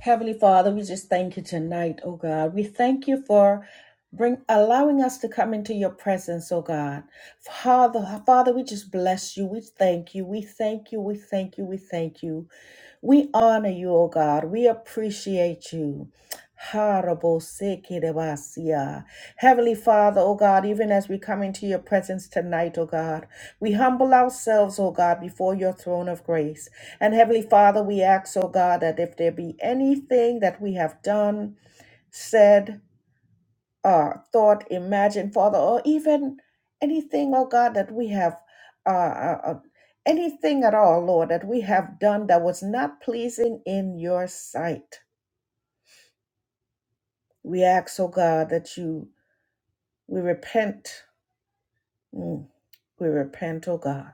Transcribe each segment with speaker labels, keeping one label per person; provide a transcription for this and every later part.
Speaker 1: Heavenly Father, we just thank you tonight, oh God. We thank you for bring allowing us to come into your presence, oh God. Father, Father, we just bless you. We thank you. We thank you. We thank you. We thank you. We honor you, O God. We appreciate you. Horrible, sick, Heavenly Father, O God, even as we come into your presence tonight, O God, we humble ourselves, O God, before your throne of grace. And Heavenly Father, we ask, oh God, that if there be anything that we have done, said, uh, thought, imagined, Father, or even anything, oh God, that we have, uh, uh, uh, anything at all, Lord, that we have done that was not pleasing in your sight. We ask, oh God, that you, we repent. Mm, we repent, oh God.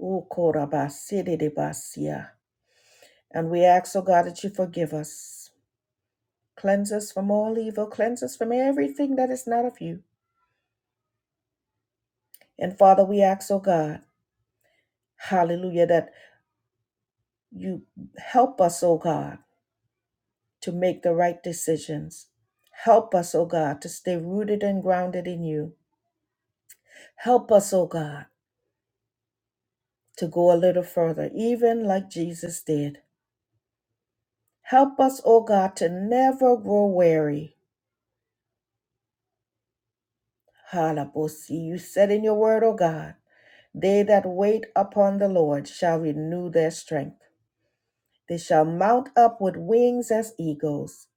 Speaker 1: Ooh, korabasididibasia. And we ask, oh God, that you forgive us. Cleanse us from all evil. Cleanse us from everything that is not of you. And Father, we ask, oh God, hallelujah, that you help us, oh God, to make the right decisions. Help us, oh God, to stay rooted and grounded in you. Help us, oh God, to go a little further, even like Jesus did. Help us, oh God, to never grow weary. Halabosi, you said in your word, oh God, they that wait upon the Lord shall renew their strength. They shall mount up with wings as eagles.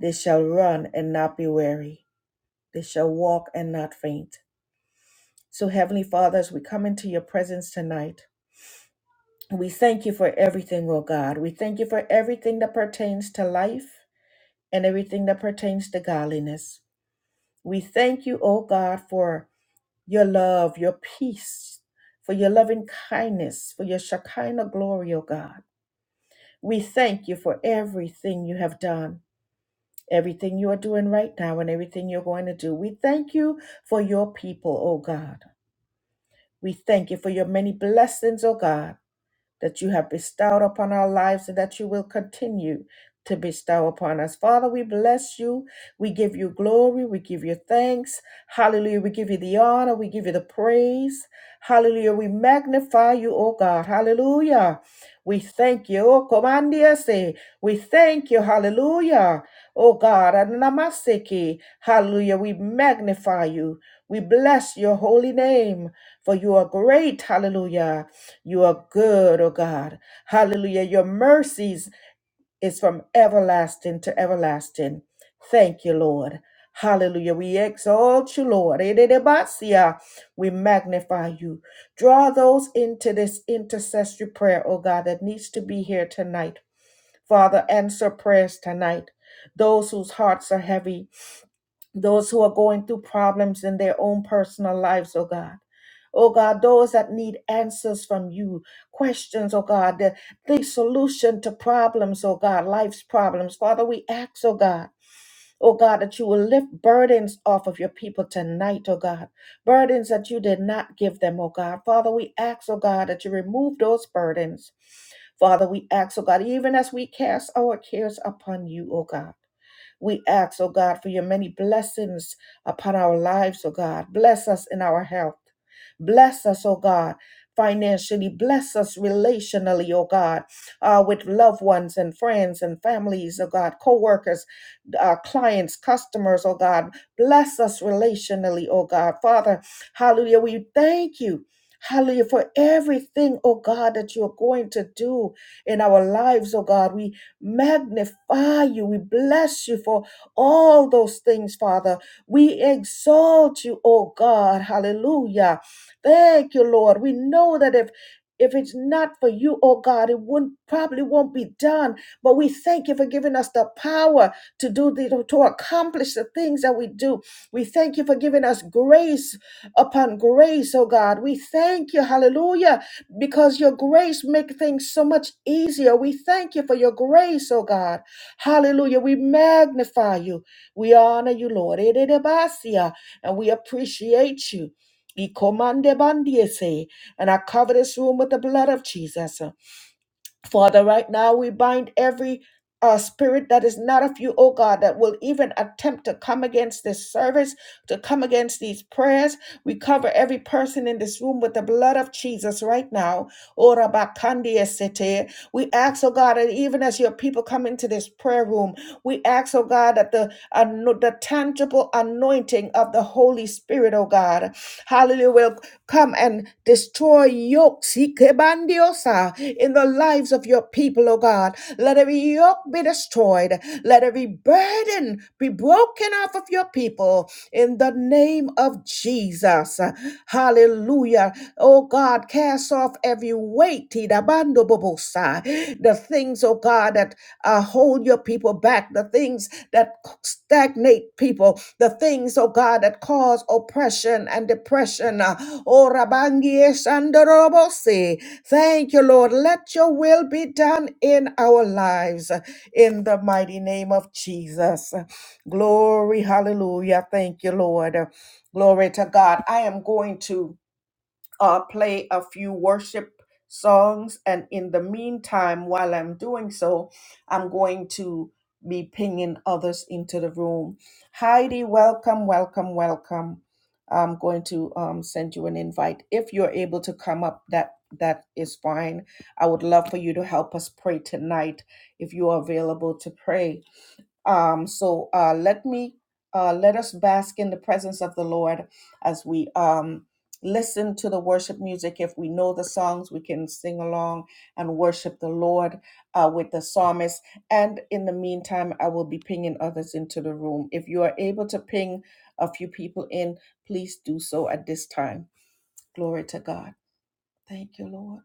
Speaker 1: They shall run and not be weary. They shall walk and not faint. So, Heavenly Father, as we come into your presence tonight, we thank you for everything, O God. We thank you for everything that pertains to life and everything that pertains to godliness. We thank you, O God, for your love, your peace, for your loving kindness, for your Shekinah glory, O God. We thank you for everything you have done. everything you are doing right now and everything you're going to do. We thank you for your people, oh God. We thank you for your many blessings, oh God that you have bestowed upon our lives and that you will continue to bestow upon us. Father, we bless you. We give you glory. We give you thanks. Hallelujah. We give you the honor. We give you the praise. Hallelujah. We magnify you, O God. Hallelujah. We thank you. Oh, comandiase. We thank you. Hallelujah. Oh God. Anamaseki. Hallelujah. We magnify you. We bless your holy name for you are great. Hallelujah you are good, oh God. Hallelujah. Your mercies is from everlasting to everlasting. Thank you, Lord. Hallelujah. We exalt you, Lord. Ededebasia. We magnify you. Draw those into this intercessory prayer, oh God, that needs to be here tonight. Father, answer prayers tonight. Those whose hearts are heavy, those who are going through problems in their own personal lives, oh God. Oh God, those that need answers from you, questions, oh God, the, the solution to problems, oh God, life's problems. Father, we ask, oh God, oh God, that you will lift burdens off of your people tonight, oh God, burdens that you did not give them, oh God. Father, we ask, oh God, that you remove those burdens. Father, we ask, oh God, even as we cast our cares upon you, oh God. We ask, oh God, for your many blessings upon our lives, oh God. Bless us in our health. Bless us, oh God, financially. Bless us relationally, oh God, uh, with loved ones and friends and families, oh God, co workers, uh, clients, customers, oh God. Bless us relationally, oh God. Father, hallelujah, we thank you. Hallelujah, for everything, oh God, that you're going to do in our lives, oh God. We magnify you. We bless you for all those things, Father. We exalt you, oh God. Hallelujah. Thank you, Lord. We know that if if it's not for you, oh God, it wouldn't probably won't be done. But we thank you for giving us the power to do the to accomplish the things that we do. We thank you for giving us grace upon grace, oh God. We thank you, hallelujah, because your grace makes things so much easier. We thank you for your grace, oh God. Hallelujah. We magnify you. We honor you, Lord. Eredebasia. And we appreciate you. Ikomande bandiese. And I cover this room with the blood of Jesus. Father, right now we bind every uh, spirit that is not of you, oh God, that will even attempt to come against this service, to come against these prayers. We cover every person in this room with the blood of Jesus right now. Ora bakandia sete. We ask, oh God, that even as your people come into this prayer room, we ask, oh God, that the, ano- the tangible anointing of the Holy Spirit, oh God, hallelujah, will come and destroy yokes ikebandiosa, in the lives of your people, oh God. Let every yoke be destroyed. Let every burden be broken off of your people in the name of Jesus. Hallelujah. Oh God, cast off every weight, tidabando bobosa. the things, oh God, that uh, hold your people back, the things that stagnate people, the things, oh God, God, that cause oppression and depression. Uh, Oh, Rabangi Eshandorobose. Thank you, Lord. Let your will be done in our lives uh, in the mighty name of Jesus. Glory, hallelujah. Thank you, Lord. Glory to God. I am going to uh, play a few worship songs. And in the meantime, while I'm doing so, I'm going to be pinging others into the room. Heidi, welcome, welcome, welcome. I'm going to um, send you an invite. If you're able to come up, that that is fine. I would love for you to help us pray tonight if you are available to pray. Um, so uh, let me uh, let us bask in the presence of the Lord as we um, listen to the worship music. If we know the songs, we can sing along and worship the Lord uh, with the psalmist. And in the meantime, I will be pinging others into the room. If you are able to ping a few people in, please do so at this time. Glory to God. Thank you, Lord.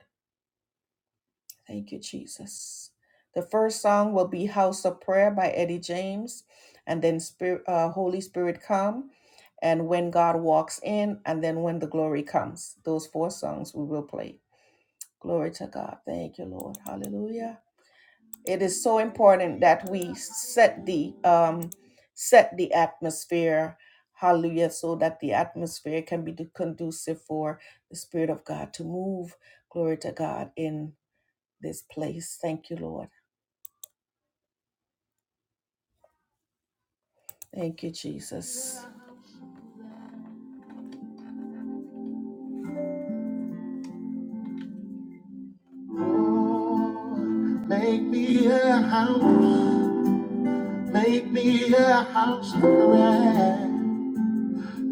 Speaker 1: Thank you, Jesus. The first song will be House of Prayer by Eddie James, and then Spirit, uh, Holy Spirit Come, and When God Walks In, and then When the Glory Comes. Those four songs we will play. Glory to God. Thank you, Lord. Hallelujah. It is so important that we set the um, set the atmosphere. Hallelujah. So that the atmosphere can be conducive for the Spirit of God to move. Glory to God in this place. Thank you, Lord. Thank you, Jesus. Make me a house, make me a house of prayer,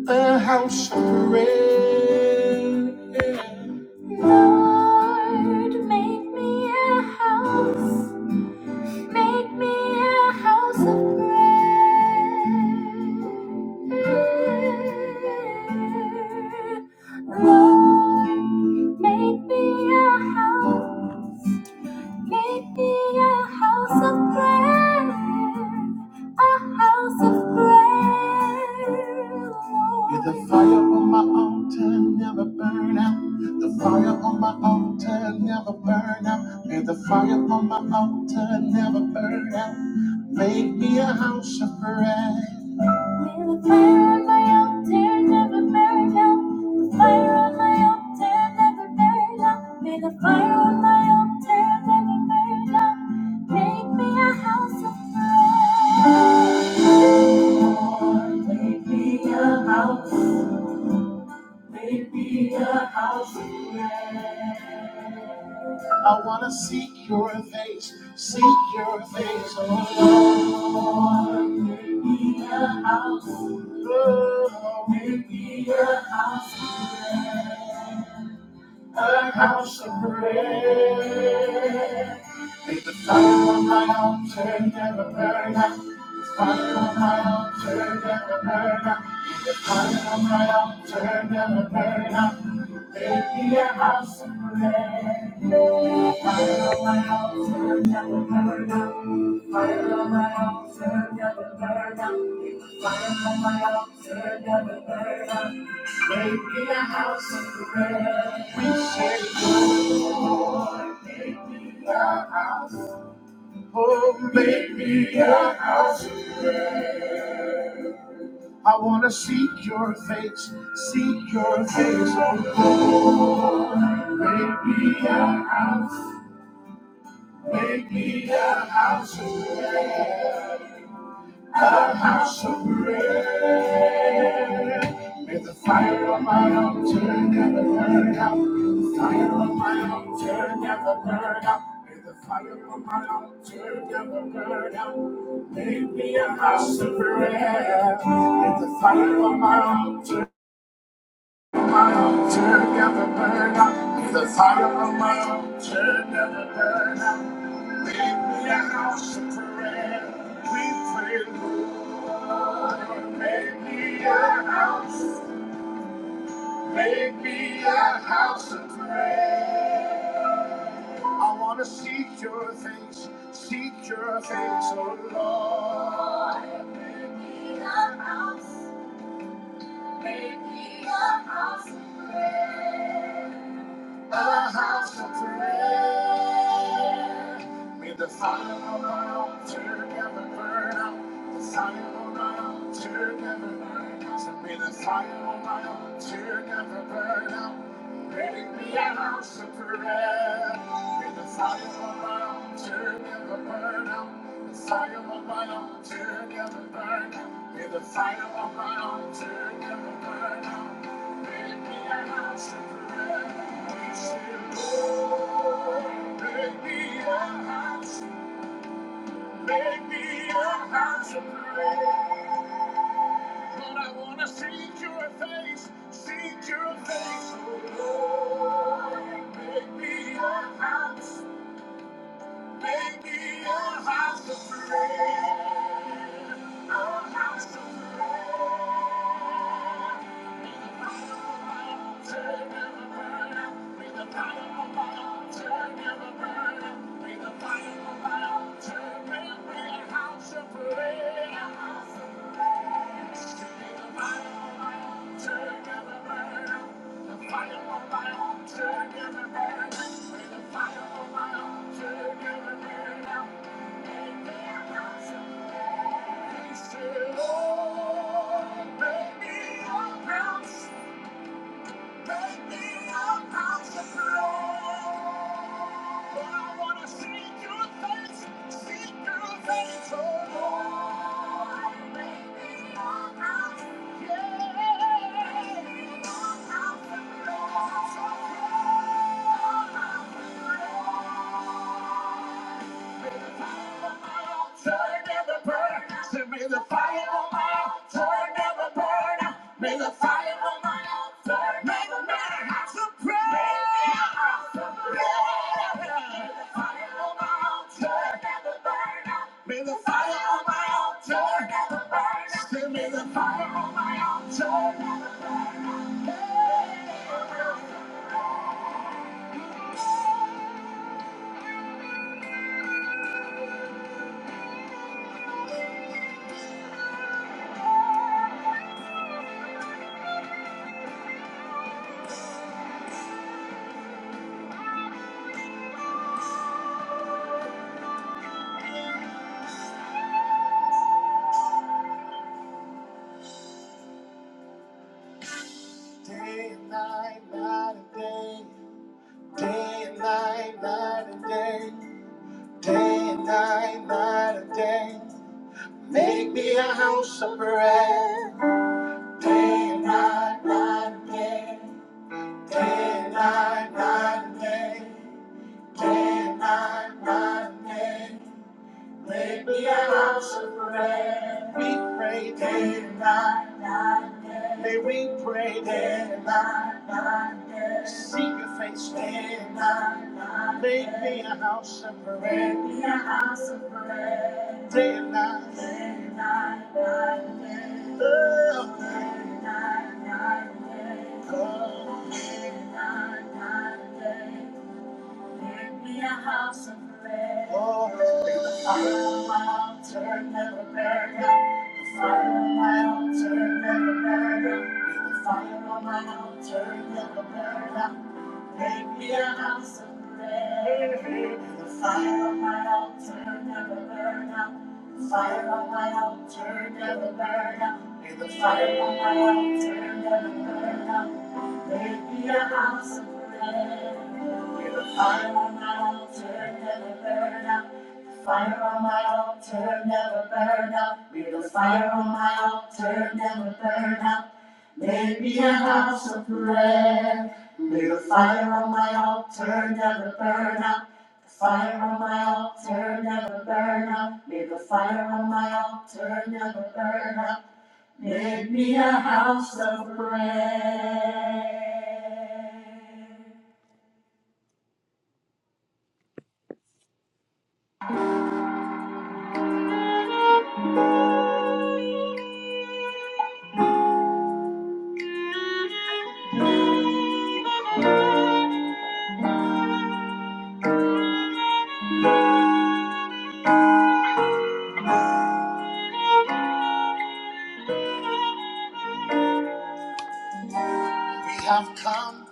Speaker 1: a house of prayer. Lord, make me a house, make me a house of prayer. Lord, make me a house. Make me a house of prayer, a house of prayer. Lord. May the fire on my altar never burn out. The fire on my altar never burn out. May the fire on my altar never burn out. Make me a house of prayer. With The fire on my altar, never burned out. May the fire on my altar never burn out. Make me a house of prayer. make me a house, make me a house of prayer. I want to seek your face, seek your face, oh Lord. Make me a house, oh, make me a house of prayer, a house of prayer. May the fire on my altar never burn out, fire on my altar never burn out, altar never burn out. Lord, make me a house, oh, make me a house. I want to seek your face, seek your face, oh Lord. Make me a house, make me a house of prayer, a house of prayer. May the fire of my altar never burn out, the fire of my altar never burn out. May the fire of my altar never burn out. Make me a house of prayer. May the fire of my altar Turn down the burn out. He's a fire of my own. Turn down burn out. Make me a house of prayer. We pray, Lord, make me a house. Make me a house of prayer. I want to seek your face. Seek your face, oh Lord. Make me a house of prayer. a house of prayer. May the fire of our altar never burn out. The fire of our altar never burn out. So may the fire of our altar never burn out. Make me a house of prayer. May the fire of my altar never burn out. The fire of my altar never burn out. May the fire of my altar never burn out. Make me a house of prayer. We say, Lord, make me a house. Make me a house of prayer. Lord, I want to seek your face, seek your face, oh Lord. Make me a house. of prayer. Make me a house of prayer. A house of prayer. May the fire of the altar never burn out. May the fire of the altar never burn out. May the fire of the altar never burn out. a house of prayer. a house of prayer. May the fire of the altar. Oh, baby, I'm bouncing. Take me up out the floor. I wanna see your face, see your face, oh Lord. Take me up out, yeah. Take me up out the floor. So May the fire on my altar never burn. Say, May the fire on my altar never burn. Day and night, night and day. Day and night, night and day. Day and night, night and day. Make me a house of prayer. Day and night, day and night, day. Make me a house of prayer. We pray day and night. May we pray day and night. Seek your face day and night. Make me a house of prayer. Day and night. Oh, oh, oh. May the fire of prayer never burn out. May the fire on Turn never burn up, take me out. Fire altar never burn up. Build a fire on my altar, never burn up. Make me a house of prayer. We have come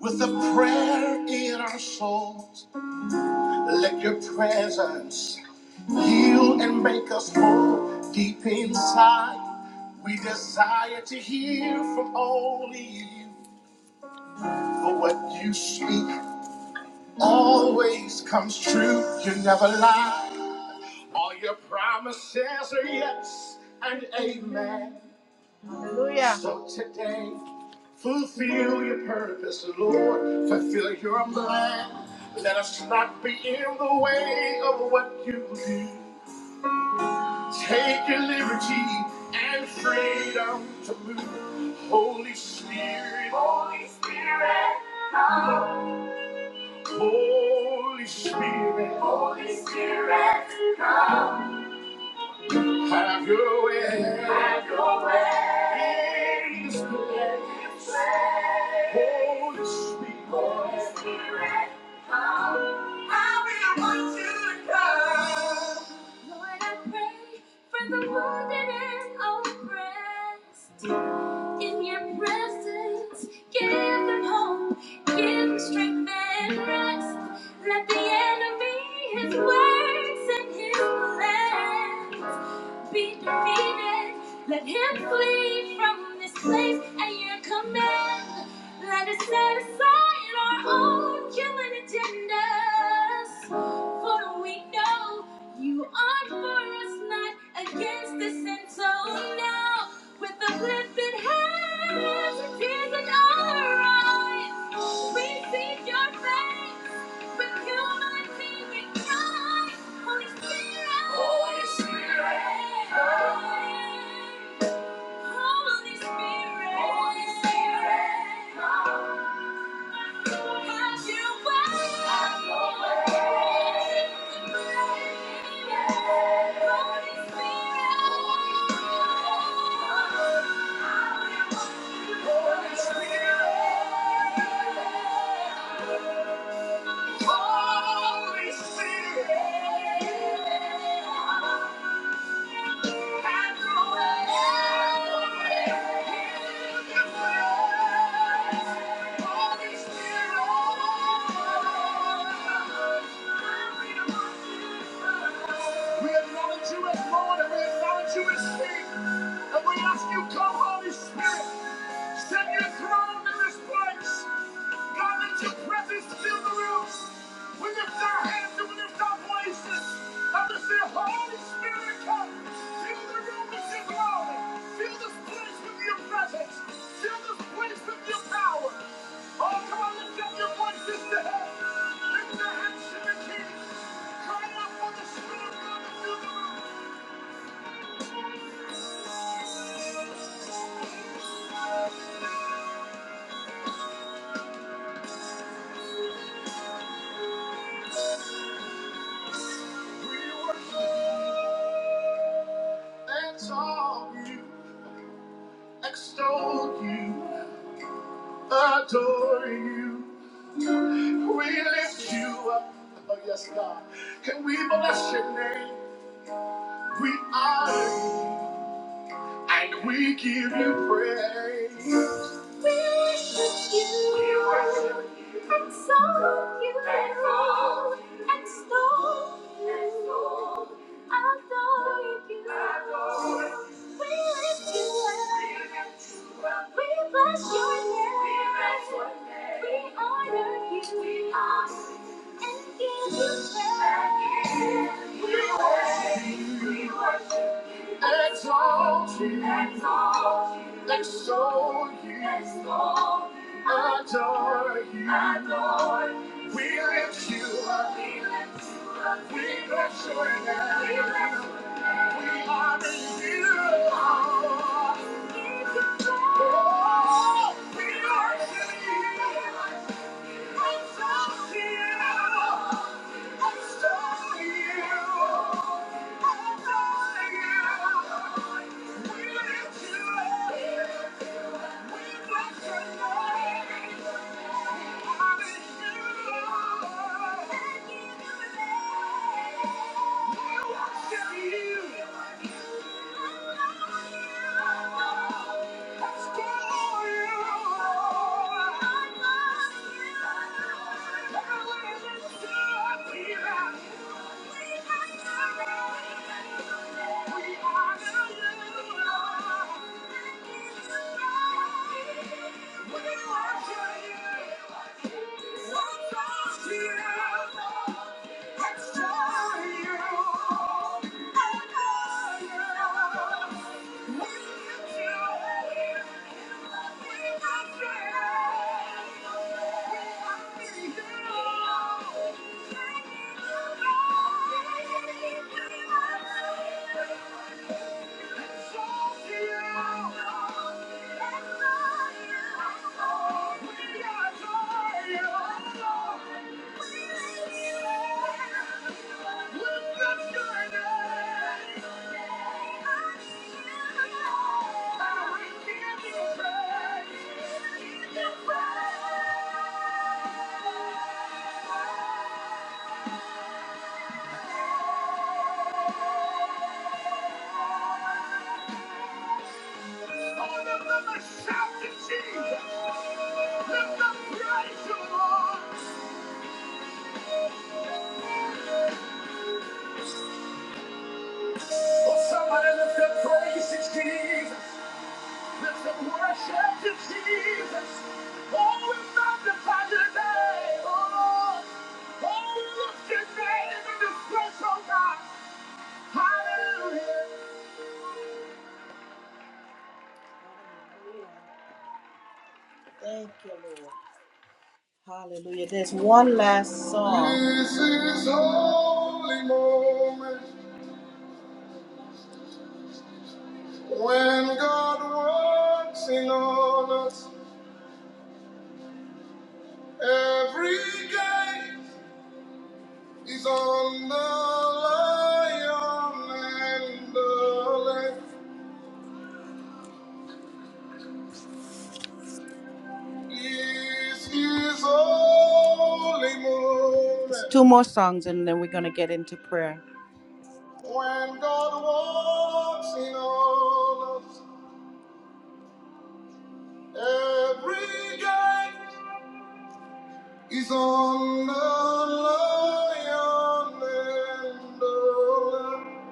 Speaker 1: with a prayer in our souls. Let your presence heal and make us whole. Deep inside, we desire to hear from only you. For what you speak always comes true. You never lie. All your promises are yes and amen. Hallelujah. So today, fulfill your purpose, Lord. Fulfill your plan. Let us not be in the way of what you do. Take your liberty and freedom to move. Holy Spirit, Holy Spirit, Holy Spirit, Holy Spirit, come. Have your way. Have your way. In this place. Holy Spirit. Holy Spirit, come. I really want you to come. Lord, I pray for the wounded and oppressed. In your presence, give them hope, give them strength and rest. Let the enemy, his words, and his plans not be defeated. Let him flee from this place at your command. Let us set aside our own human agendas. For we know you are for us, not against us. And so now, with uplifted hands and tears in our eyes, we seek your face with human being in Holy Spirit, come. Holy Spirit, Holy Spirit, come. Have your way. Have your way. Holy Spirit, Holy Spirit, come. Holy Spirit. have your way. Holy Spirit, We acknowledge you as Lord and we acknowledge you as King. And we ask you, come, Holy Spirit, set your throne in this place. God, let your presence fill the room. We lift our hands and we lift our voices. I just say, Holy Spirit, come. Fill the room with your glory. Fill this place with your presence. Fill this place with your power. Oh, come on, lift up your voices to heaven. Lift your hands to the King. Cry out for the Spirit of God to fill the room. We worship and song. We lift you up. Oh, yes, God. Can we bless your name? We honor and we give you praise. We worship you up and song you and stone you. Adore you. We lift you up. We bless your name. We honor you. We honor you and give you praise. We worship you. We worship Exalt you, exalt you, adore you, exalt you, adore you, adore you. We lift you up, we lift you up, we bless your name, we bless your name. We honor you. Oh, we worship you you. Thank you. It's Thank you. All of them are shouting Jesus. Lift up the praise, O Lord. Oh, somebody lift up praise to Jesus. Lift up worship to Jesus. Oh, we magnify your name, oh Lord. Oh, we lift your name in this place, oh God. Hallelujah. Thank you, Lord. Hallelujah. There's one last song. This is holy moment when God works in on us every day. He's on the lion and the lamb. He's his holy moment. It's two more songs and then we're going to get into prayer. When God walks in on us, every day he's on the lion and the lamb.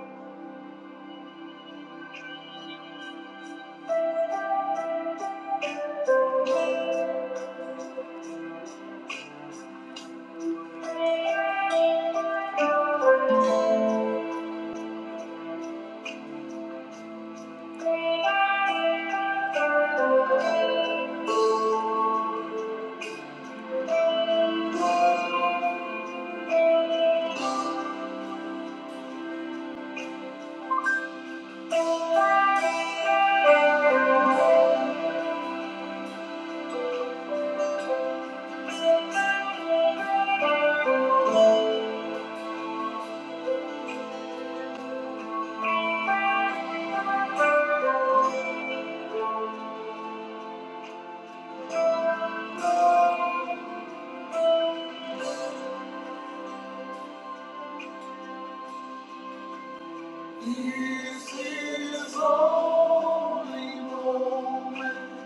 Speaker 1: This is only moment.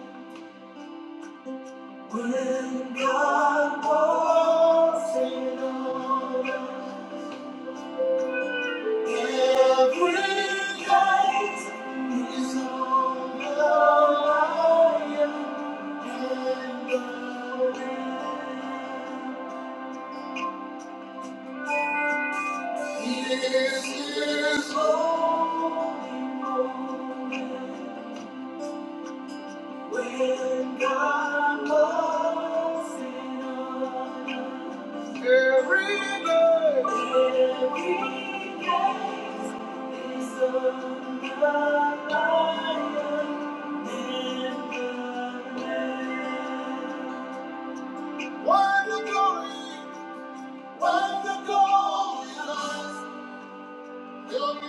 Speaker 1: When God's in all, every light is on the line. When God walks in all, every day, every gate is on the line. And the Lamb. Wonderful, wonderful. Oh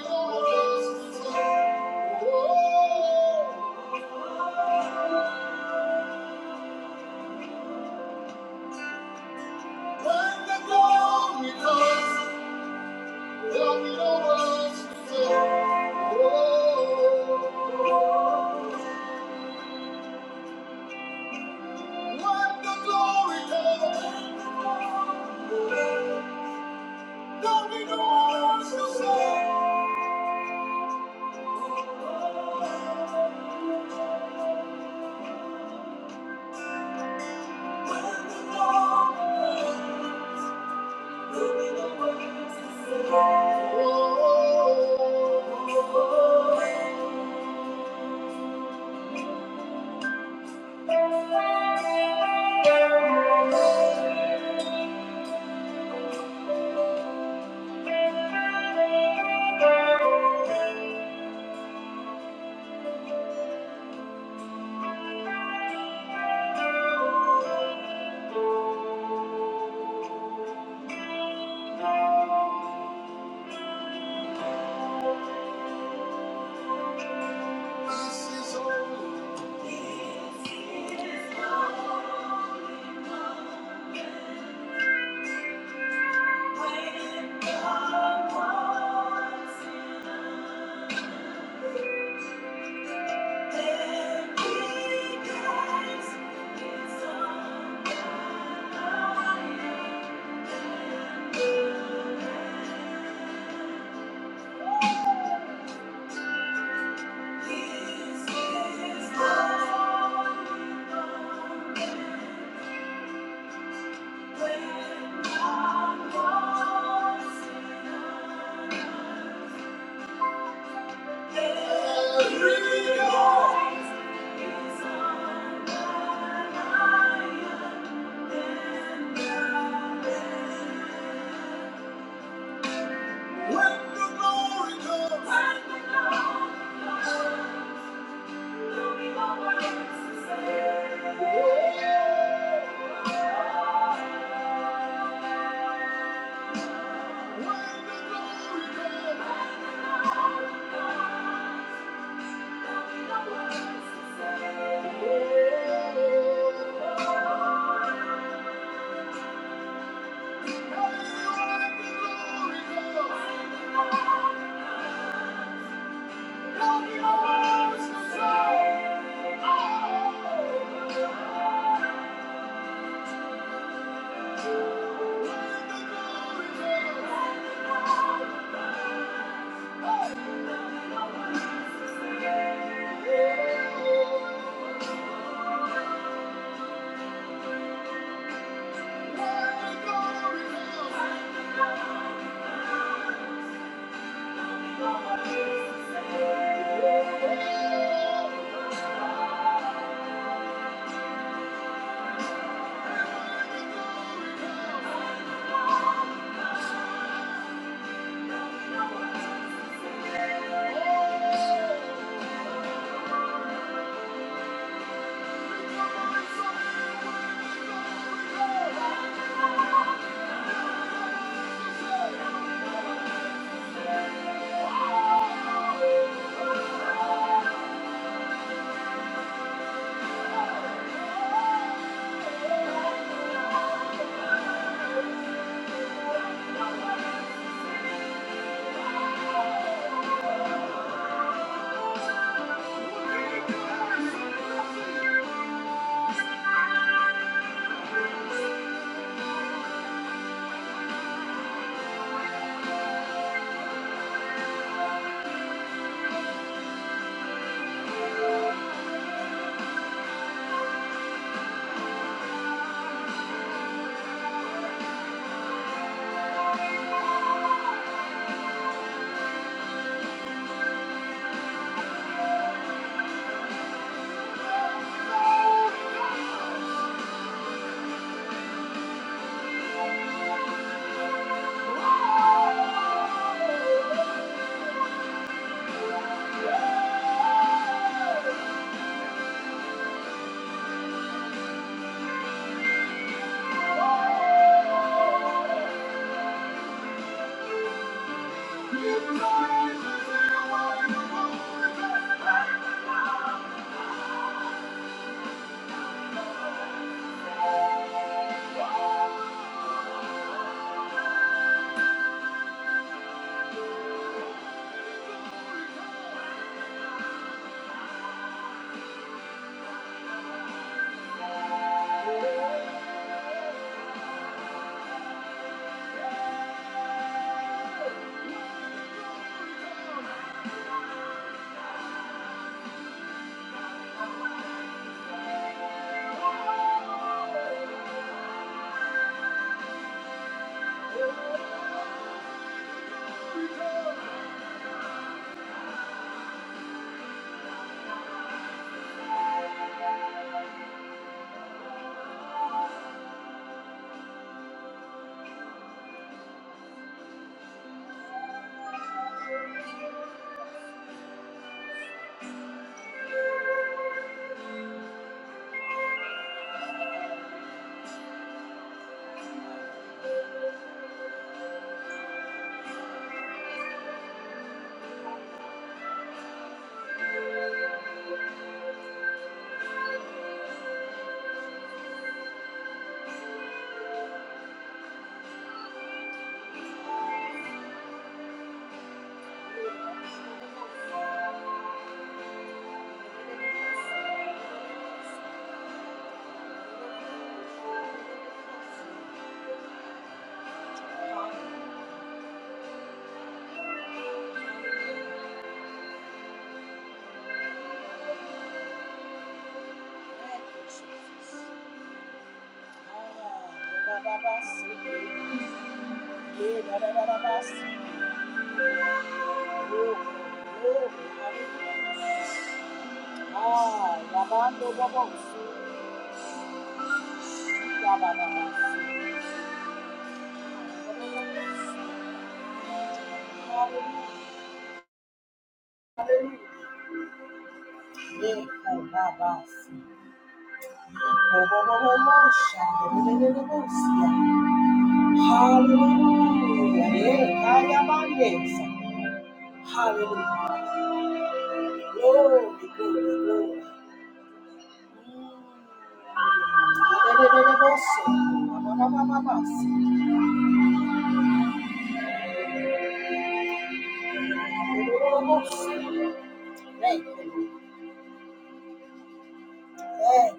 Speaker 1: This is all. When the glory comes. Ah, ba, ba, ba, ba, see. Yeah, da, da, da, da, ba, see. Ah, Yabando Babosu, Yabanamasi, Yekonabasi, Obobobobosha, Lelelelebosia. Hallelujah, Yekayabandesa. Hallelujah, glory, glory, glory. Lelelelebosu, Yababababasi, Lelelelebo- Eh,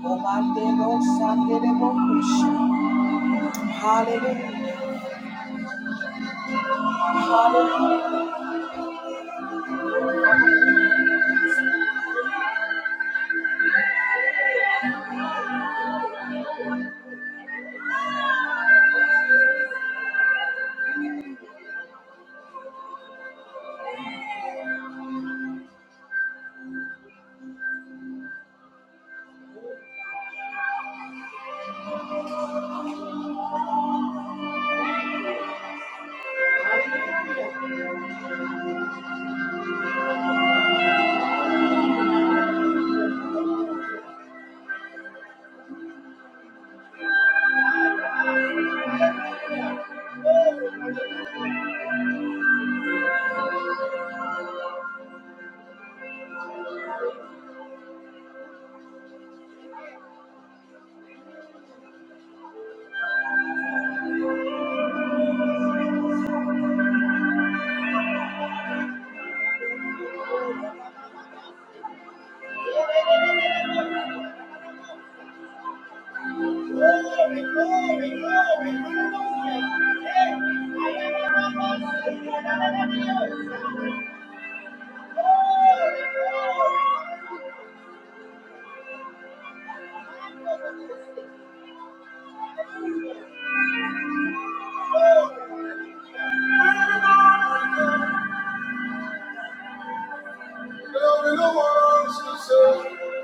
Speaker 1: Obandebosha, Lelebosha. Glory to the world,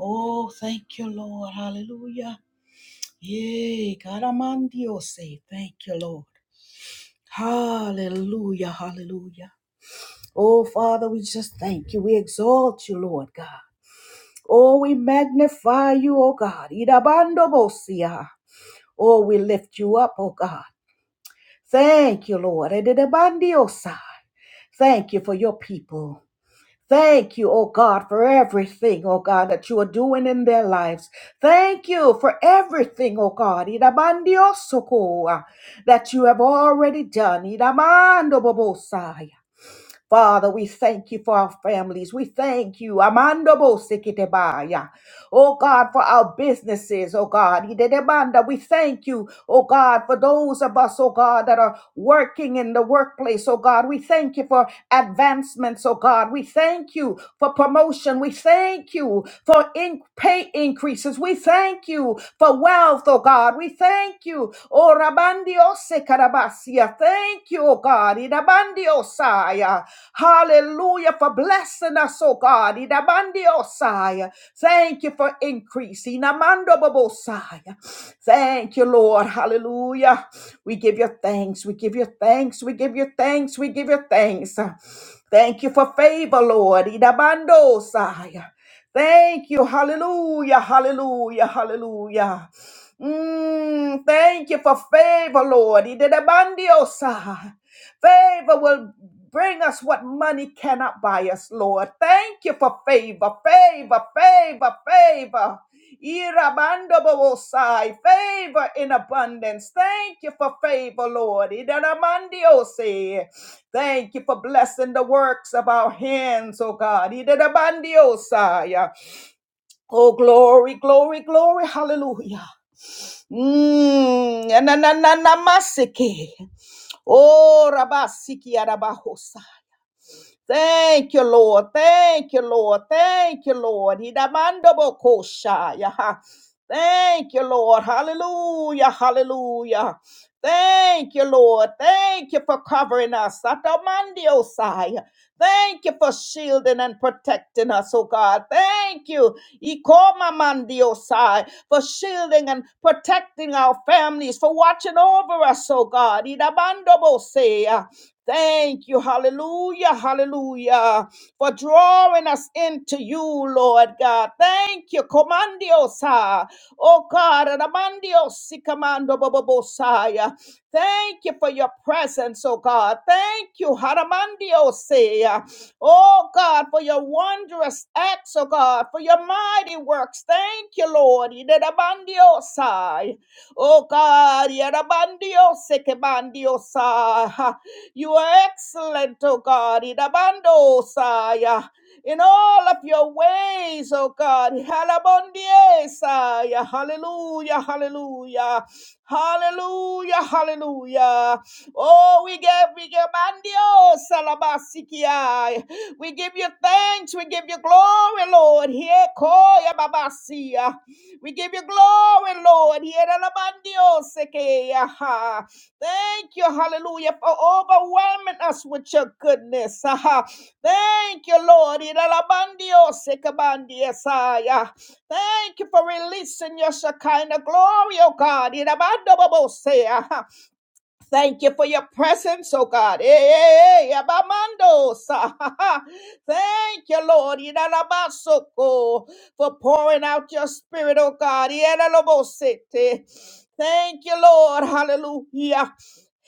Speaker 1: Oh, thank you, Lord. Hallelujah. Yay, Caramandio say, thank you, Lord. Hallelujah, hallelujah. Oh, Father, we just thank you. We exalt you, Lord God. Oh, we magnify you, oh God. Idabando bosia. Oh, we lift you up, oh God. Thank you, Lord. Edidabandio sai. Thank you for your people. Thank you, oh God, for everything, oh God, that you are doing in their lives. Thank you for everything, oh God, Irabandiosoko, that you have already done. Iramandobobosai. Father, we thank you for our families. We thank you, Amandobosikitebaya. oh God, for our businesses, oh God. Idedebanda. We thank you, oh God, for those of us, oh God, that are working in the workplace, oh God. We thank you for advancements, oh God. We thank you for promotion. We thank you for in- pay increases. We thank you for wealth, oh God. We thank you. Oh, Rabandiose Karabasia. Thank you, oh God. Irabandiosaya. Hallelujah for blessing us, oh God. Idabandiosai. Thank you for increase. Inamandobobosai. Thank you, Lord. Hallelujah. We give you thanks. We give you thanks. We give you thanks. We give you thanks. Thank you for favor, Lord. Idabandosai. Thank you. Hallelujah. Hallelujah. Hallelujah. Mm, thank you for favor, Lord. Idabandiosai. Favor will bring us what money cannot buy us, Lord. Thank you for favor, favor, favor, favor. Irabandobosai, Favor in abundance. Thank you for favor, Lord. Idaramandiose. Thank you for blessing the works of our hands, oh God. Idarabandiosai. Oh, glory, glory, glory. Hallelujah. Mm, na- na- na- na masike. Oh, rabasiki arabahosa. Thank you, Lord. Thank you, Lord. Thank you, Lord. Hidamandabokoshaya. Thank you, Lord. Hallelujah. Hallelujah. Thank you, Lord. Thank you for covering us. Atamandiosai. Thank you for shielding and protecting us, oh God. Thank you. Ikomamandiosai, For shielding and protecting our families, for watching over us, oh God. Idabandobosea. Thank you, hallelujah, hallelujah, for drawing us into you, Lord God. Thank you, Comandiosa, oh God, Ramandios, Commando Bobosaya. Thank you for your presence, oh God. Thank you, Haramandiose, oh God, for your wondrous acts, oh God, for your mighty works. Thank you, Lord, Ramandiosai. Oh God, Yarabandiose, Kebandiosai. You are excellent, O God, in abando saya, in all of your ways, O God. Halabondie saya. Hallelujah, hallelujah, hallelujah, hallelujah. Oh, we give, we give mandio salabasikiai. We give you thanks, we give you glory, Lord. Here, koya babasia. We give you glory, Lord. Here, alabandio sekeia. Thank you, hallelujah, for overwhelming us with your goodness. Aha. Thank you, Lord. Iralabandio sekabandiesaya. Thank you for releasing your Shekinah glory, oh God. Irabandobobosea. Aha. Thank you for your presence, oh God. Eh, eh, eh, abamandosa. Aha. Thank you, Lord, Iralabasoko, for pouring out your spirit, oh God. Iralabosete. Thank you, Lord. Hallelujah.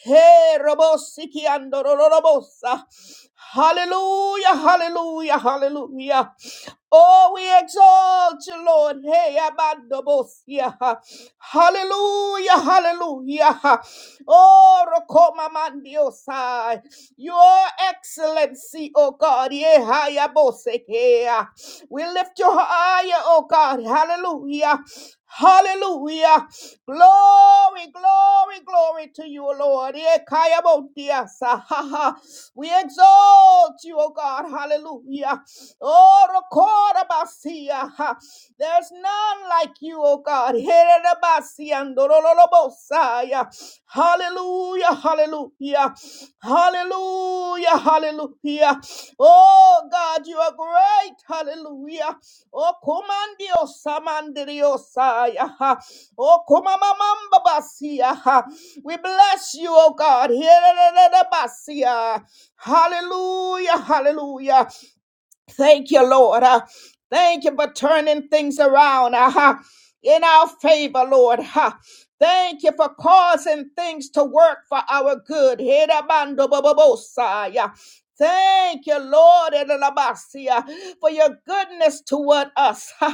Speaker 1: Hey, Robosiki and Robosa. Hallelujah, hallelujah, hallelujah. Oh, we exalt you, Lord. Hey, abandobosia. Hallelujah, hallelujah. Oh, rokoma mandiosai. Your excellency, oh God. Yehayabosekea. We lift you higher, oh God. Hallelujah. Hallelujah. Glory, glory, glory to you, Lord. Yekayabotiasa. We exalt you, O God. Hallelujah. Oh, Rokorabasia. Ha. There's none like you, O God. Heredabasia Dorolobosaya. Hallelujah. Hallelujah. Hallelujah. Hallelujah. Oh, God, you are great. Hallelujah. Oh, Komandio Samandriosaya. Ha. Oh, Komamamambabasia. We bless you, O God. Heredabasia. Hallelujah, hallelujah. Thank you, Lord. Uh, thank you for turning things around uh, huh, in our favor, Lord. huh. Thank you for causing things to work for our good. Hidabandobobosaya. Thank you, Lord, Edelabasia, for your goodness toward us. ha,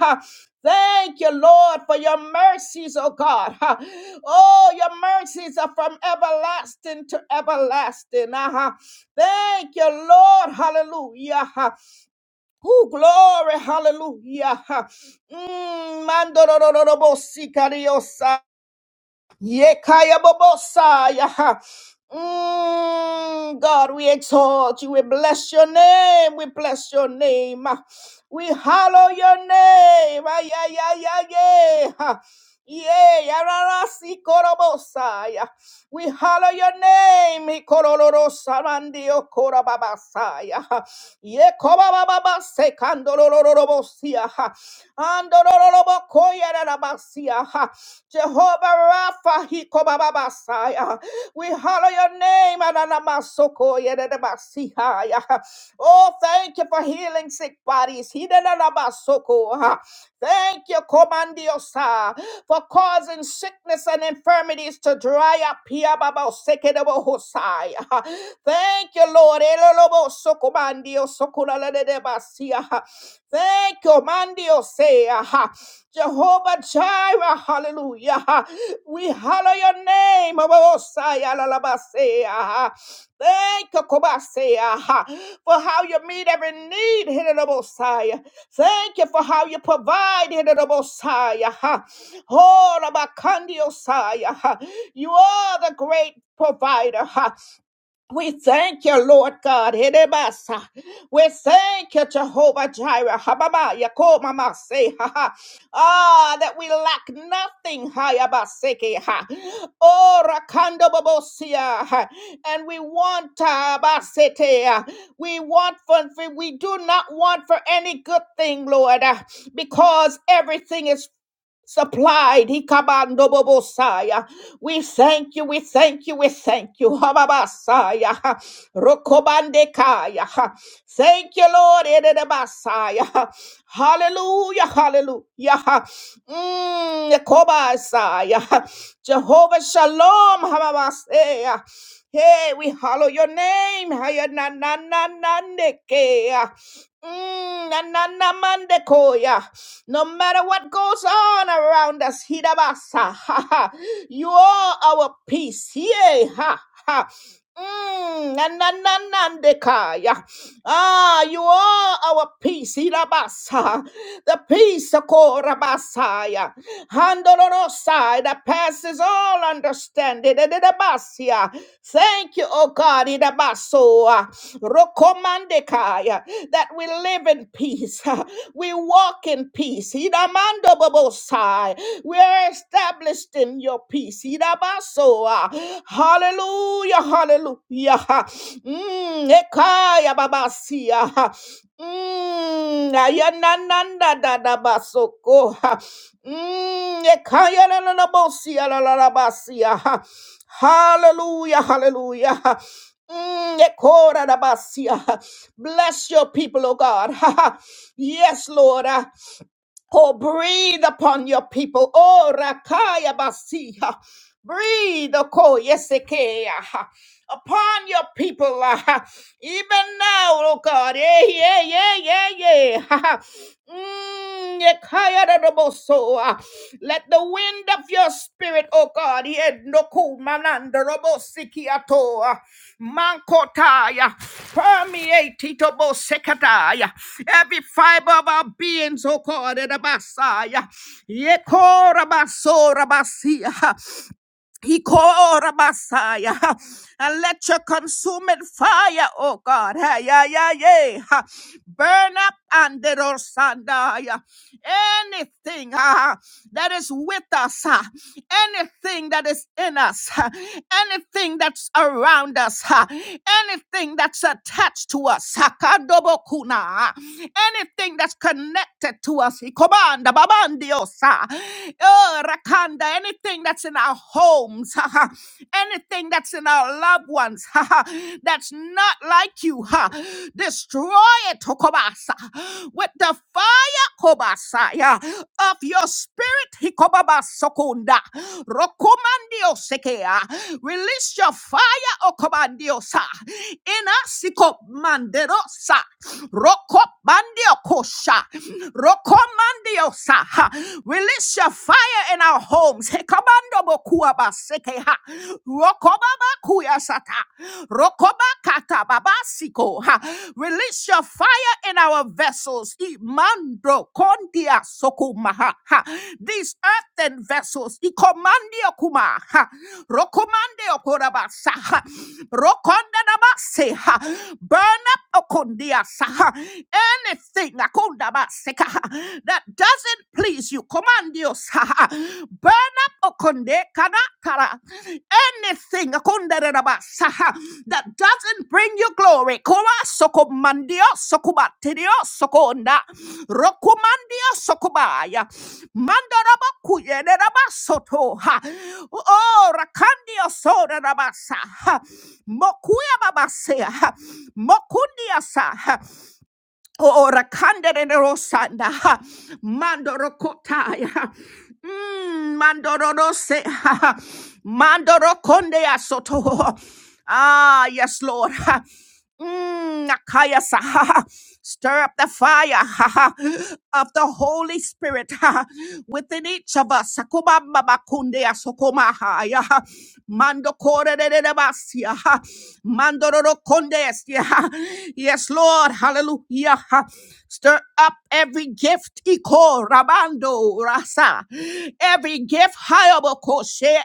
Speaker 1: Thank you, Lord, for your mercies, oh God. ha. Oh, your mercies are from everlasting to everlasting. Uh-huh. Thank you, Lord. Hallelujah. huh. Oh glory, hallelujah. Mm, mandorororobosikariosa. Yekayabobosaya. Mm, God, we exalt you. We bless your name. We bless your name. Ah, We hallow your name. Ay, ay, ay, ay, ay. Ha. Yea, ararasi korobosaya. We hallow your name. Ikorororosa mandio korababasaya. Ha. Ye kobabababase kandorororobosia. Ha. Andorororobokoya rarabasia. Ha. Jehovah Rapha, he Hikobababasaya. We holler your name. Ananamasoko, yededebasihaya. Oh, thank you for healing sick bodies. Hidenanabasoko, Thank you, Comandiosa, for causing sickness and infirmities to dry up. Hiababosekedebohosai, ha. Thank you, Lord. Elolobosokomandiosokunalededebasi, ha. Thank you, Mandiosea. Jehovah Jireh, hallelujah. We hallow your name, Abosaya Lalabasea. Thank you, Kobasea, for how you meet every need, Hidabosaya. Thank you for how you provide, Hidabosaya. Oh, Rabakandiosaya. You are the great provider. We thank you, Lord God. Hedebasa. We thank you, Jehovah Jireh. Hababa, Yakoma, say. ha ha. Ah, that we lack nothing. Hayabaseke, ha. Oh, Rakando babosia. ha. And we want, ah, Basete, ah, we want for, for- we do not want for any good thing, Lord, ah, because everything is supplied. Ikabandobobosaya. We thank you, we thank you, we thank you. Hababasaya. Rokobandekaya. Thank you, Lord. Ededebasaya. Hallelujah, hallelujah. Mm, Ekobasaya. Jehovah Shalom. Hababasaya. Hey, we hallow your name. Haya na na na na nekeya. Mm, na no matter what goes on around us, Hidabasa, ha, ha, you are our peace. Yay, ha, ha. Mm, na, na, na, na, ndekaya. Ah, you are our peace, Hidabasa. The peace, of Korabasaya. Handorosai, that passes all understanding. Didabasia. Thank you, O God. God, Idabasoa, Rokomandekaya, that we live in peace. We walk in peace. Idamando bobosai. We are established in your peace. Idabasoa. Hallelujah, hallelujah. Mm, ekaya babasia. Mm, ayanananda dadabasoko. Mm, ekaya lalalabosia lalalabasia. Hallelujah, hallelujah. Mm, ekorarabasia. Bless your people, oh God. Ha, ha. yes, Lord. Ah, Oh, breathe upon your people. Oh, Rakaya Breathe, Oko Yeseke, ah, upon your people, ah, even now, oh God. Yeah, yeah, yeah, yeah, yeah. ah. Mm, Yekaya da da so, ah. Let the wind of your spirit, oh God, yeah, no cool mananda robo sikiato, ah, mankotaya, permeate itobo sekataya, every fiber of our beings, oh God, and abasaya, yekora baso rabasia. He called a Messiah ha, and let your consuming fire, oh God, hey, yeah, yeah, yeah, ha, burn up and the Rosandaya. Anything ah, that is with us, ah, anything that is in us, ah, anything that's around us, ah, anything that's attached to us, sakadobokuna, ah, anything that's connected to us, he command, babandiosa, Shakanda, anything that's in our homes, anything that's in our loved ones that's not like you, destroy it, Tokobasa, with the fire, Hokobasa, yeah, of your spirit, Hikobaba Sokunda, Rokomandio Sekea. Release your fire, Okobandiosa, in us, Manderosa, Rokobandio Kosha, Rokomandiosa. Release your fire in our homes. Hekomando bokua baseke ha. Rokoba bakuya sata. Rokoba kata babasiko ha. Release your fire in our vessels. Imando kondia sokuma ha. ha. These earthen vessels. Ikomandia kuma ha. Rokomande okorabasa ha. Rokonda nabase ha. Burn up okondia saha. Anything. Akonda that doesn't please you. Command you. Burn up okonde kana kara. anything okondere raba, saha, that doesn't bring you glory. Kora sokomandio sokubaterio sokonda. Rokumandio sokubaya. Mandaraba kuyene raba soto. ha. Oh, rakandio soda raba saha. Mokuya baba sea. Mokundia saha. Oh, rakandere rosanda, ha. mandoro kotaya, mm, mandoro rose, ha, ha. mandoro konde asoto. Ah, yes, Lord. ha. Mm, akaya sa, ha, ha. Stir up the fire ha, ha, of the Holy Spirit ha, ha, within each of us. Sakuma baba kunde asokoma ha, ya, ha. Mando kore de de de basia, ha. mandoro konde esia, ha. Yes, Lord. Hallelujah. Stir up every gift. Iko rabando rasa. Every gift hayabokoshea,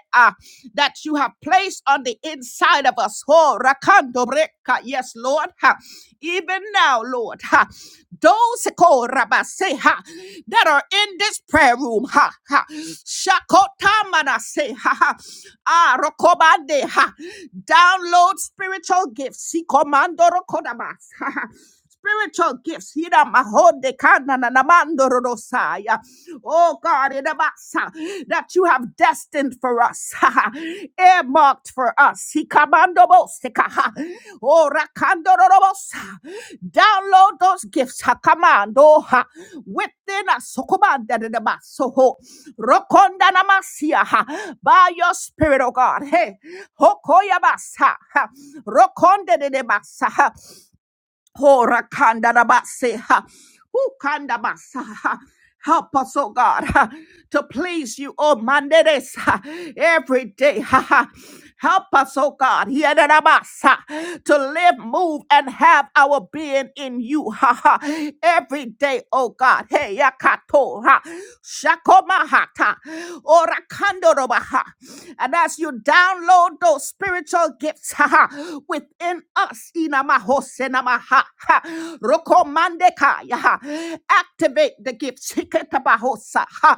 Speaker 1: that you have placed on the inside of us. Ho rakando breka. Yes, Lord. Ha. Even now, Lord. Ha. Those ko rabase, ha, that are in this prayer room. Ha. Ha. Shakotamanase. Ha. Ha. Ah, rokobande. Ha download spiritual gifts. He commando rokodamas. spiritual gifts. Hira mahode kana na namando rodosaya. Oh God, idabasa, that you have destined for us, earmarked for us. Hikamando boseka. Oh, rakando rodobosa. Download those gifts, hakamando, ha, within us. Sokomanda dedabaso. Rokonda namasia, ha, by your spirit, oh God. Hey, hokoyabasa. ha, Rokonde de debasa. Hora kanda rabase, ha. Who kanda basa, ha. Help us, oh God, ha, to please you, oh Manderes, ha, every day. ha, ha. Help us, oh God, yada rabasa, to live, move, and have our being in you ha, ha. every day, oh God. Hey, yakato, ha. shakomahata, orakando robaha. And as you download download those spiritual gifts ha, ha, within us. Inamahosenamaha, ha. Rokomandeka, ya, ha. Activate the gifts. Hiketabahosa, ha.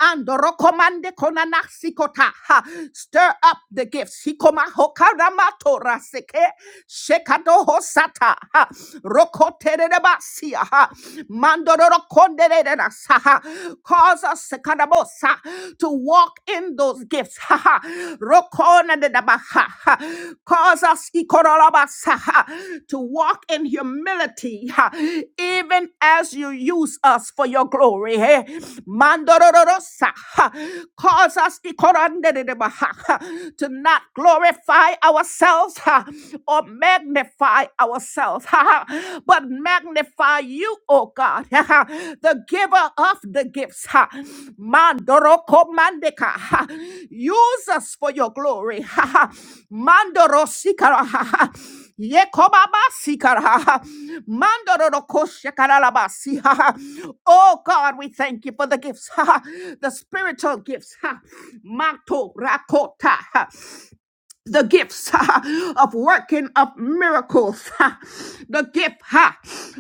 Speaker 1: And rokomandekonanasikota, ha. stir up the gifts. Hikomahokaramatoraseke, shekadohosata, ha. Rokotererebasia, ha. Mandororokondere, to cause us kadabosa, to walk in those gifts. Ha ha. Rokona de daba, ha, ha. Cause us ikorolabasa, ha, to walk in humility, ha, even as you use us for your glory. eh. Mandororosa, ha. Cause us ikorande de deba, ha, ha, to not glorify ourselves ha, or magnify ourselves, ha, ha, but magnify you, oh God, ha, ha, the giver of the gifts. Ha. Mandoro komandeka, ha. Use us for your glory. Ha, ha. Mandoro sikara. Ha, ha. Yekobaba sikara. Ha, ha. Mandoro roko shekaralabasi, ha, ha. Oh God, we thank you for the gifts, ha, ha. the spiritual gifts. ha. Mato rakota. ha the gifts of working of miracles, the gift ha,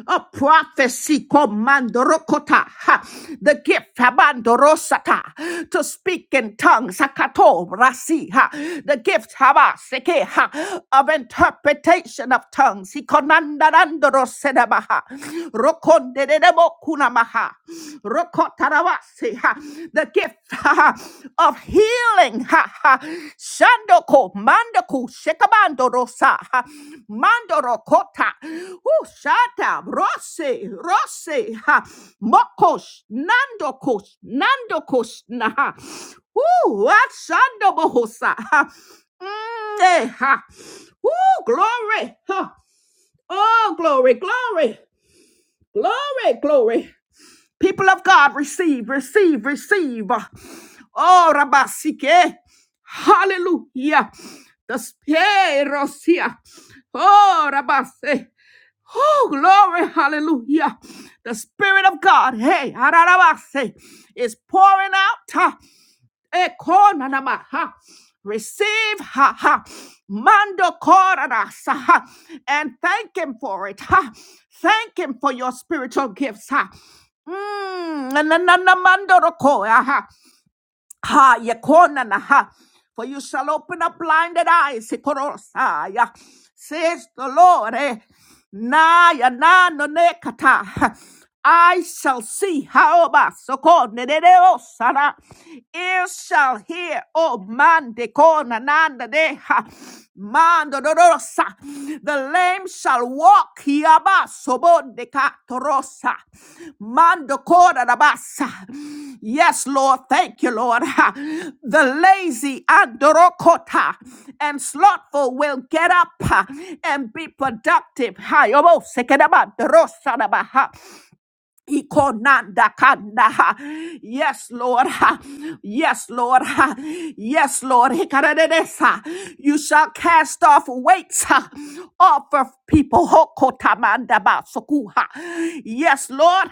Speaker 1: of prophecy, komandorokota, ha, the gift abandorosata, to speak in tongues, sakato, rasi, ha, the gift haba, ha, of interpretation of tongues, ikonandarandorosedabaha, rokondedemokunamaha, rokota. Karabasi, ha, the gift ha, ha, of healing. ha, ha. Shandoko, Mandaku, Shekabando Rosa, ha, Mandoro Kota, Ushata, Rose, Rose, ha, Mokosh, Nandokosh, Nandokosh, Naha, Ooh, Ashando Bohosa, ha, Mm, eh, ha. Ooh, glory, ha. Oh, glory, glory, glory, glory. People of God, receive, receive, receive. Oh, Rabasike. Hallelujah. The Spirit here. Oh, Rabase. Oh, glory. Hallelujah. The Spirit of God, hey, Ararabase, is pouring out. huh, Ekonanaba, ha. Receive, ha ha, mando coradas, ha, ha, and thank him for it, ha. Thank him for your spiritual gifts, ha. Mm, na- na- na- mandoroko, aha. Ha yekona na ha. For you shall open up blinded eyes. Ikorosa, ya. Says the Lord. eh. Na ya na no ne kata. I shall see how soko ne de de o sana. Ears shall hear. Oh man de kona nanda de ha. The lame shall walk. Hiaba sobodeka torosa. Mando korarabasa. Yes, Lord. Thank you, Lord. The lazy adorokota and slothful will get up and be productive. Ha, yobo sekedaba dorosadaba. Ikonandakanda. Yes, Lord. Yes, Lord. Yes, Lord. Hikaradedesa. You shall cast off weights uh, off of people. Hokotamandabasukuha. Yes, Lord.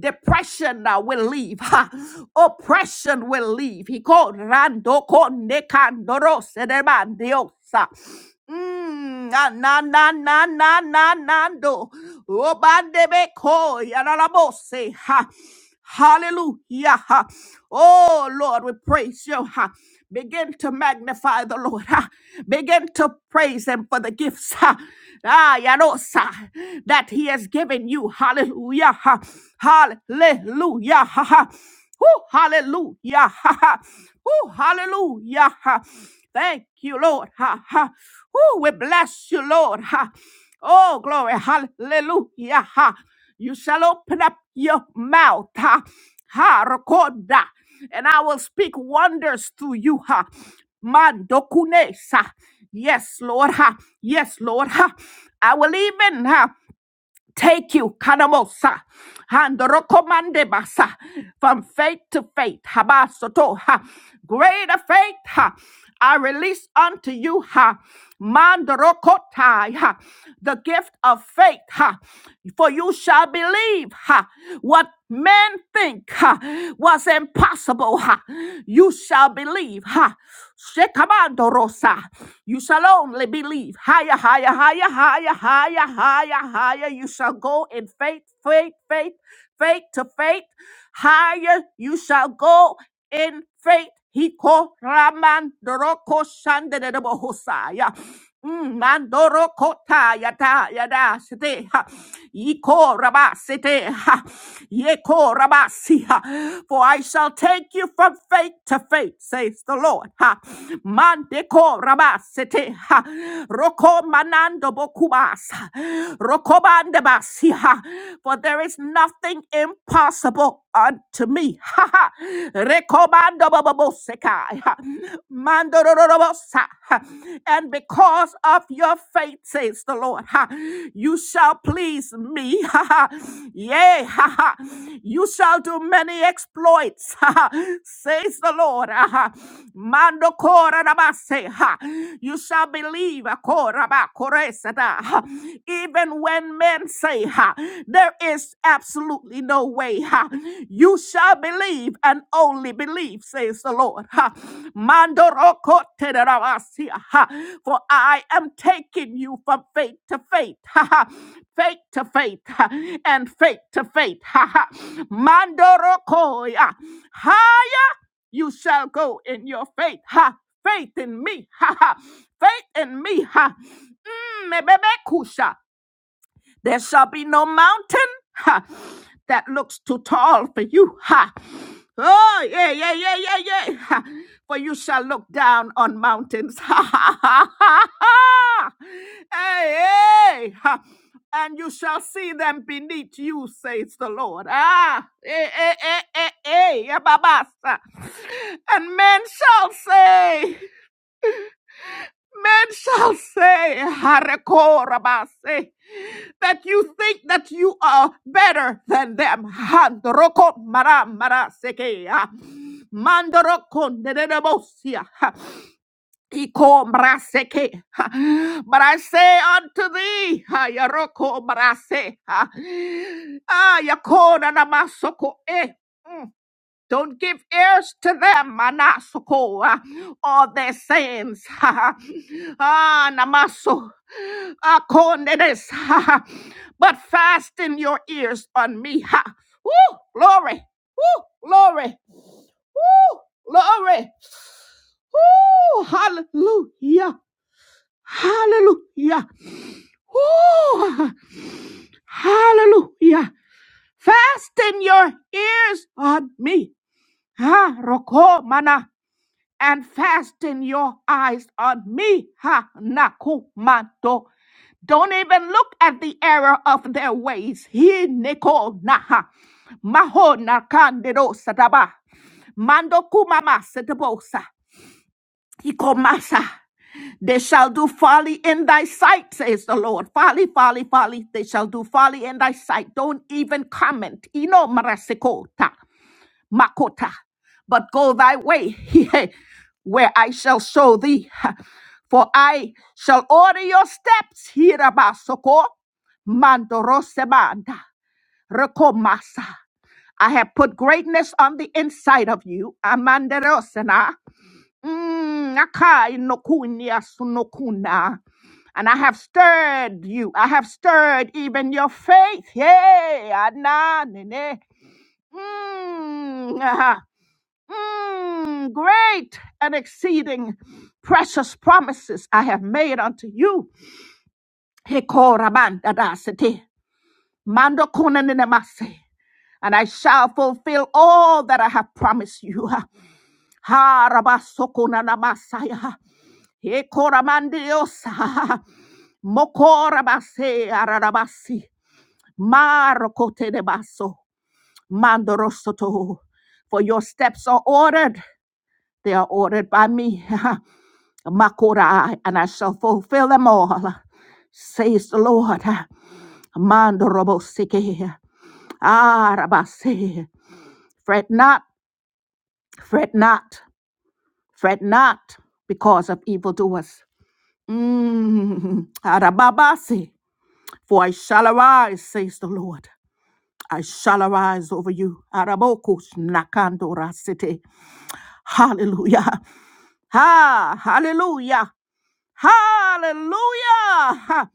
Speaker 1: Depression uh, will leave. uh, Oppression will leave. Hikorandokondekandorosedemandiosa. Mm, na na na na na na na do. Obandebe ko yarabose ha. Hallelujah. ha. Oh Lord, we praise you. ha. Begin to magnify the Lord. ha. Begin to praise him for the gifts ha. ah, yarosa, that he has given you. Hallelujah. ha. Hallelujah. ha, ha. Woo, hallelujah. Ha, ha. Woo, hallelujah. Ha. Thank you, Lord. Ha, ha. Woo, we bless you, Lord. Ha. Oh, glory. Hallelujah. Ha. You shall open up your mouth. Ha. Ha. Recorda. And I will speak wonders to you. Ha. Mandokunesa. Yes, Lord. Ha. Yes, Lord. Ha. I will even. Ha take you kanamosa and rokomande basa from faith to faith habasoto ha greater faith ha I release unto you ha mandrokotai ha the gift of faith ha for you shall believe ha what men think ha was impossible ha you shall believe ha Shekabandorosa. You shall only believe higher, higher, higher, higher, higher, higher, higher higher you shall go in faith, faith, faith, faith to faith. Higher you shall go in faith. He ko raman doroko shande de debo hosaya. Mm, Mandoro kota yada yada sete ha yiko raba sete ha yeko raba si ha for I shall take you from faith to faith says the Lord ha mandeko raba sete ha roko manando bokubas Kobandabasiha. For there is nothing impossible unto me. Ha ha. Rekobandababosekai. Ha. Mandorororobosa. Ha. And because of your faith, says the Lord, ha, you shall please me. Ha ha. Yea, ha ha. You shall do many exploits, ha ha, says the Lord. Ha ha. Mandokorabase. Ha. You shall believe. Koraba, koresada, ha. Even and when men say, ha, there is absolutely no way, ha, you shall believe and only believe, says the Lord. Ha. Mandorokotederabasia, ha, For I am taking you from faith to faith, ha, ha, faith to faith, ha, and faith to faith. ha, ha. Mandorokoya, higher you shall go in your faith. Ha, faith in me, ha, ha, faith in me, ha. Mm, mebebekusha. There shall be no mountain ha, that looks too tall for you. Ha. Oh, yeah, yeah, yeah, yeah, yeah. Ha. For you shall look down on mountains. Ha, ha, ha, ha, ha. Hey, hey. Ha. And you shall see them beneath you, says the Lord. Ah, eh, eh, eh, eh, eh, yeah, babasa. And men shall say, Men shall say, Harekorabase, that you think that you are better than them. Handoroko mara mara sekea. Mandoroko nedebosia. Iko braseke. But I say unto thee, ha, Yaroko brase, ha, ah, Yakona namasoko, eh. mm. Don't give ears to them, Manasoko, uh, all their sayings. ah, Namaso, ah, Kondenes, but fasten your ears on me. Ha. Woo, glory, woo, glory, woo, glory, woo, hallelujah, hallelujah, woo, hallelujah. Fasten your ears on me. Ha roko mana and fasten your eyes on me. Ha nakumanto. Don't even look at the error of their ways. He neko naha. Maho nakandero sataba. Mando kumama setabosa. Ikomasa. They shall do folly in thy sight, says the Lord. Folly, folly, folly. They shall do folly in thy sight. Don't even comment. Ino marasikota. Makota. But go thy way, where I shall show thee. For I shall order your steps, Hirabasoko, Mandorosemanda, Rekomasa. I have put greatness on the inside of you, Amanderosena, Mm, Akai Nokunia Sunokuna. And I have stirred you. I have stirred even your faith. Yay. Ananene. Mm. Mm, great and exceeding precious promises I have made unto you. Hekorabandadasete, mandokunenenemase, And I shall fulfill all that I have promised you. Harabasokunanamasaya, hekoramandiosa, mokorabase ararabasi, marokotenebaso, mandorosoto. For your steps are ordered. They are ordered by me. Makora, and I shall fulfill them all, says the Lord. Mandorobosike, Arabase. Fret not, fret not, fret not because of evildoers. Mm, Arababasi, for I shall arise, says the Lord. I shall arise over you. Arabokus nakandora city. Hallelujah. Ha, hallelujah. Hallelujah. Ha!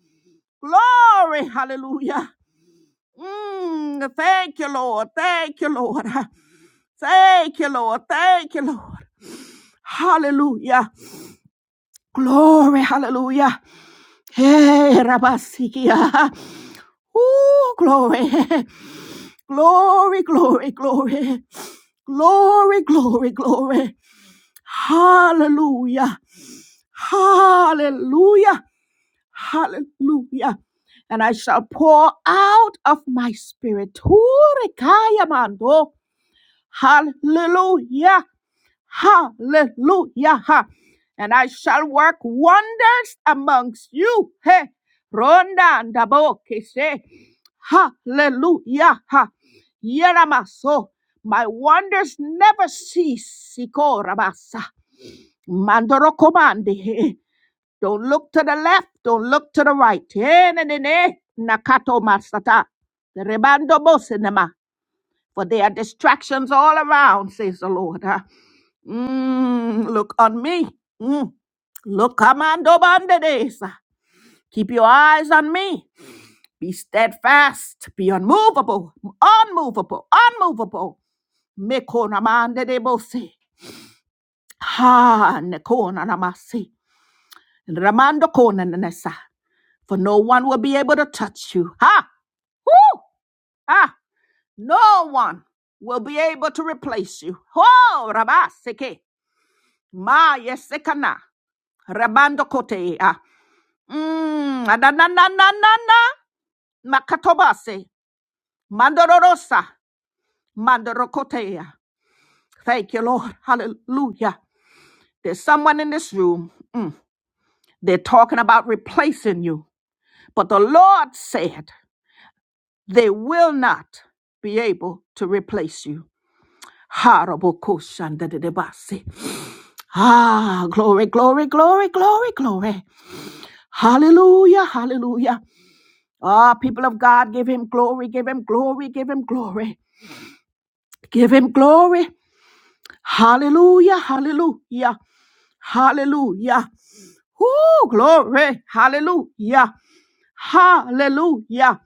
Speaker 1: Glory, hallelujah. Mm, thank you, Lord. Thank you, Lord. Thank you, Lord. Thank you, Lord. Hallelujah. Glory, hallelujah. Hey, Rabasikia. Ooh, glory. Glory, glory, glory. Glory, glory, glory. Hallelujah. Hallelujah. Hallelujah. And I shall pour out of my spirit. Turikaya mando. Hallelujah. Hallelujah. And I shall work wonders amongst you. Hey. Ronda ndabo kese. Hallelujah. Ha. Yeramaso. My wonders never cease. Sikorabasa. Mandoro komande. Don't look to the left. Don't look to the right. Eh, ne, ne, ne. Nakato masata. Rebando bosinema. For there are distractions all around, says the Lord. Ah, Mm, look on me. Mm. Look, commando bandedes. Keep your eyes on me. Be steadfast. Be unmovable. Unmovable. Unmovable. Mekona mande de bose. Ha, nekona namasi. Ramando kona nanesa. for no one will be able to touch you. Ha! Woo! Ah! No one will be able to replace you. Oh, Rabaseke. Ma yesekana. Rabando kote. Ah. Mm, adanananana. Makatobase. Mandororosa. Mandorokotea. Thank you, Lord. Hallelujah. There's someone in this room. mm, they're talking about replacing you. But the Lord said they will not be able to replace you. Harabokoshandadadabase. Ah, glory, glory, glory, glory, glory. Hallelujah, hallelujah. Ah, people of God, give him glory, give him glory, give him glory. Give him glory. Hallelujah, hallelujah, hallelujah. Woo, glory, hallelujah, hallelujah.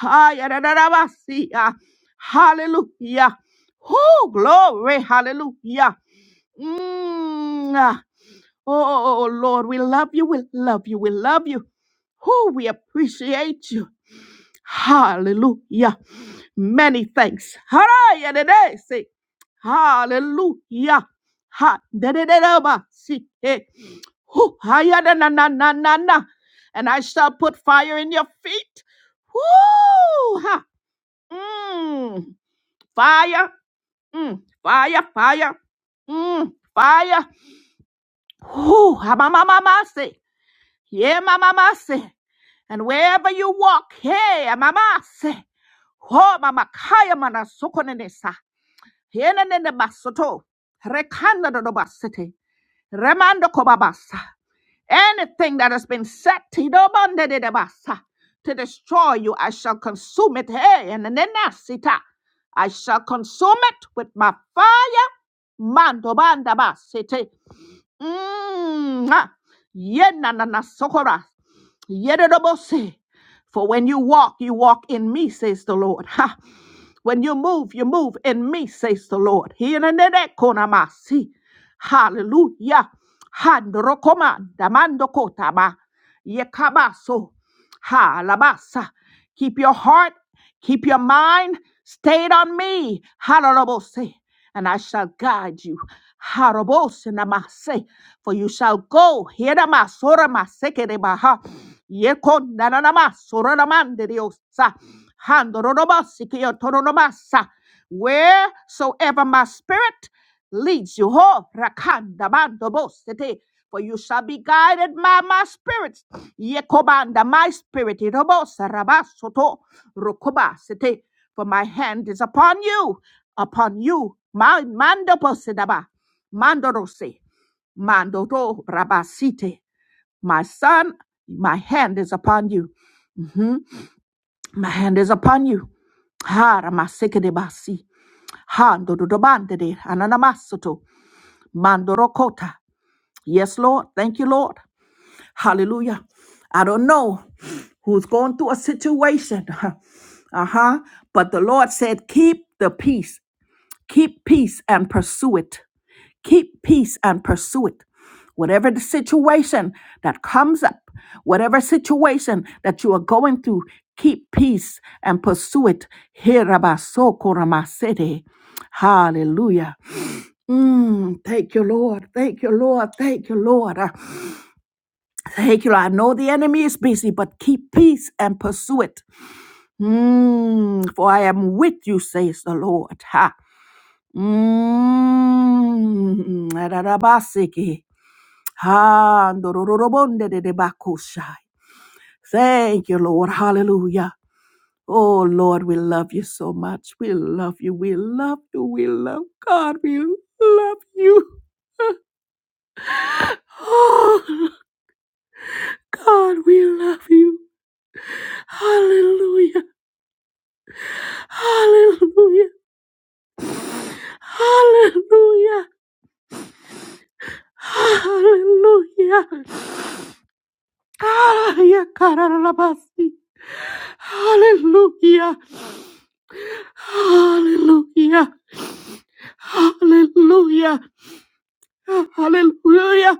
Speaker 1: Hayadadadabasi, ah, Hallelujah. Woo, glory, hallelujah. Mm, ah. Oh, oh, oh, oh, Lord, we love you. We love you. We love you. Who we appreciate you. Hallelujah. Many thanks. Haraya dede se. Hallelujah. Ha dede dede ba si eh. Hoo, haya da na na na na na. And I shall put fire in your feet. Woo! Ha. Mm. Fire. Mm. Fire. Fire. Mm. Fire. Woo! Ha ma ma ma ma se. Yeah, Mama say, And wherever you walk, hey, Mama say. Ho, Mama Kaya Mana Sokonenesa. Yena Basoto. Rekanda do Basete. Remando Kobabasa. Anything that has been set Tidobande de Basa to destroy you, I shall consume it. Hey, and Nenasita. I shall consume it with my fire. Mando Banda Basete. Mm, ah. Yenanana sokora. Yedidobose. For when you walk, you walk in me, says the Lord. Ha. When you move, you move in me, says the Lord. Hienenenenkonamasi. Hallelujah. Handrokoma damandokotaba. Yekabaso. Ha labasa. Keep your heart, keep your mind stayed on me. Hallelujah and I shall guide you. Harabos namase, for you shall go. Hierama sorama sekerebaha. Yekon nananama soranamande diosa. Handoronomasikio toronomasa. Wheresoever my spirit leads you, ho rakanda mandobosete. For you shall be guided by my spirits. Yekobanda, my spirit. Irobosa rabasoto rokobasete for my hand is upon you, upon you. My mando posedaba, mandorose, mandoro rabasite. My son, my hand is upon you. My hand is upon you. Ha ramasekedebasi. Ha ndododobandede ananamasoto. Mandorokota. Yes, Lord. Thank you, Lord. Hallelujah. I don't know who's going through a situation. Uh-huh. But the Lord said, keep the peace. Keep peace and pursue it. Keep peace and pursue it. Whatever the situation that comes up, whatever situation that you are going through, keep peace and pursue it. Herabasokoramasede. Hallelujah. Mm, thank you, Lord. Thank you, Lord. Thank you, Lord. Uh, Thank you, Lord. I know the enemy is busy, but keep peace and pursue it. Mm, for I am with you, says the Lord. Ha. Mm, Ha, ndororobonde de de bakushai. Thank you, Lord. Hallelujah. Oh, Lord, we love you so much. We love you. We love you. We love God. We love you. Oh, God, we love you. Hallelujah. Hallelujah. Hallelujah. Hallelujah. Hallelujah.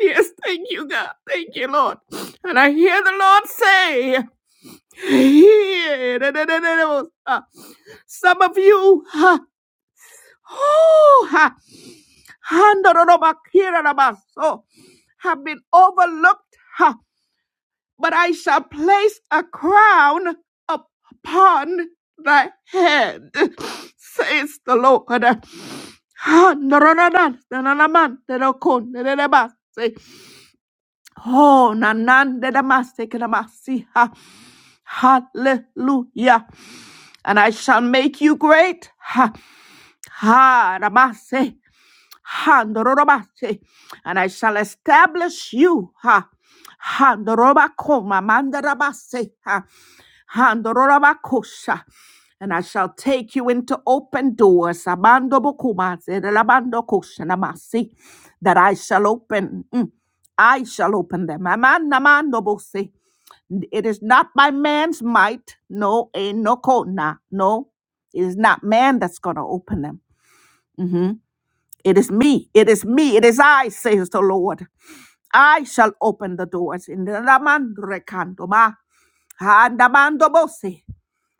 Speaker 1: Yes, thank you, God. Thank you, Lord. And I hear the Lord say, Some of you, ha, oh, ha, handorobakirarabaso, have been overlooked, ha, but I shall place a crown upon thy head, says the Lord. Ha, Oh, na na de da ma se ke da ma si Hallelujah. And I shall make you great. Ha. Ha, da ma se. Handorobase. And I shall establish you. Ha. Handorobakoma mandarabase. Ha. Handorobakosha. And I shall take you into open doors. Abando bokumase, relabando koshanamasi. That I shall open. Mm. I shall open them. Amanamandobose. It is not by man's might. No, eh, no, ko- na, no. It is not man that's going to open them. Mm-hmm. It is me. It is me. It is I, says the Lord. I shall open the doors in the Ramandrekandoma. Handamandobose.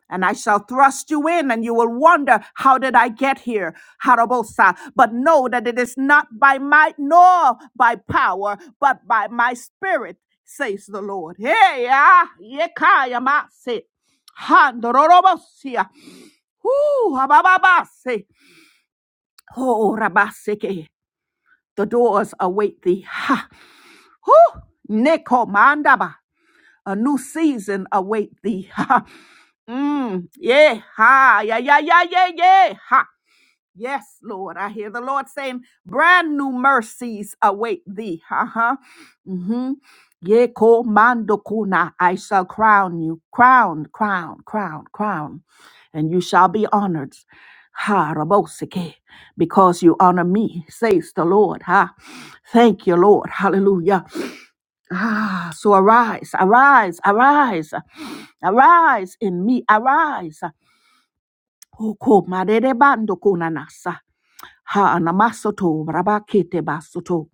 Speaker 1: And I shall thrust you in, and you will wonder, How did I get here? Harabosa. But know that it is not by might nor by power, but by my spirit, says the Lord. Hey, ah, yekaya mase. Handororobosia. Whoo, abababase. Oh, rabaseke. The doors await thee. Ha! Whoo! Neko mandaba. A new season await thee. Ha! Mm. Yeah. Ha. Yeah. Yeah. Yeah. Yeah. Yeah. Ha! Yes, Lord. I hear the Lord saying, brand new mercies await thee. Uh-huh. Mm-hmm. Yeko mando kuna. I shall crown you. Crown, crown, crown, crown. And you shall be honored. Ha rabosike. Because you honor me, says the Lord. Ha. Thank you, Lord. Hallelujah. Ah, so arise, arise, arise, arise in me, arise. Hoko madere bando kunanasa. Ha namasoto rabakete basoto.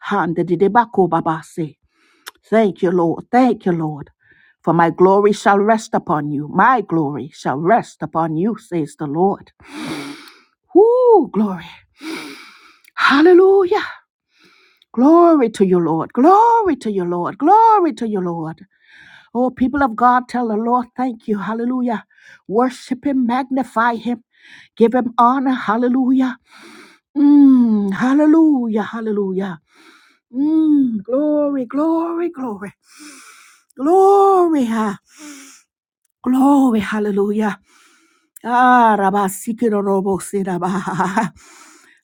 Speaker 1: Hande didebako babase. Thank you, Lord. Thank you, Lord. For my glory shall rest upon you. My glory shall rest upon you, says the Lord. Woo, glory. Hallelujah. Glory to you, Lord. Glory to you, Lord. Glory to you, Lord. Oh, people of God, tell the Lord, thank you. Hallelujah. Worship him, magnify him, give him honor. Hallelujah. Mm, hallelujah. Hallelujah. Mm, glory, glory, glory, glory, ha- glory, hallelujah. Ah, rabasi kirorobosi rabaha.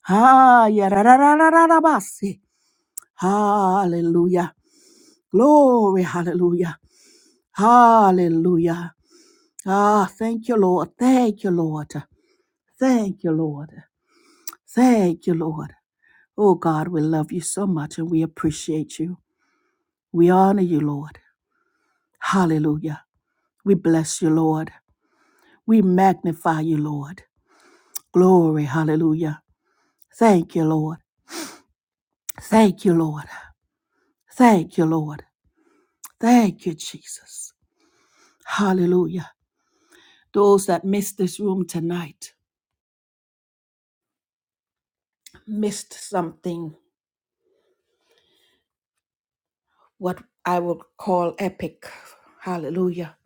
Speaker 1: Ah, yarararararabasi. Hallelujah. Glory, hallelujah. Hallelujah. Ah, thank you, Lord. Thank you, Lord. Thank you, Lord. Thank you, Lord. Oh, God, we love you so much and we appreciate you. We honor you, Lord. Hallelujah. We bless you, Lord. We magnify you, Lord. Glory, hallelujah. Thank you, Lord. Thank you, Lord. Thank you, Lord. Thank you, Jesus. Hallelujah. Those that missed this room tonight missed something, what I would call epic. Hallelujah.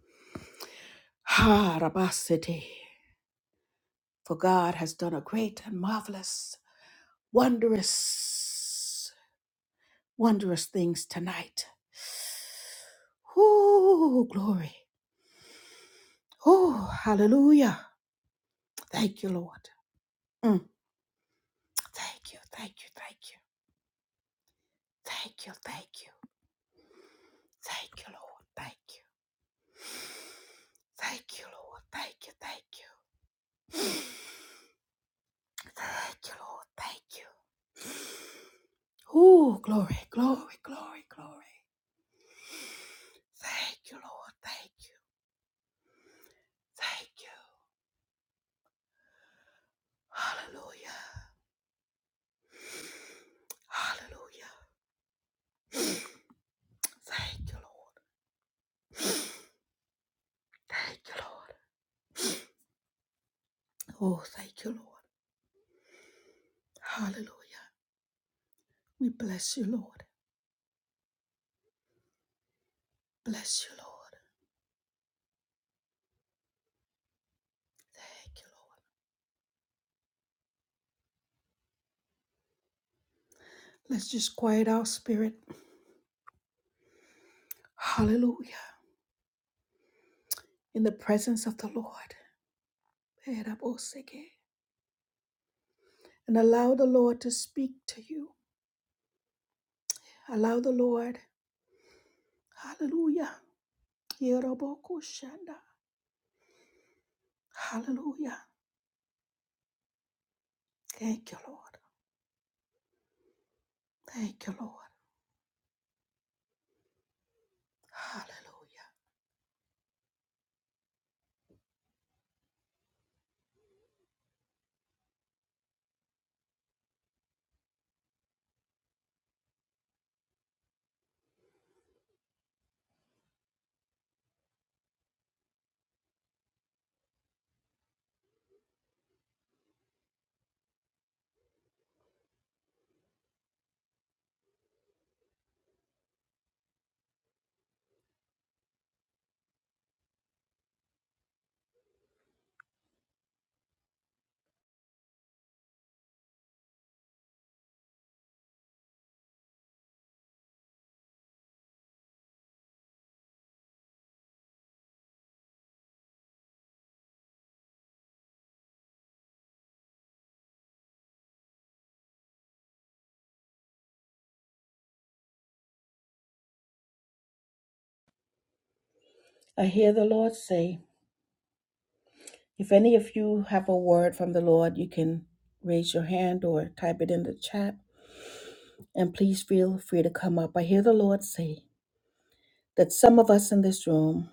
Speaker 1: Ha, Rabasiti. For God has done a great and marvelous, wondrous, wondrous things tonight. Oh, glory. Oh, hallelujah. Thank you, Lord. Mm. Thank you, thank you, thank you, thank you, thank you, thank you, Lord. Thank you, thank you, Lord. Thank you, thank you, thank you, Lord. Thank you. Ooh. Glory, glory, glory, glory. Thank you, Lord. Thank you, thank you. Hallelujah, hallelujah. Thank you, Lord. Thank you, Lord. Oh, thank you, Lord. Hallelujah. We bless you, Lord. Bless you, Lord. Let's just quiet our spirit. Hallelujah. In the presence of the Lord. And allow the Lord to speak to you. Allow the Lord. Hallelujah. Yerobokushanda. Hallelujah. Thank you, Lord. Thank you, Lord. I hear the Lord say, if any of you have a word from the Lord, you can raise your hand or type it in the chat. And please feel free to come up. I hear the Lord say that some of us in this room,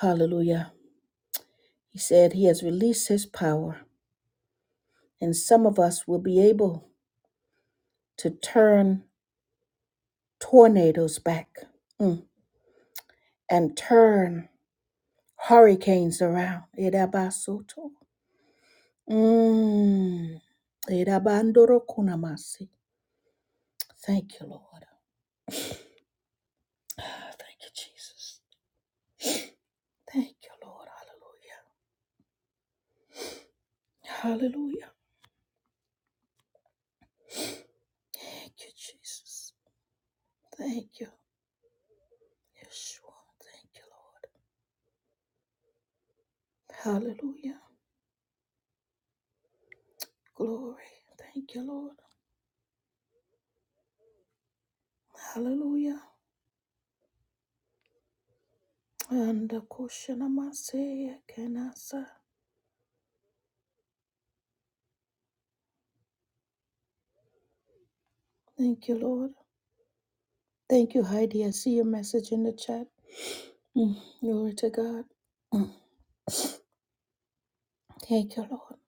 Speaker 1: hallelujah, He said He has released His power, and some of us will be able to turn tornadoes back mm, and turn. hurricanes around. Edabasoto. Mm. Edabandorokunamasi. Thank you, Lord. Ah, Thank you, Jesus. Thank you, Lord. Hallelujah. Hallelujah. Thank you, Jesus. Thank you, Yeshua. Thank you, Lord. Hallelujah. Glory. Thank you, Lord. Hallelujah. And the Kushanamase Kenasa. Thank you, Lord. Thank you, Heidi. I see your message in the chat. Mm, Glory to God. Mm, Thank you, Lord.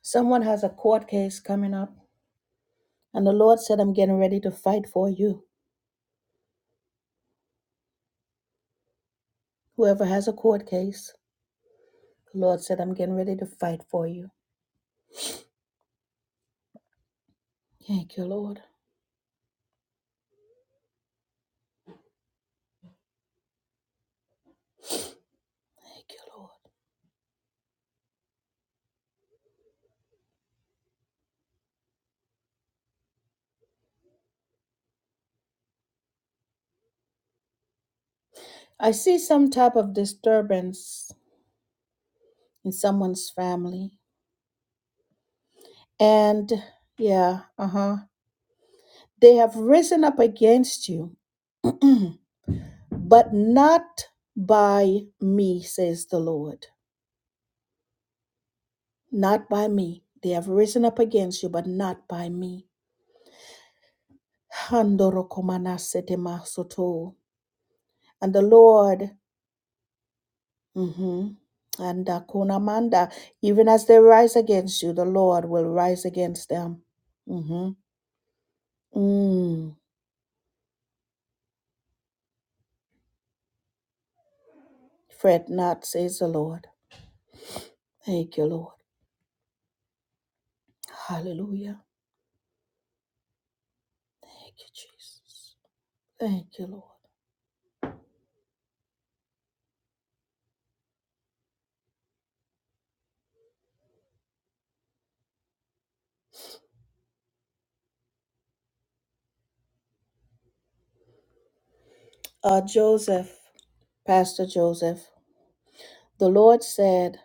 Speaker 1: Someone has a court case coming up, and the Lord said, I'm getting ready to fight for you. Whoever has a court case, the Lord said, I'm getting ready to fight for you. Thank you, Lord. Thank you, Lord. I see some type of disturbance in someone's family. And yeah, uh huh. They have risen up against you but not by me, says the Lord. Not by me. They have risen up against you, but not by me. Handorokomanasetemasoto. And the Lord, mhm, and Akunamanda, even as they rise against you, the Lord will rise against them. hmm Mm. Fret not, says the Lord. Thank you, Lord. Hallelujah. Thank you, Jesus. Thank you, Lord. Uh, Joseph, Pastor Joseph. The Lord said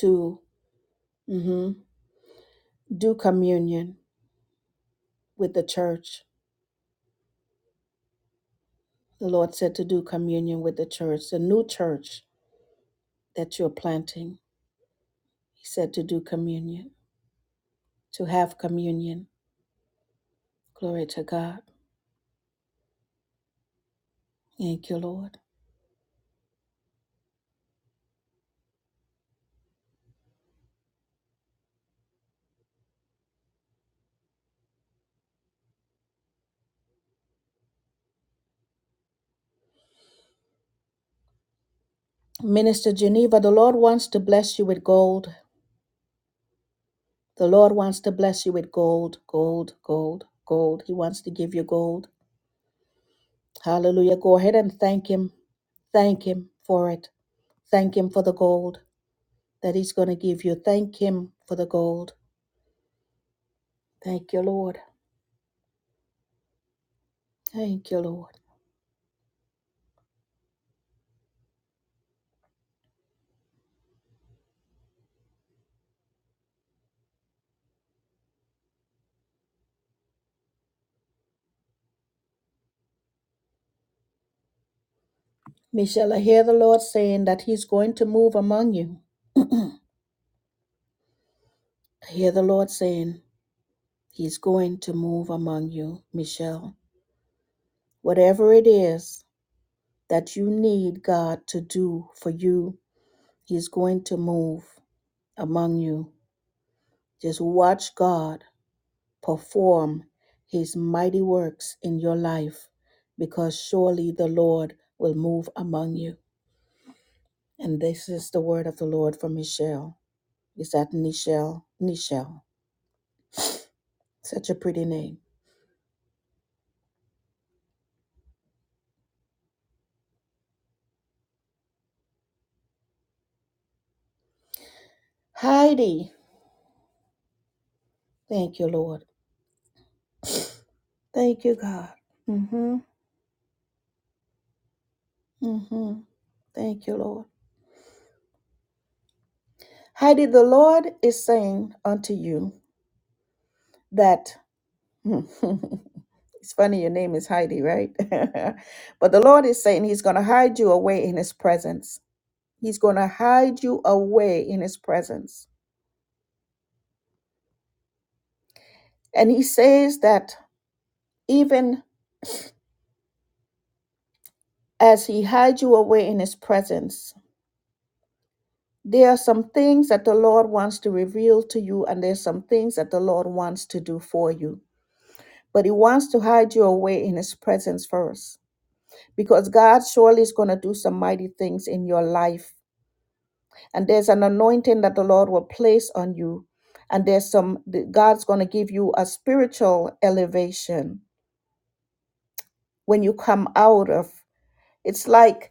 Speaker 1: to mhm, do communion with the church. The Lord said to do communion with the church, the new church that you're planting. He said to do communion, to have communion. Glory to God. Thank you, Lord. Minister Geneva, the Lord wants to bless you with gold. The Lord wants to bless you with gold, gold, gold, gold. He wants to give you gold. Hallelujah. Go ahead and thank Him. Thank Him for it. Thank Him for the gold. that He's going to give you. Thank Him for the gold. Thank you, Lord. Thank you, Lord. Michelle, I hear the Lord saying that He's going to move among you. I hear the Lord saying He's going to move among you, Michelle. Whatever it is that you need God to do for you, He's going to move among you. Just watch God perform His mighty works in your life because surely the Lord will move among you. And this is the word of the Lord for Michelle. Is that Nichelle? Nichelle. Such a pretty name. Heidi. Thank you, Lord. Thank you, God. Mm-hmm. Mm-hmm. Thank you, Lord. Heidi, the Lord is saying unto you that it's funny your name is Heidi, right? but the Lord is saying He's gonna hide you away in his presence. He's gonna hide you away in his presence. And he says that even as he hides you away in his presence. There are some things that the Lord wants to reveal to you, and there's some things that the Lord wants to do for you. But he wants to hide you away in his presence first, because God surely is going to do some mighty things in your life. And there's an anointing that the Lord will place on you. And there's some, God's going to give you a spiritual elevation when you come out of. It's like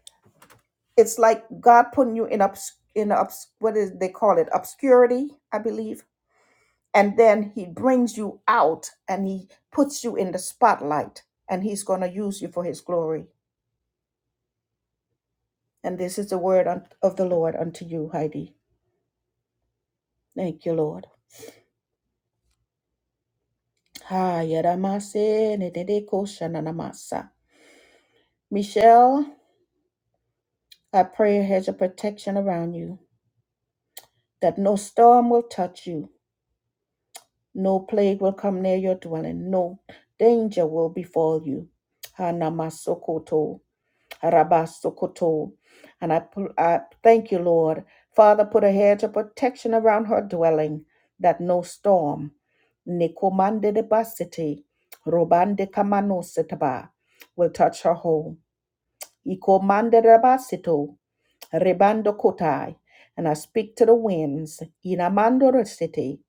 Speaker 1: it's like God putting you in obs in obs what is they call it obscurity, I believe, and then He brings you out and He puts you in the spotlight, and He's going to use you for His glory. And this is the word un- of the Lord unto you, Heidi. Thank you, Lord. Ha, yadamase, nededeko, shananamasa. Michelle, I pray a hedge of protection around you, that no storm will touch you, No plague will come near your dwelling. No danger will befall you. Hanamasokoto, harabasokoto. And I, pl- I thank you, Lord. Father, put a hedge of protection around her dwelling that no storm. Nikomande de basiti, robande kamano sitaba, will touch her home. Iko manda rabasito, rebando kotai, and I speak to the winds, inamando resete,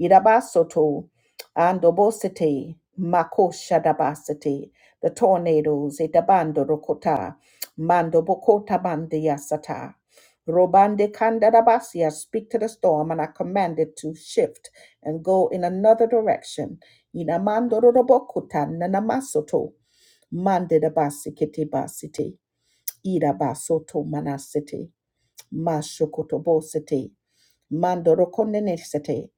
Speaker 1: irabasoto, andobosete, makosha dabasete, the tornadoes, itabando rokota, mando bokota bande yasata. Robande Kandarabasi, I speak to the storm and I command it to shift and go in another direction. Inamando robokuta nanamasoto, mande dabasi kete Irabasoto manasete, mashokotobosete, mandorokonenesete.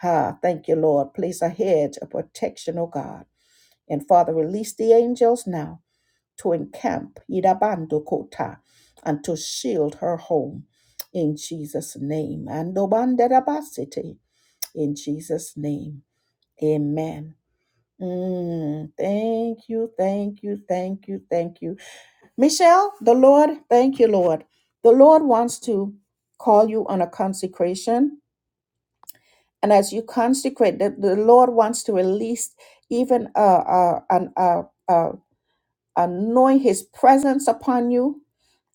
Speaker 1: Ha, thank you, Lord. Place a hedge of protection, O God. And Father, release the angels now to encamp Irabando Kota and to shield her home in Jesus' name. And Obanderabasete in Jesus' name. Amen. Mm, thank you, thank you, thank you, thank you. Michelle, the Lord, thank you, Lord. The Lord wants to call you on a consecration. And as you consecrate, the, the Lord wants to release even uh, uh, an, uh, uh, anoint his presence upon you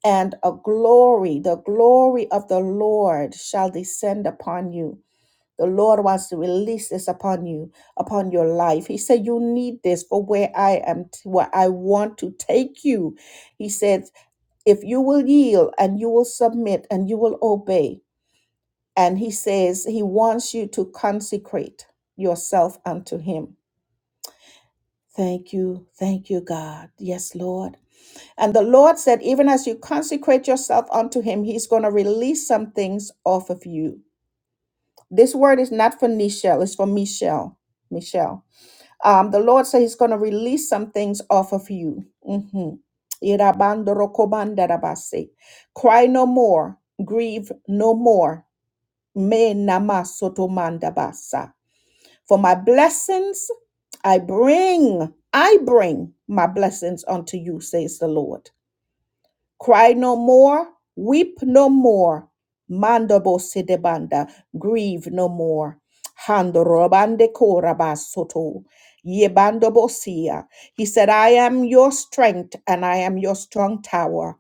Speaker 1: and a glory. The glory of the Lord shall descend upon you. The Lord wants to release this upon you, upon your life. He said, You need this for where I am, t- where I want to take you. He said if you will yield and you will submit and you will obey, and he says he wants you to consecrate yourself unto him. Thank you, thank you, God. Yes, Lord. And the Lord said, even as you consecrate yourself unto him, he's going to release some things off of you. This word is not for Nichelle, it's for Michelle. Michelle. Um, the Lord said He's going to release some things off of you. hmm Cry no more, grieve no more. Me nama For my blessings I bring, I bring my blessings unto you, says the Lord. Cry no more, weep no more. Mandabo sedebanda, grieve no more. Handorobande korabasoto. Yebandobosia. He said, I am your strength and I am your strong tower.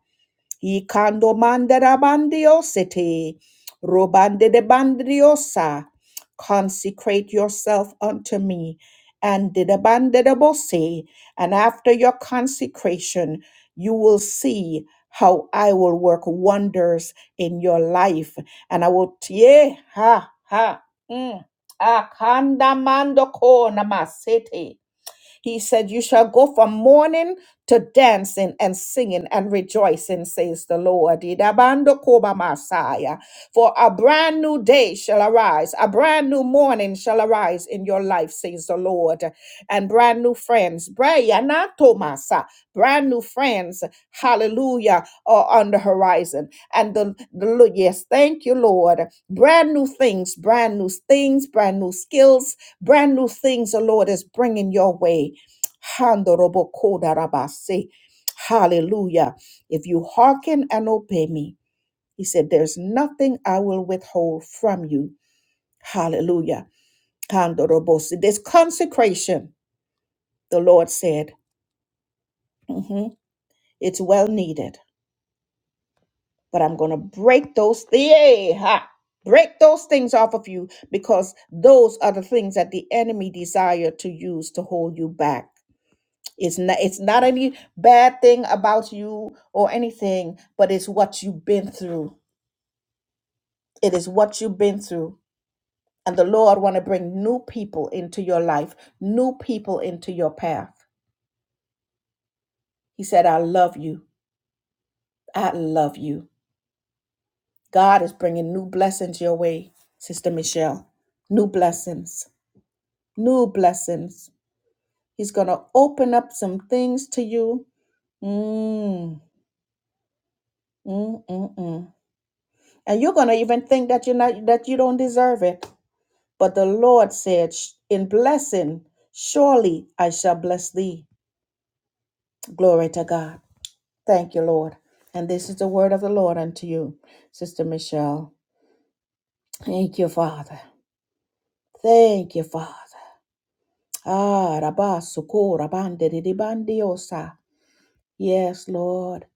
Speaker 1: Ikando mandarabandiosete, robande de bandriosa. Consecrate yourself unto me. And de bandedabose. And after your consecration, you will see how I will work wonders in your life. And I will, yeah, ha, ha, mm, akanda mando ko namasete. He said, You shall go from mourning to dancing and singing and rejoicing, says the Lord. Idabando koba masaya. For a brand new day shall arise, a brand new morning shall arise in your life, says the Lord. And brand new friends, Brayana Tomasa, brand new friends, hallelujah, are on the horizon. And the, the Lord- yes, thank you, Lord. Brand new things, brand new things, brand new skills, brand new things the Lord is bringing your way Handorobokodarabase. Hallelujah. If you hearken and obey me, he said, There's nothing I will withhold from you. Hallelujah. Handorobosi. This consecration, the Lord said, mhm, it's well needed, but I'm going to break those things. Break those things off of you because those are the things that the enemy desire to use to hold you back. It's not it's not any bad thing about you or anything, but it's what you've been through. It is what you've been through. And the Lord want to bring new people into your life, new people into your path. He said, "I love you. I love you." God is bringing new blessings your way, Sister Michelle. New blessings. New blessings. He's going to open up some things to you. Mm, mm, mm, mm. And you're going to even think that you're not that you don't deserve it But the Lord said, In blessing, surely I shall bless thee. Glory to God. Thank you, Lord. And this is the word of the Lord unto you, Sister Michelle. Thank you, Father. Thank you, Father. Ah, rabba, suko, rabande, di, di, bandi, osa. Yes, Lord.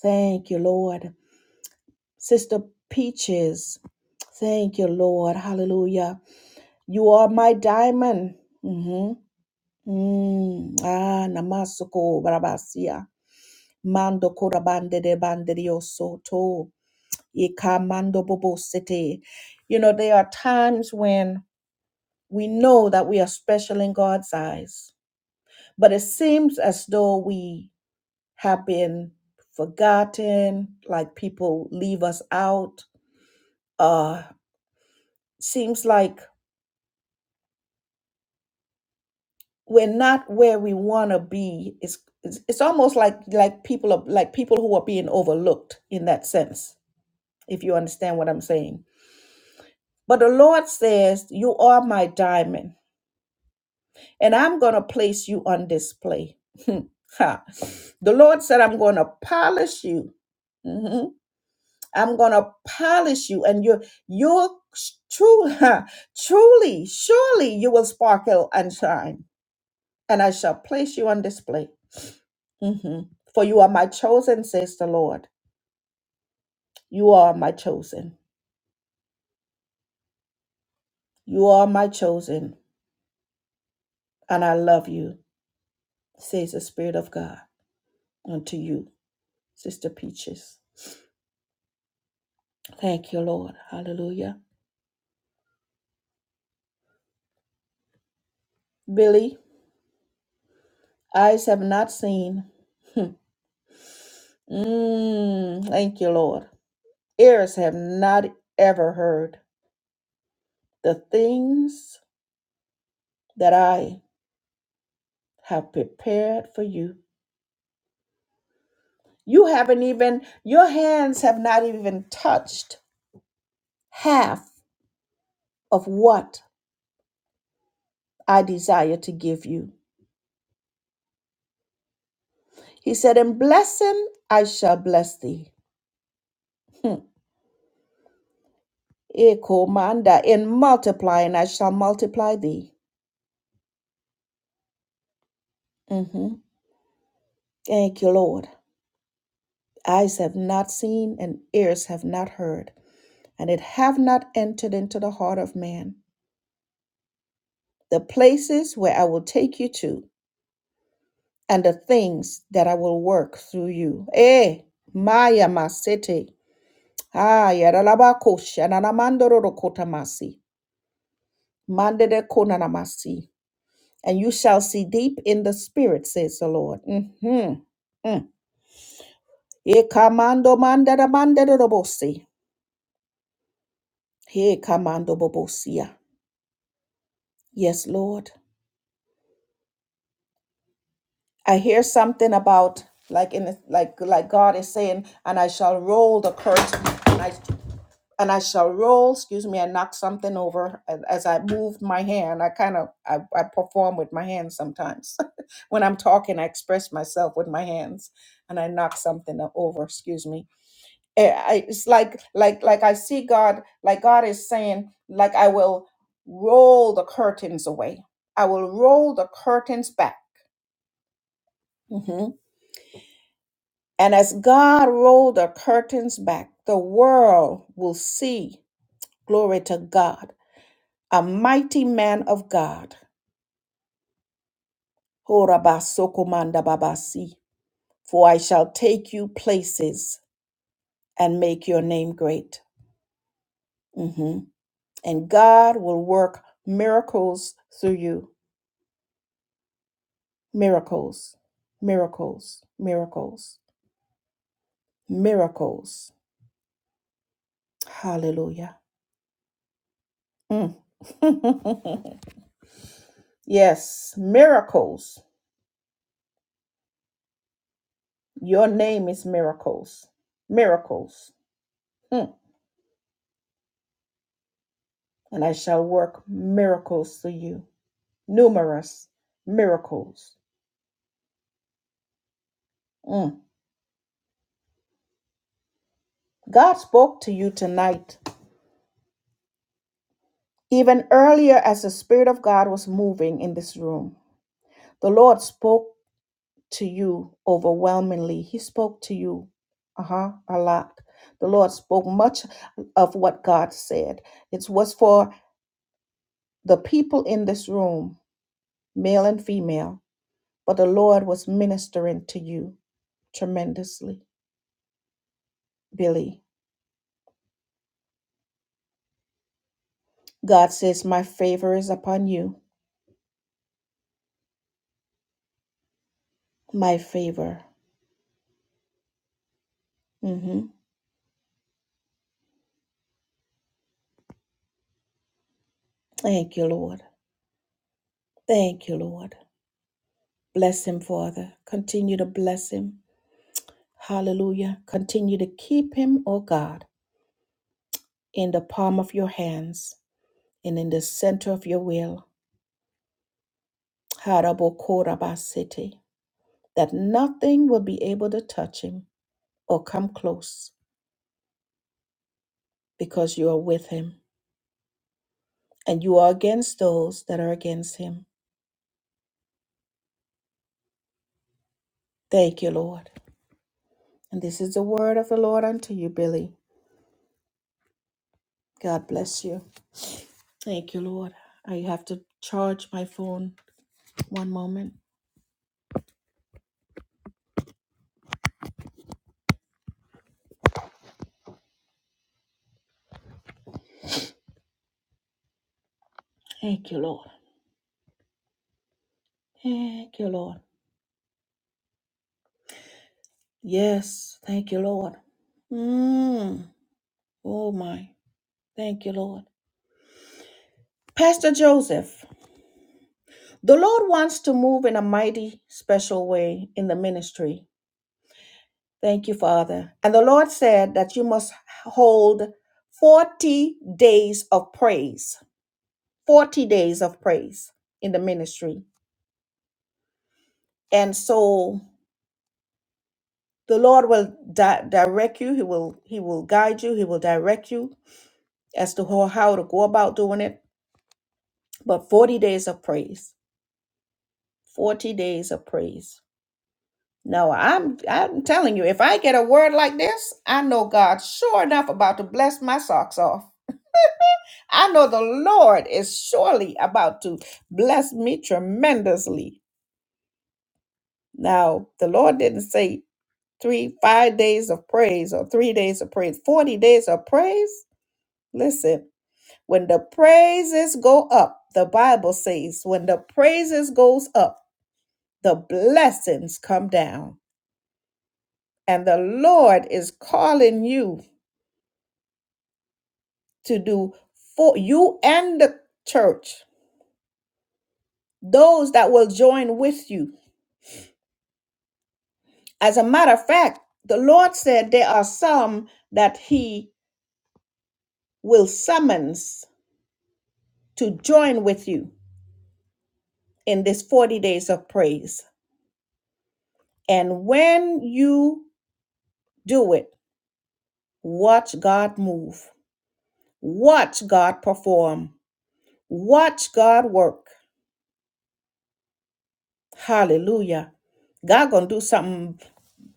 Speaker 1: Thank you, Lord. Sister Peaches, thank you, Lord. Hallelujah. You are my diamond. Mm-hmm. Mm, ah, namasuko barabasia. Mando korabande de banderio soto. Ika mando bobo sete. You know, there are times when we know that we are special in God's eyes, but it seems as though we have been forgotten, like people leave us out. Uh, seems like we're not where we want to be it's, it's it's almost like like people are like people who are being overlooked in that sense if you understand what i'm saying but the lord says you are my diamond and i'm going to place you on display Ha. the lord said i'm going to polish you Mhm. i'm going to polish you and you're you're true truly surely you will sparkle and shine and i shall place you on display hmm For you are my chosen, says the Lord. You are my chosen. You are my chosen, and I love you, says the Spirit of God unto you, Sister Peaches. Thank you, Lord. Hallelujah. Billy, eyes have not seen. Hmm. Mm, thank you, Lord. Ears have not ever heard the things that I have prepared for you. You haven't even, your hands have not even touched half of what I desire to give you. He said, In blessing I shall bless thee. Hmm. Eko manda. In multiplying I shall multiply thee. Mhm. Thank you, Lord. Eyes have not seen and ears have not heard, and it have not entered into the heart of man. The places where I will take you to, and the things that I will work through you. Eh, Maya Masete. Ah, Yaralabako, Shananamandoro Kotamasi. Mandede konanamasi. And you shall see deep in the spirit, says the Lord. hmm Mm. Ekamando mandada mandada robosi. He kamando bobosia. Yes, Lord. I hear something about like in like like God is saying, and I shall roll the curtain. and I and I shall roll. Excuse me, I knocked something over and as I moved my hand. I kind of I, I perform with my hands sometimes. when I'm talking, I express myself with my hands, and I knock something over. Excuse me. Eh, I, it's like like like I see God. Like God is saying, like I will roll the curtains away. I will roll the curtains back. Mhm. And as God rolled the curtains back, the world will see. Glory to God a mighty man of God. Horabasokomanda babasi. For I shall take you places and make your name great. Mhm. And God will work miracles through you. Miracles, miracles, miracles, miracles. Hallelujah. Mm. yes, miracles. Your name is miracles. Miracles. Mm. And I shall work miracles through you. numerous miracles. Mm. God spoke to you tonight, even earlier as the Spirit of God was moving in this room. The Lord spoke to you overwhelmingly. He spoke to you, uh huh, a lot. The Lord spoke much of what God said. It was for the people in this room, male and female, but the Lord was ministering to you tremendously. Billy, God says, My favor is upon you. my favor. hmm Thank you, Lord. Thank you, Lord. Bless him, Father. Continue to bless him. Hallelujah. Continue to keep him, O God, in the palm of your hands and in the center of your will. Harabokorabasete. That nothing will be able to touch him or come close because you are with him and you are against those that are against him. Thank you, Lord. And this is the word of the Lord unto you, Billy. God bless you. Thank you, Lord. I have to charge my phone one moment. Thank you, Lord. Thank you, Lord. Yes, thank you, Lord. Mm. Oh, my. Thank you, Lord. Pastor Joseph, the Lord wants to move in a mighty, special way in the ministry. Thank you, Father. And the Lord said that you must hold 40 days of praise, 40 days of praise in the ministry. And so the lord will di- direct you he will he will guide you he will direct you as to how, how to go about doing it but 40 days of praise 40 days of praise now i'm i'm telling you if i get a word like this i know god sure enough about to bless my socks off i know the lord is surely about to bless me tremendously now the lord didn't say three five days of praise or three days of praise 40 days of praise listen When the praises go up, the Bible says, when the praises goes up, the blessings come down. And the Lord is calling you to do for you and the church, those that will join with you. As a matter of fact, the Lord said there are some that he will summons to join with you in this 40 days of praise. And when you do it, watch God move. Watch God perform. Watch God work. Hallelujah. God gonna do something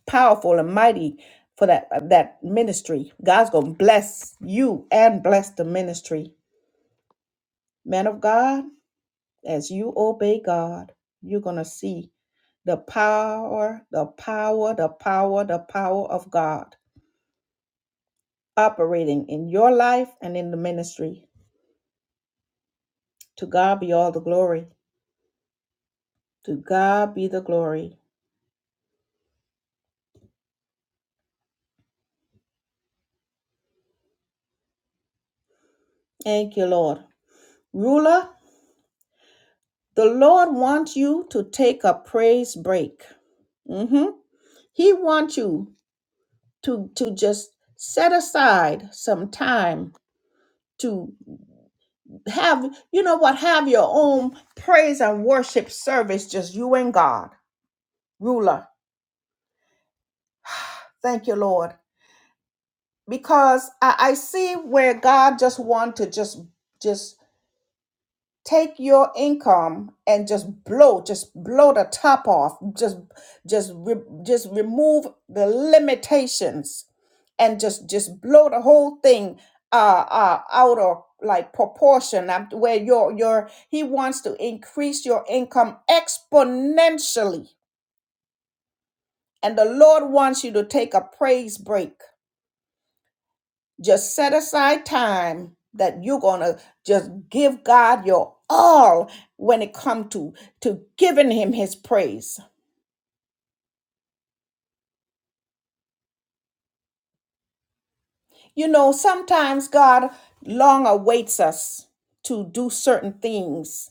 Speaker 1: powerful and mighty for that uh, that ministry. God's gonna bless you and bless the ministry. Man of God, as you obey God, you're gonna see the power, the power, the power, the power of God operating in your life and in the ministry. To God be all the glory. To God be the glory. Thank you, Lord. Ruler, the Lord wants you to take a praise break. hmm He wants you to, to just set aside some time to have, you know what, have your own praise and worship service, just you and God. Ruler, thank you, Lord. Because I, I see where God just wants to just just take your income and just blow just blow the top off just just re- just remove the limitations and just just blow the whole thing uh uh out of like proportion uh, where your your he wants to increase your income exponentially and the lord wants you to take a praise break Just set aside time that you're going to just give God your all when it comes to to giving him his praise. You know, sometimes God long awaits us to do certain things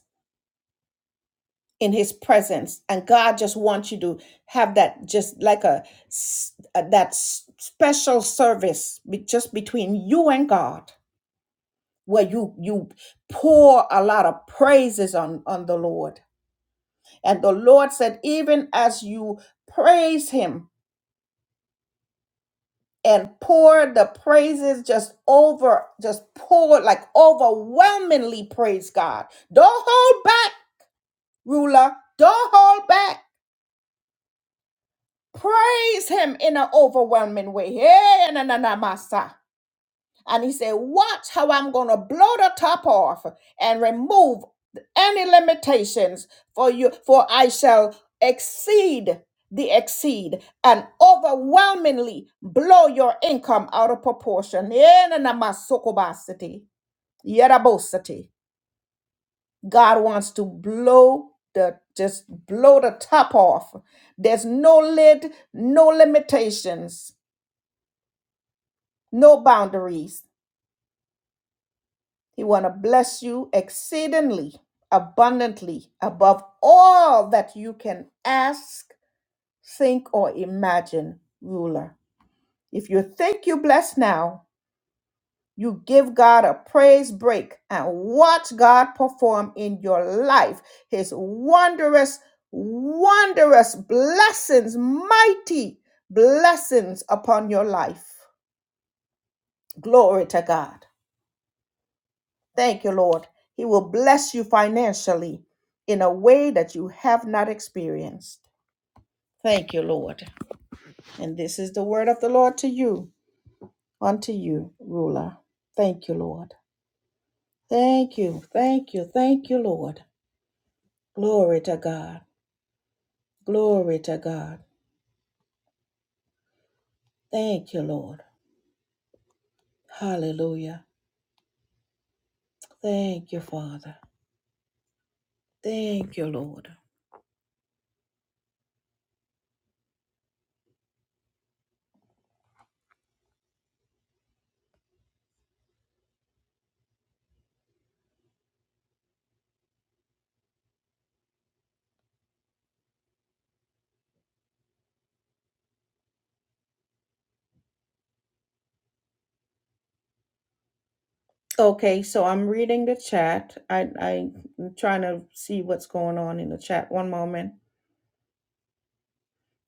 Speaker 1: in his presence and God just wants you to have that just like a s- uh, that s- special service be- just between you and God where you you pour a lot of praises on on the Lord And the Lord said, even as you praise him and pour the praises just over, just pour like overwhelmingly praise God. Don't hold back, ruler. Don't hold back. Praise him in an overwhelming way. Hey, na, na, na, masa. And he said, Watch how I'm going to blow the top off and remove any limitations for you, for I shall exceed the exceed and overwhelmingly blow your income out of proportion. Yenanamasokobasiti, yerabositi. God wants to blow the just blow the top off. There's no lid, no limitations, no boundaries He want to bless you exceedingly, abundantly, above all that you can ask, think, or imagine, ruler. If you think you blessed now, you give God a praise break and watch God perform in your life his wondrous, wondrous blessings, mighty blessings upon your life. Glory to God. Thank you, Lord. He will bless you financially in a way that you have not experienced. Thank you, Lord. And this is the word of the Lord to you, unto you, ruler. Thank you, Lord. Thank you, thank you, thank you, Lord. Glory to God. Glory to God. Thank you, Lord. Hallelujah. Thank you, Father. Thank you, Lord. Okay, so I'm reading the chat. I, I'm trying to see what's going on in the chat. One moment.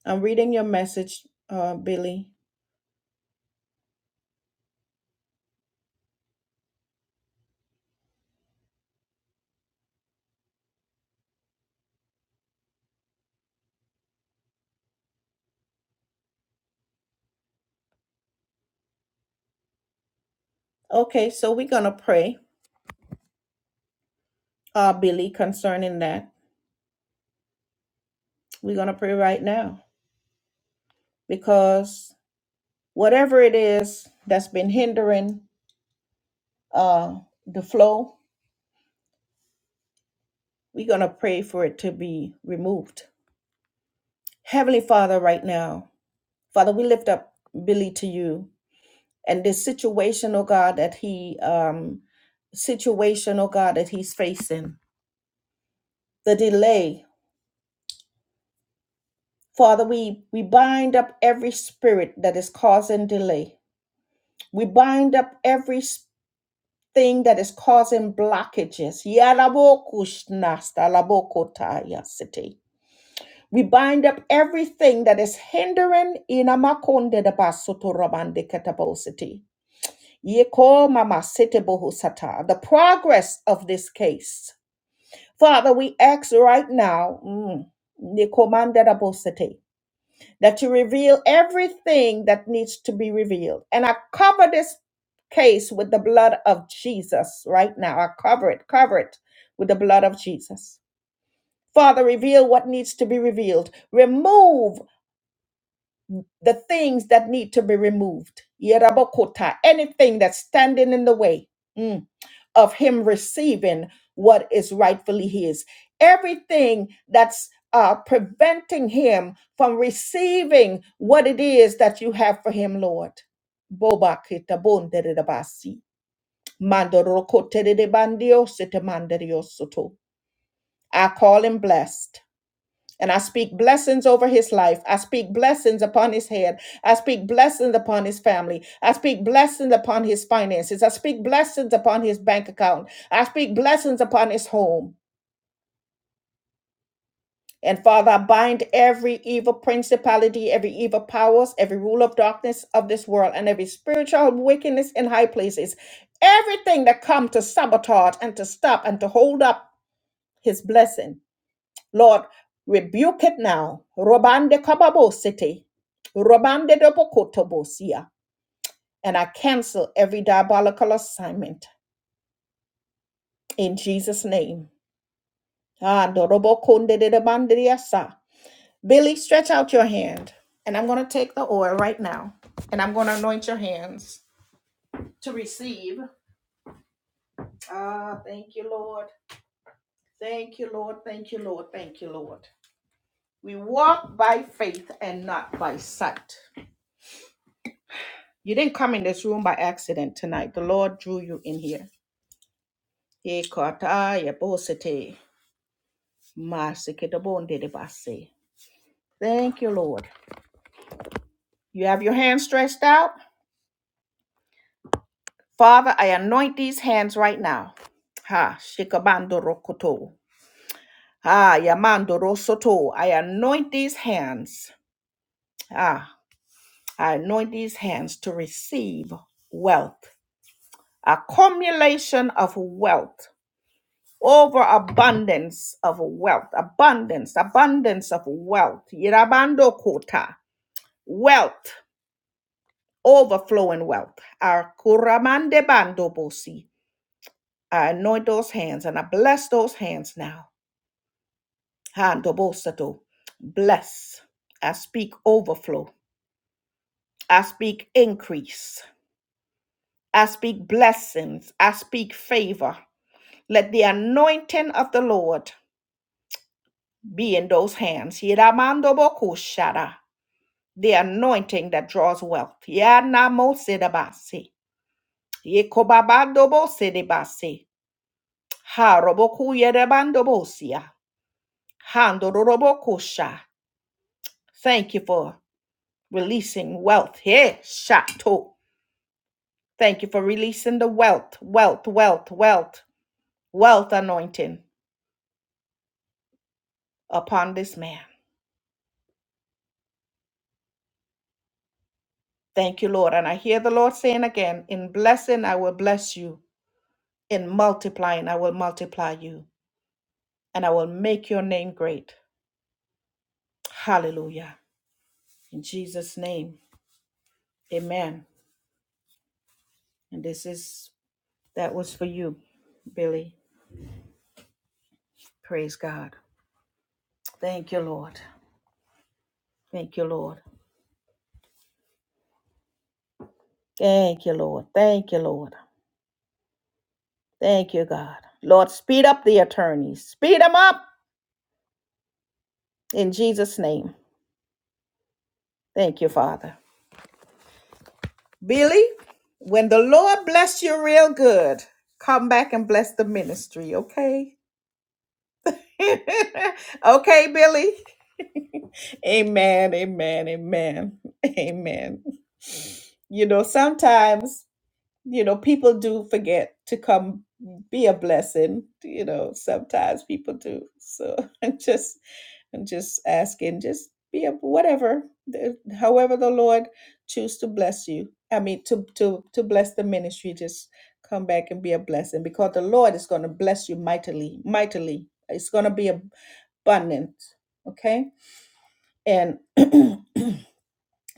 Speaker 1: I'm reading your message, uh, Billy. Okay, so we're going to pray, uh, Billy, concerning that. We're going to pray right now because whatever it is that's been hindering uh, the flow, we're going to pray for it to be removed. Heavenly Father, right now, Father, we lift up Billy to you and this situation, oh God, that he, um, situation, oh God, that he's facing, the delay, Father, we, we bind up every spirit that is causing delay. We bind up every thing that is causing blockages. Yalabokushnastalabokotayasiti. We bind up everything that is hindering inamakonde de basotorobande katabositi. Yeko mama sete bohusata. The progress of this case. Father, we ask right now. mm, nikomande that you reveal everything that needs to be revealed. And I cover this case with the blood of Jesus right now. I cover it, cover it with the blood of Jesus. Father, reveal what needs to be revealed. Remove the things that need to be removed. Yerabokota, anything that's standing in the way. Mm of him receiving what is rightfully his. Everything that's uh, preventing him from receiving what it is that you have for him, Lord. Boba kita bonderedabasi. Mandoroko teredebandio setemanderiosoto. I call him blessed. And I speak blessings over his life. I speak blessings upon his head. I speak blessings upon his family. I speak blessings upon his finances. I speak blessings upon his bank account. I speak blessings upon his home. And Father, I bind every evil principality, every evil powers, every rule of darkness of this world, and every spiritual wickedness in high places. Everything that come to sabotage and to stop and to hold up his blessing. Lord, rebuke it now. Robande kababo city. Robande dobokotobosia. And I cancel every diabolical assignment in Jesus' name. Ah, dorobokonde de debandiasa. Billy, stretch out your hand. And I'm going to take the oil right now. And I'm going to anoint your hands to receive. Ah, thank you, Lord. Thank you, Lord. Thank you, Lord. Thank you, Lord. We walk by faith and not by sight. You didn't come in this room by accident tonight. The Lord drew you in here. Ye kata ya bosete, masikidabonde de base. Thank you, Lord. You have your hands stretched out. Father, I anoint these hands right now. Ha, shikabando rokoto. Ha, yamando rosoto. I anoint these hands. Ah, I anoint these hands to receive wealth, accumulation of wealth. over abundance of wealth, abundance, abundance of wealth. Yirabando kota, wealth, overflowing wealth. Our kuramande bando bosi. I anoint those hands and I bless those hands now. Hando bosato. Bless. I speak overflow. I speak increase. I speak blessings. I speak favor. Let the anointing of the Lord be in those hands. Yiramando bokushara. the anointing that draws wealth. Yanamosidabasi. Yekobabandobosidibasi. Harobokuyerabandobosia. Handorobokosha. Thank you for releasing wealth. Hey, Shato. Thank you for releasing the wealth, wealth, wealth, wealth, wealth anointing upon this man. Thank you, Lord. And I hear the Lord saying again, in blessing, I will bless you. In multiplying, I will multiply you. And I will make your name great. Hallelujah. In Jesus' name, amen. And this is, that was for you, Billy. Praise God. Thank you, Lord. Thank you, Lord. Thank you, Lord. Thank you, Lord. Thank you, God. Lord, speed up the attorneys. Speed them up in Jesus' name. Thank you, Father. Billy, when the Lord bless you real good, come back and bless the ministry, okay? okay, Billy. Amen, amen, amen, amen. You know, sometimes you know people do forget to come be a blessing you know sometimes people do so i'm just i'm just asking just be a whatever the- however the lord choose to bless you i mean to to to bless the ministry just come back and be a blessing because the lord is going to bless you mightily mightily it's going to be abundant okay and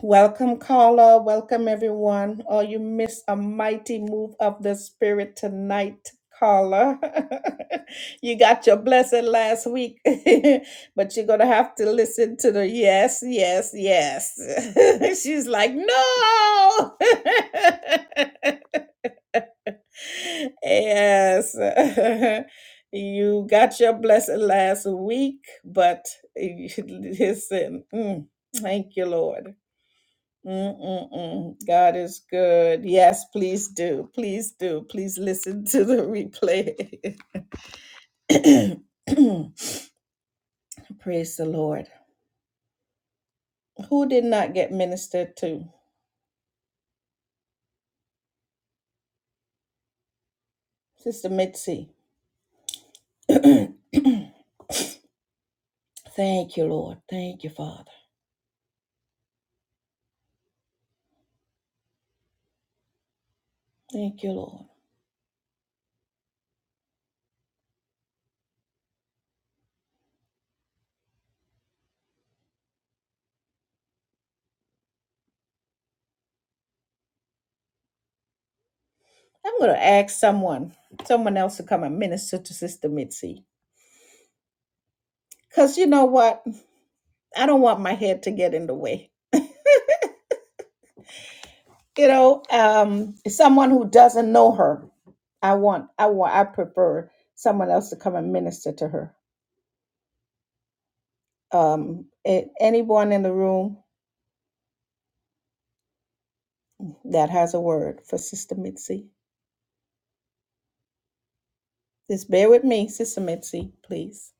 Speaker 1: Welcome, Carla. Welcome, everyone. Oh, you missed a mighty move of the Spirit tonight, Carla. you got your blessing last week, but you're going to have to listen to the yes, yes, yes. She's like, no. yes. you got your blessing last week, but listen, mm, thank you, Lord. Mm-mm-mm. God is good. Yes, please do. Please do. Please listen to the replay. Praise the Lord. Who did not get ministered to? Sister Mitzi. Thank you, Lord. Thank you, Father. Thank you, Lord. I'm going to ask someone, someone else to come and minister to Sister Mitzi. Because you know what? I don't want my head to get in the way. you know um someone who doesn't know her i want i want i prefer someone else to come and minister to her um a- anyone in the room that has a word for sister mitzi just bear with me sister mitzi please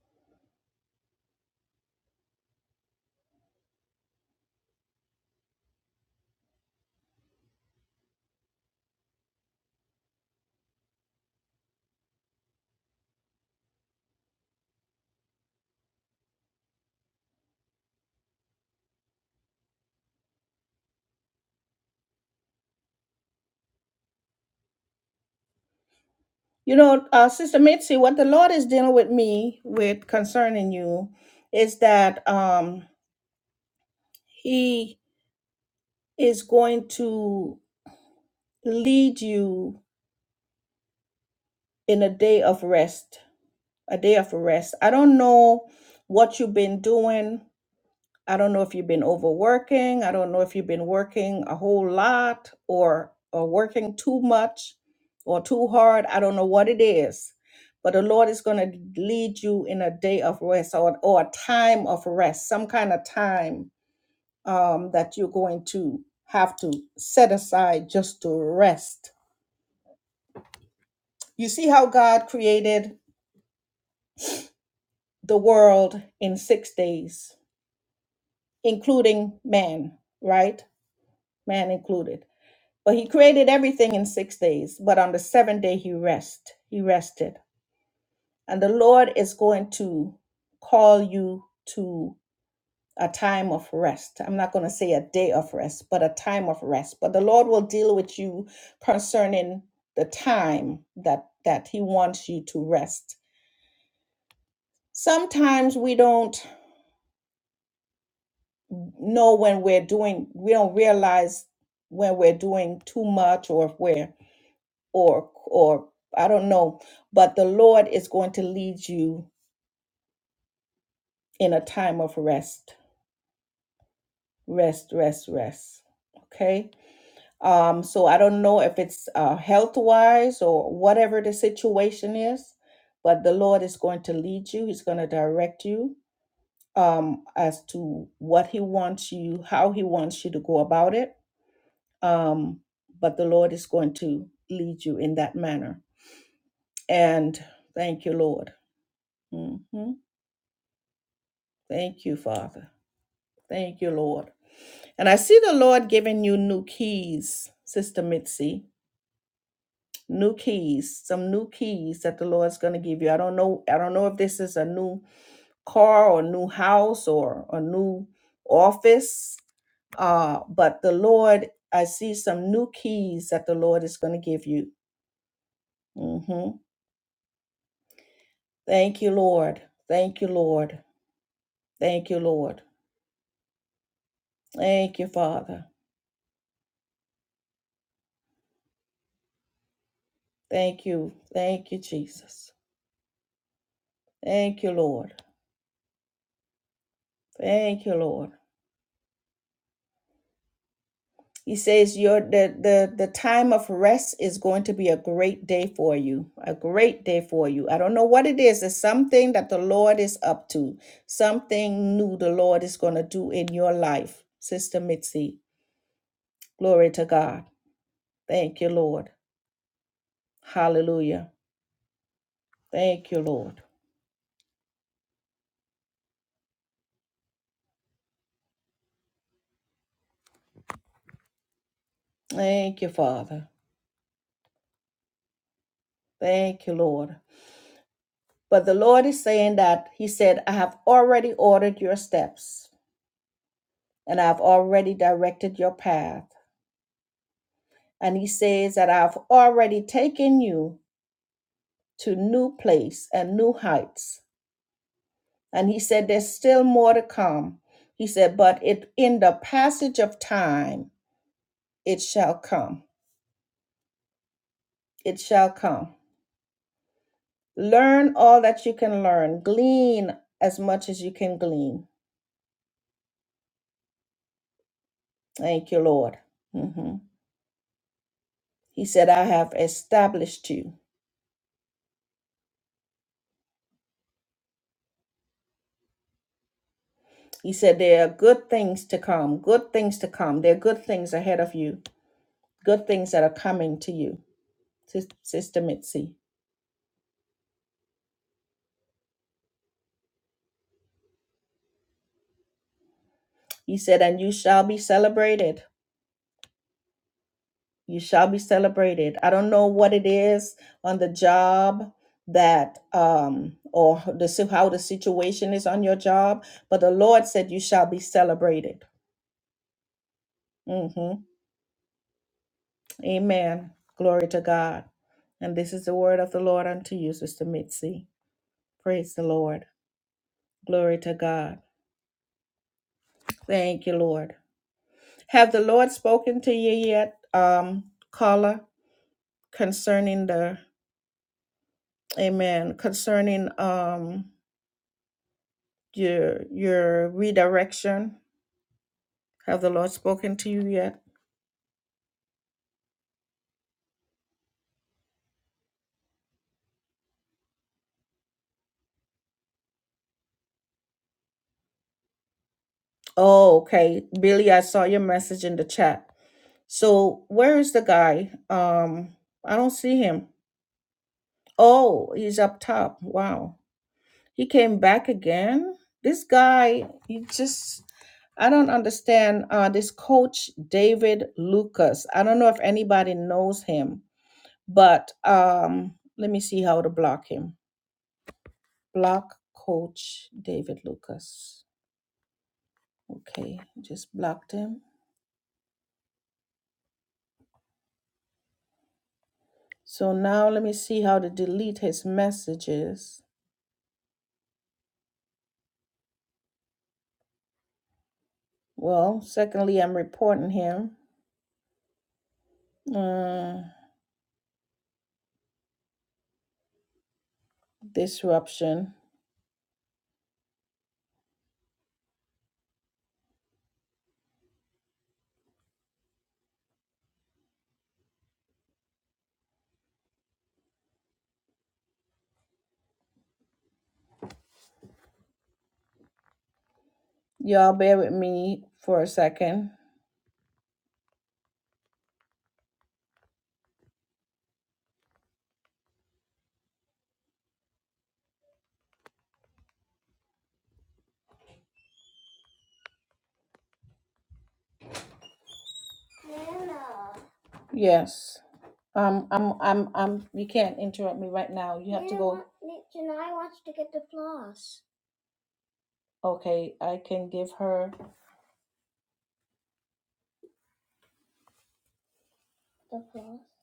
Speaker 1: you know uh sister mitzi what the lord is dealing with me with concerning you is that um he is going to lead you in a day of rest a day of rest. I don't know what you've been doing. I don't know if you've been overworking. I don't know if you've been working a whole lot or or working too much or too hard. I don't know what it is. But the Lord is going to lead you in a day of rest or, or a time of rest, some kind of time um, that you're going to have to set aside just to rest. You see how God created the world in six days including man, right? Man included. But he created everything in six days, but on the seventh day he rest. He rested. And the Lord is going to call you to a time of rest. I'm not going to say a day of rest, but a time of rest. But the Lord will deal with you concerning the time that that he wants you to rest. Sometimes we don't know when we're doing we don't realize when we're doing too much or if we're or or I don't know, but the Lord is going to lead you in a time of rest. Rest, rest, rest. Okay? Um so I don't know if it's uh health-wise or whatever the situation is, but the Lord is going to lead you. He's going to direct you um as to what he wants you, how he wants you to go about it. Um but the Lord is going to lead you in that manner. And thank you, Lord. Mm-hmm. Thank you, Father. Thank you, Lord. And I see the Lord giving you new keys, Sister Mitzi. New keys, some new keys that the Lord's going to give you. I don't know. I don't know if this is a new car or new house or a new office. Uh, but the Lord, I see some new keys that the Lord is going to give you. hmm Thank you, Lord. Thank you, Lord. Thank you, Lord. Thank you, Father. Thank you. Thank you, Jesus. Thank you, Lord. Thank you, Lord. He says your the, the the time of rest is going to be a great day for you. A great day for you. I don't know what it is. It's something that the Lord is up to. Something new the Lord is going to do in your life, Sister Mitzi. Glory to God. Thank you, Lord. Hallelujah. Thank you, Lord. Thank you, Father. Thank you, Lord. But the Lord is saying that He said, I have already ordered your steps. and I've already directed your path. And he says that I've already taken you to new place and new heights. And he said there's still more to come. He said, but it in the passage of time it shall come. It shall come. Learn all that you can learn. Glean as much as you can glean. Thank you, Lord. hmm He said, I have established you. He said, There are good things to come, good things to come. There are good things ahead of you. good things that are coming to you, Sis- Sister Mitzi. He said, and you shall be celebrated. You shall be celebrated. I don't know what it is on the job that um or the si- how the situation is on your job, but the Lord said you shall be celebrated. hmm Amen. Glory to God. And this is the word of the Lord unto you, Sister Mitzi. Praise the Lord. Glory to God. Thank you, Lord. Have the Lord spoken to you yet, um, Carla, concerning the Amen, concerning um your your redirection? Have the Lord spoken to you yet? Oh, okay. Billy, I saw your message in the chat. So where is the guy? Um, I don't see him. Oh, he's up top. Wow. He came back again. This guy, he just, I don't understand. Uh, this coach, David Lucas, I don't know if anybody knows him, but um, let me see how to block him. Block coach David Lucas. Okay, just blocked him. So now let me see how to delete his messages. Well, secondly, I'm reporting him. Uh, disruption. Y'all bear with me for a second. Yes. Um, I'm, I'm, I'm, you can't interrupt me right now. You have to go. Okay, I can give her.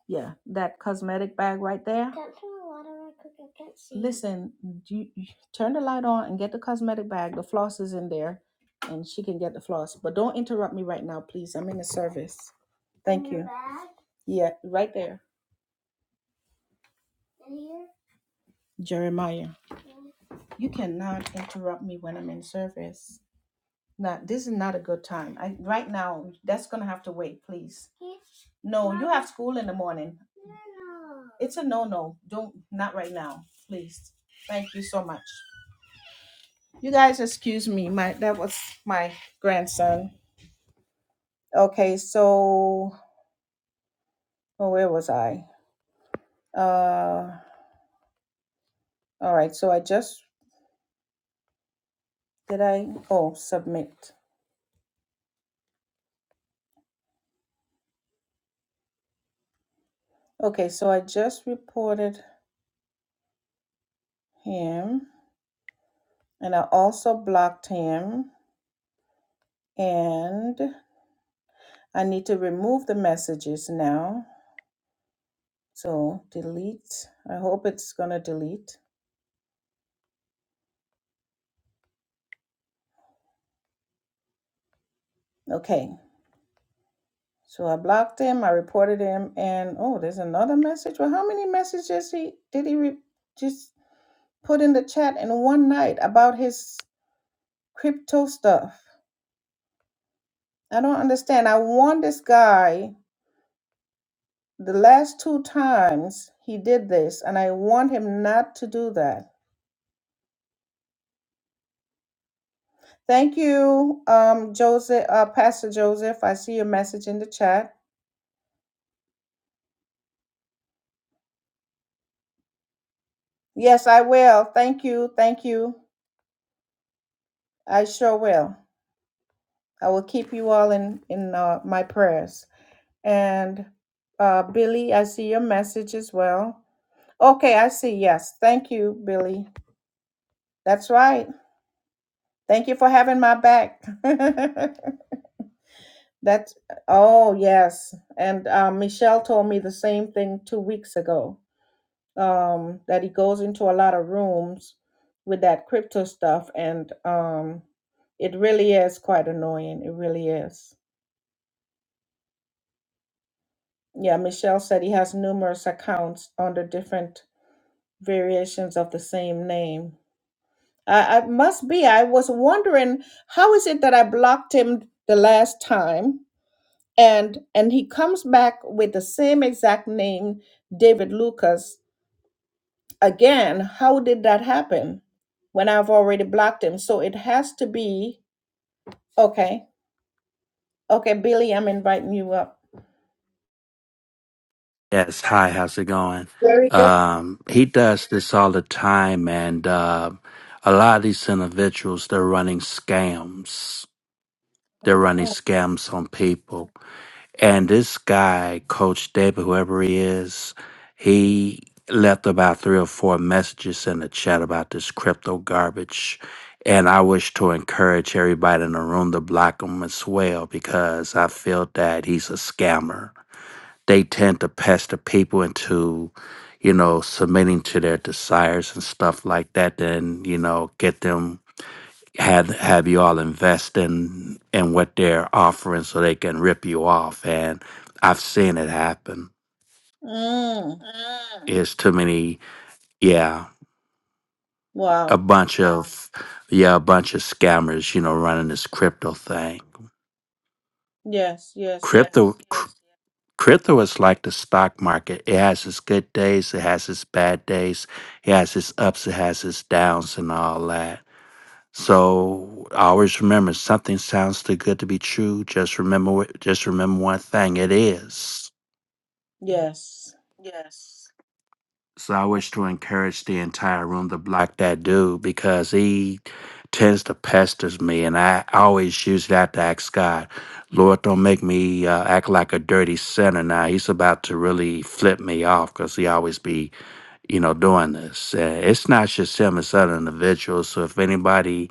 Speaker 1: Yeah, that cosmetic bag right there. Listen, do you, you turn the light on and get the cosmetic bag. The floss is in there, and she can get the floss. But don't interrupt me right now, please. I'm in the service. Thank you. Yeah, right there. Jeremiah, you cannot interrupt me when I'm in service. No, this is not a good time. I right now that's gonna have to wait, please. No, you have school in the morning. It's a no no. Don't not right now, please. Thank you so much. You guys excuse me. My that was my grandson. Okay, so oh, where was I? Uh all right, so I just did I oh submit. Okay, so I just reported him and I also blocked him and I need to remove the messages now. So delete. I hope it's gonna delete. Okay. So I blocked him. I reported him, and oh, there's another message. Well, how many messages he did he re- just put in the chat in one night about his crypto stuff? I don't understand. I warned this guy the last two times he did this, and I warned him not to do that. Thank you, um, Joseph, uh, Pastor Joseph. I see your message in the chat. Yes, I will. Thank you. Thank you. I sure will. I will keep you all in in uh, my prayers. And uh, Billy, I see your message as well. Okay, I see. Yes, thank you, Billy. That's right. Thank you for having my back. That's oh yes. And uh, Michelle told me the same thing two weeks ago. um, that he goes into a lot of rooms with that crypto stuff, and um, it really is quite annoying. It really is. Yeah, Michelle said he has numerous accounts under different variations of the same name. I, I must be. I was wondering how is it that I blocked him the last time, and and he comes back with the same exact name, David Lucas, again, how did that happen when I've already blocked him? So it has to be okay. Okay, Billy, I'm inviting you up.
Speaker 2: Yes, hi, how's it going?
Speaker 1: Very good.
Speaker 2: Um, he does this all the time, and uh, a lot of these individuals, they're running scams. They're running scams on people. And this guy, Coach David, whoever he is, he left about three or four messages in the chat about this crypto garbage. And I wish to encourage everybody in the room to block him as well because I feel that he's a scammer they tend to pester people into, you know, submitting to their desires and stuff like that, then, you know, get them have have you all invest in in what they're offering so they can rip you off. And I've seen it happen.
Speaker 1: Mm,
Speaker 2: It's too many yeah, a
Speaker 1: wow.
Speaker 2: bunch of yeah, a bunch of scammers, you know, running this crypto thing
Speaker 1: Yes, yes, yes,
Speaker 2: Crypto, cr- crypto is like the stock market. It has its good days, it has its bad days, it has its ups, it has its downs, and all that. So always remember, something sounds too good to be true. Just remember, just remember one thing: it is.
Speaker 1: yes.
Speaker 2: So I wish to encourage the entire room to block that dude because he tends to pesters me, and I always use that to ask God, Lord, don't make me uh, act like a dirty sinner. Now he's about to really flip me off because he always be, you know, doing this. Uh, it's not just him; it's other individuals. So if anybody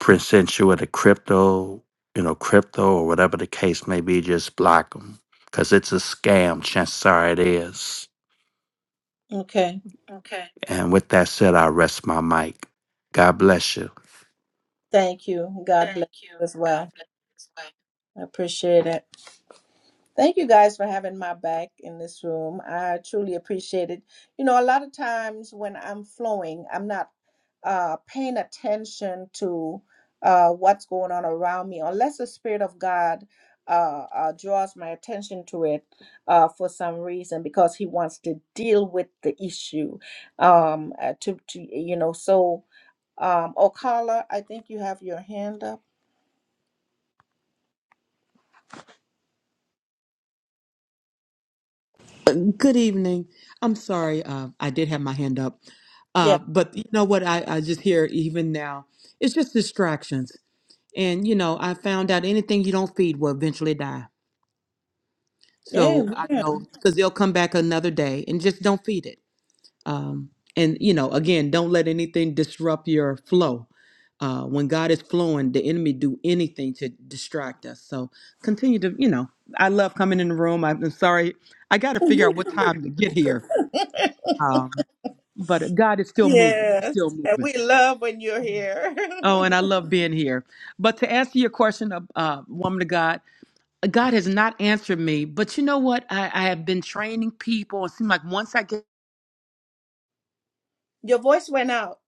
Speaker 2: presents you with a crypto, you know, crypto or whatever the case may be, just block them because it's a scam. Chances are it is.
Speaker 1: Okay.
Speaker 2: And with that said, I rest my mic. God bless you.
Speaker 1: Thank you. God bless you as well. I appreciate it. Thank you guys for having my back in this room. I truly appreciate it. You know, a lot of times when I'm flowing, I'm not uh, paying attention to uh, what's going on around me, unless the Spirit of God uh, uh, draws my attention to it uh, for some reason, because He wants to deal with the issue. Um, uh, to, to you know, so um, Okala, I think you have your hand up.
Speaker 3: Good evening. I'm sorry, uh, I did have my hand up.
Speaker 1: Yeah.
Speaker 3: Uh, but you know what? I, I just hear even now, it's just distractions. And, you know, I found out anything you don't feed will eventually die. So I
Speaker 1: Amen.
Speaker 3: know because they'll come back another day and just don't feed it. Um, and, you know, again, don't let anything disrupt your flow. Uh, when God is flowing, the enemy do anything to distract us. So continue to, you know, I love coming in the room. I'm sorry. I got to figure out what time to get here um, but God is still moving. He's
Speaker 1: Yes,
Speaker 3: still
Speaker 1: and
Speaker 3: moving.
Speaker 1: we love when you're here.
Speaker 3: Oh, and I love being here. But to answer your question, uh, uh, woman of God, God has not answered me. But you know what? I, I have been training people. It seems like once I get
Speaker 1: your voice went out,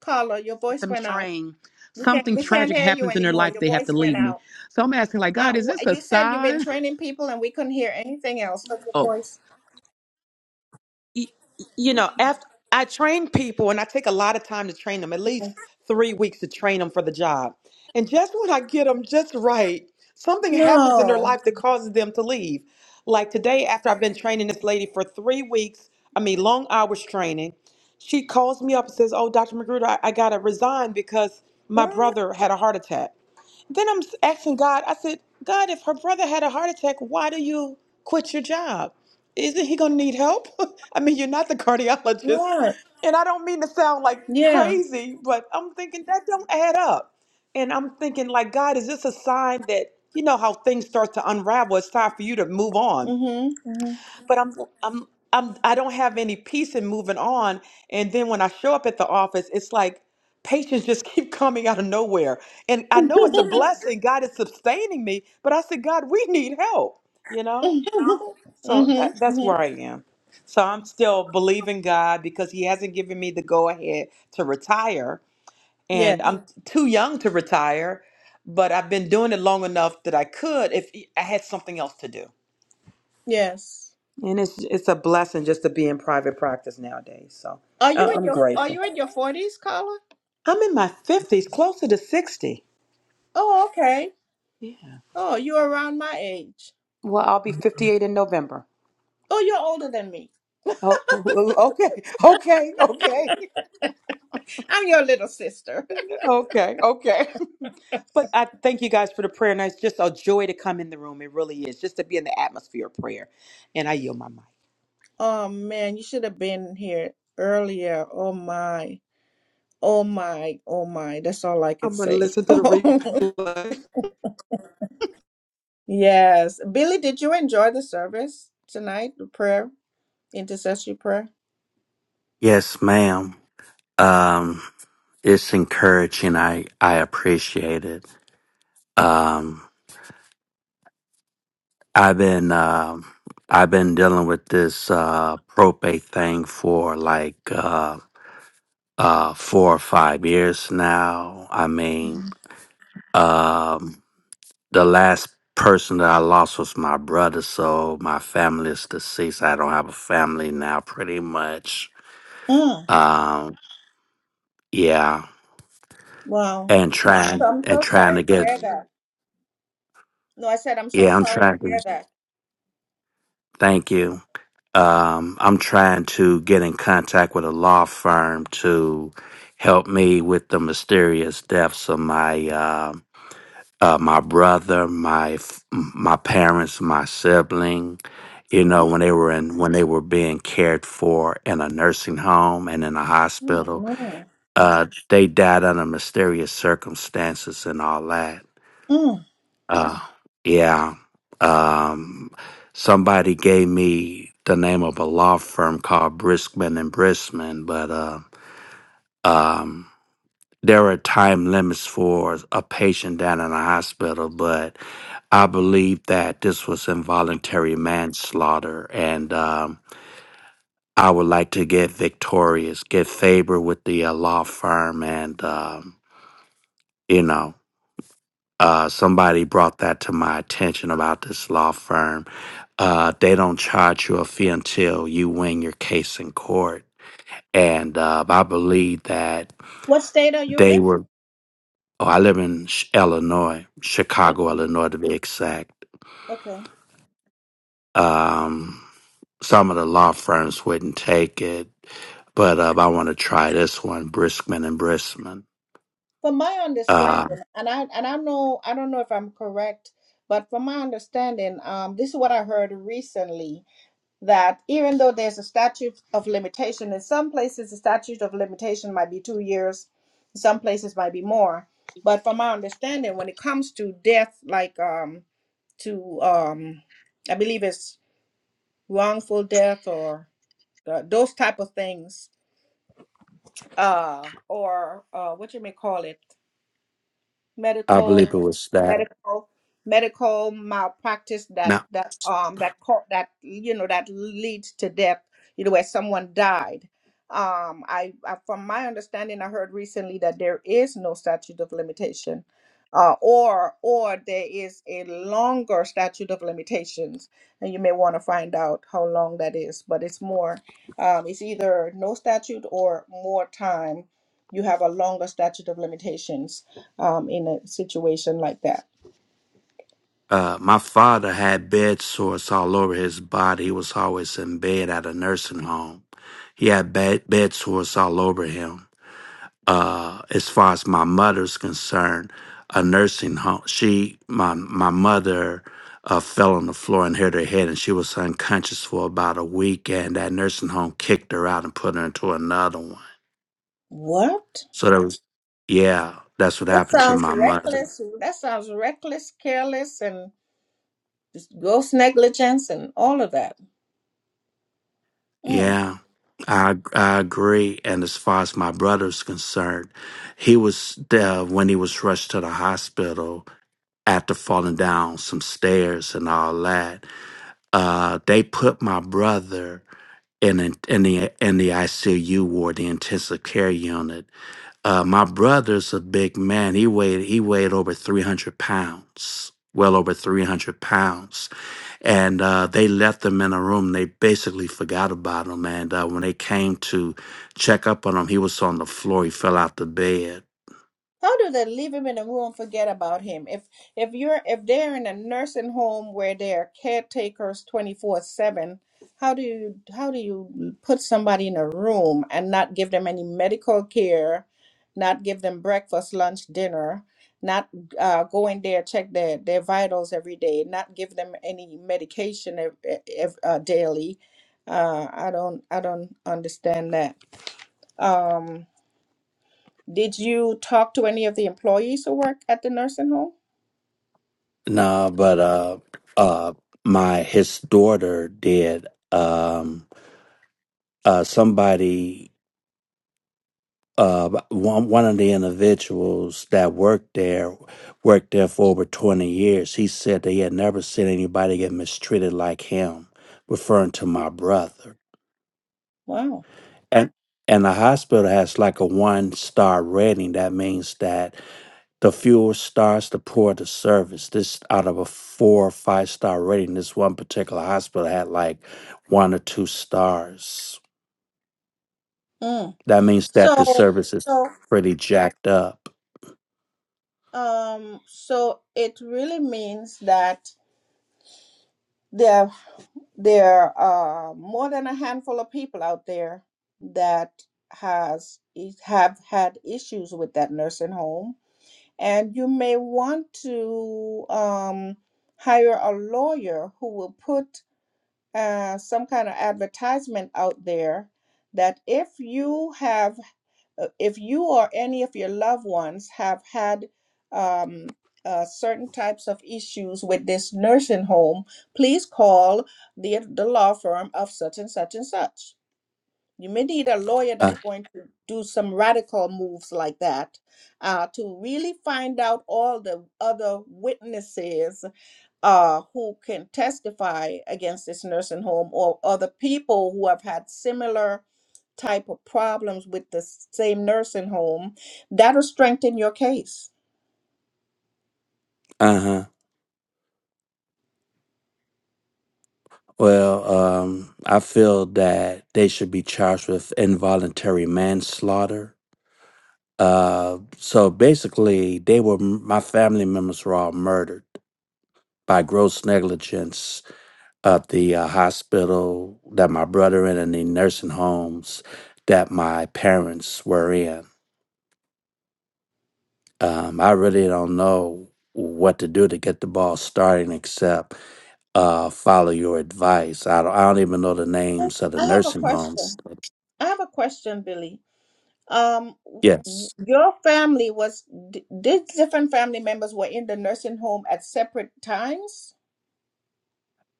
Speaker 1: Carla. Your voice
Speaker 3: them
Speaker 1: went out.
Speaker 3: trained,
Speaker 1: We can't
Speaker 3: something
Speaker 1: we can't
Speaker 3: tragic
Speaker 1: hear you
Speaker 3: happens in their
Speaker 1: anymore.
Speaker 3: life.
Speaker 1: Your
Speaker 3: They have to
Speaker 1: voice went
Speaker 3: leave me.
Speaker 1: out.
Speaker 3: So I'm asking, like,
Speaker 1: Uh,
Speaker 3: God, is this
Speaker 1: wh-
Speaker 3: a
Speaker 1: you said you've been
Speaker 3: sign?
Speaker 1: training people, and we couldn't hear anything else but your
Speaker 3: Oh,
Speaker 1: voice.
Speaker 3: y- you know, after I train people and I take a lot of time to train them, at least three weeks to train them for the job. And just when I get them just right, something happens in their
Speaker 1: No.
Speaker 3: life that causes them to leave. Like today, after I've been training this lady for three weeks, I mean, long hours training, she calls me up and says, Oh, Dr. Magruder, I, I got to resign because my
Speaker 1: What?
Speaker 3: brother had a heart attack. Then I'm asking God, I said, God, if her brother had a heart attack, why do you quit your job? Isn't he going to need help? I mean, you're not the cardiologist.
Speaker 1: What?
Speaker 3: And I don't mean to sound like
Speaker 1: Yeah.
Speaker 3: crazy, but I'm thinking that don't add up. And I'm thinking, like, God, is this a sign that, you know, how things start to unravel? It's time for you to move on
Speaker 1: Mhm.
Speaker 3: but I'm I'm I'm I don't have any peace in moving on. And then when I show up at the office, it's like patients just keep coming out of nowhere. And I know it's a blessing. God is sustaining me, but I said, God, we need help, you know?
Speaker 1: Mhm.
Speaker 3: So that that's
Speaker 1: Mhm.
Speaker 3: where I am. So I'm still believing God because He hasn't given me the go ahead to retire.
Speaker 1: Yeah.
Speaker 3: And I'm too young to retire, but I've been doing it long enough that I could if I had something else to do.
Speaker 1: Yes.
Speaker 3: And it's it's a blessing just to be in private practice nowadays. So
Speaker 1: Are you
Speaker 3: I-
Speaker 1: in
Speaker 3: I'm
Speaker 1: your Are
Speaker 3: grateful.
Speaker 1: you in your forties, Carla?
Speaker 3: I'm in my 50s, closer to 60.
Speaker 1: Oh, okay.
Speaker 3: Yeah.
Speaker 1: Oh, you're around my age.
Speaker 3: Well, I'll be 58 in November.
Speaker 1: Oh, you're older than me.
Speaker 3: Oh, okay, okay, okay,
Speaker 1: I'm your little sister.
Speaker 3: okay, okay. But I thank you guys for the prayer, and it's just a joy to come in the room. It really is, just to be in the atmosphere of prayer. And I yield my mic.
Speaker 1: Oh man, you should have been here earlier. Oh my. Oh my. Oh my. That's all I could
Speaker 3: I'm going to
Speaker 1: say.
Speaker 3: listen to the
Speaker 1: Oh
Speaker 3: replay.
Speaker 1: Yes. Billy, did you enjoy the service tonight? The prayer, intercessory prayer?
Speaker 2: Yes, ma'am. Um, it's encouraging. I I appreciate it. Um, I've been um I've been dealing with this uh, probate thing for like uh, uh, four or five years now. I mean, um, the last person that I lost was my brother, so my family is deceased. I don't have a family now, pretty much.
Speaker 1: Mm.
Speaker 2: Um, Yeah,
Speaker 1: Wow.
Speaker 2: and
Speaker 1: So
Speaker 2: trying
Speaker 1: I'm
Speaker 2: and
Speaker 1: so
Speaker 2: trying
Speaker 1: sorry
Speaker 2: to
Speaker 1: to
Speaker 2: get
Speaker 1: hear that. No, I said I'm so
Speaker 2: yeah, I'm
Speaker 1: sorry to
Speaker 2: trying to
Speaker 1: hear that.
Speaker 2: thank you. Um, I'm trying to get in contact with a law firm to help me with the mysterious deaths of my uh, uh, my brother, my f- my parents, my sibling. You
Speaker 1: Mm.
Speaker 2: know, when they were in when they were being cared for in a nursing home and in a hospital,
Speaker 1: Amen.
Speaker 2: uh, they died under mysterious circumstances and all that
Speaker 1: Mm.
Speaker 2: Uh, yeah. Um, somebody gave me the name of a law firm called Briskman and Briskman, but uh, um, there are time limits for a patient down in the hospital. But I believe that this was involuntary manslaughter, and um, I would like to get victorious, get favor with the uh, law firm, and um, you know. Uh, somebody brought that to my attention about this law firm. Uh, they don't charge you a fee until you win your case in court. And uh, I believe that
Speaker 1: What state are you in?
Speaker 2: they were, oh, I live in Ch- Illinois, Chicago, Illinois to be exact.
Speaker 1: Okay.
Speaker 2: Um, some of the law firms wouldn't take it, but uh, I want to try this one, Briskman and Briskman.
Speaker 1: From my
Speaker 2: Uh,
Speaker 1: understanding, and I and I know I don't know if I'm correct, but from my understanding, um, this is what I heard recently that even though there's a statute of limitation, in some places the statute of limitation might be two years, in some places might be more. But from my understanding, when it comes to death, like um to um, I believe it's wrongful death or th- those type of things uh or uh what you may call it
Speaker 2: I
Speaker 1: medical
Speaker 2: believe it was that.
Speaker 1: medical medical malpractice that that um that caught that you know that leads to death you know where someone died um I, I from my understanding i heard recently that there is no statute of limitation uh, or or there is a longer statute of limitations and you may want to find out how long that is but it's more um, it's either no statute or more time you have a longer statute of limitations um, in a situation like that.
Speaker 2: Uh, my father had bed sores all over his body. He was always in bed at a nursing home. He had bed, bed sores all over him. Uh, as far as my mother's concerned, a nursing home. She, my my mother, uh, fell on the floor and hit her head, and she was unconscious for about a week. And that nursing home kicked her out and put her into another one.
Speaker 1: What?
Speaker 2: So that was, yeah, that's what
Speaker 1: That
Speaker 2: happened to
Speaker 1: sounds
Speaker 2: my mother.
Speaker 1: reckless. That sounds reckless, careless, and just gross negligence and all of that. Mm.
Speaker 2: Yeah, I I agree. And as far as my brother's concerned, he was there when he was rushed to the hospital after falling down some stairs and all that. Uh, they put my brother in a, in the in the ICU ward, the intensive care unit. Uh, my brother's a big man. He weighed he weighed over three hundred pounds, well over three hundred pounds and uh, they left him in a room. They basically forgot about him. And uh, when they came to check up on him, he was on the floor. He fell out the bed.
Speaker 1: how do they leave him in a room forget about him if if you're if they're in a nursing home where they're caretakers 24 7 how do you how do you put somebody in a room and not give them any medical care not give them breakfast lunch dinner not uh, go in there check their their vitals every day not give them any medication ev- e, ev- uh, daily uh, i don't i don't understand that Um, did you talk to any of the employees who work at the nursing home?
Speaker 2: No, but uh, uh, my his daughter did. Um, uh, somebody, uh, one one of the individuals that worked there worked there for over twenty years. He said that he had never seen anybody get mistreated like him, referring to my brother.
Speaker 1: Wow.
Speaker 2: And and the hospital has like a one star rating. That means that the fewer stars, the poor the service. This out of a four or five star rating, this one particular hospital had like one or two stars.
Speaker 1: Mm.
Speaker 2: That means that the
Speaker 1: So,
Speaker 2: service is
Speaker 1: so,
Speaker 2: pretty jacked up.
Speaker 1: um, so it really means that there, there are more than a handful of people out there that has have had issues with that nursing home, and you may want to um, hire a lawyer who will put uh, some kind of advertisement out there that if you have, uh, if you or any of your loved ones have had um, uh, certain types of issues with this nursing home, please call the the law firm of such and such and such. You may need a lawyer
Speaker 2: Uh
Speaker 1: that's going to do some radical moves like that uh, to really find out all the other witnesses uh, who can testify against this nursing home or other people who have had similar type of problems with the same nursing home that'll strengthen your case
Speaker 2: huh. Well, um, I feel that they should be charged with involuntary manslaughter. Uh, so basically, they were my family members were all murdered by gross negligence of the uh, hospital that my brother in and the nursing homes that my parents were in. Um, I really don't know what to do to get the ball starting except uh, follow your advice. I don't, I don't even know the
Speaker 1: i
Speaker 2: names of the
Speaker 1: I have a
Speaker 2: nursing homes.
Speaker 1: question i have a question billy um w-
Speaker 2: Yes.
Speaker 1: your family was d- did different family members were in the nursing home at separate times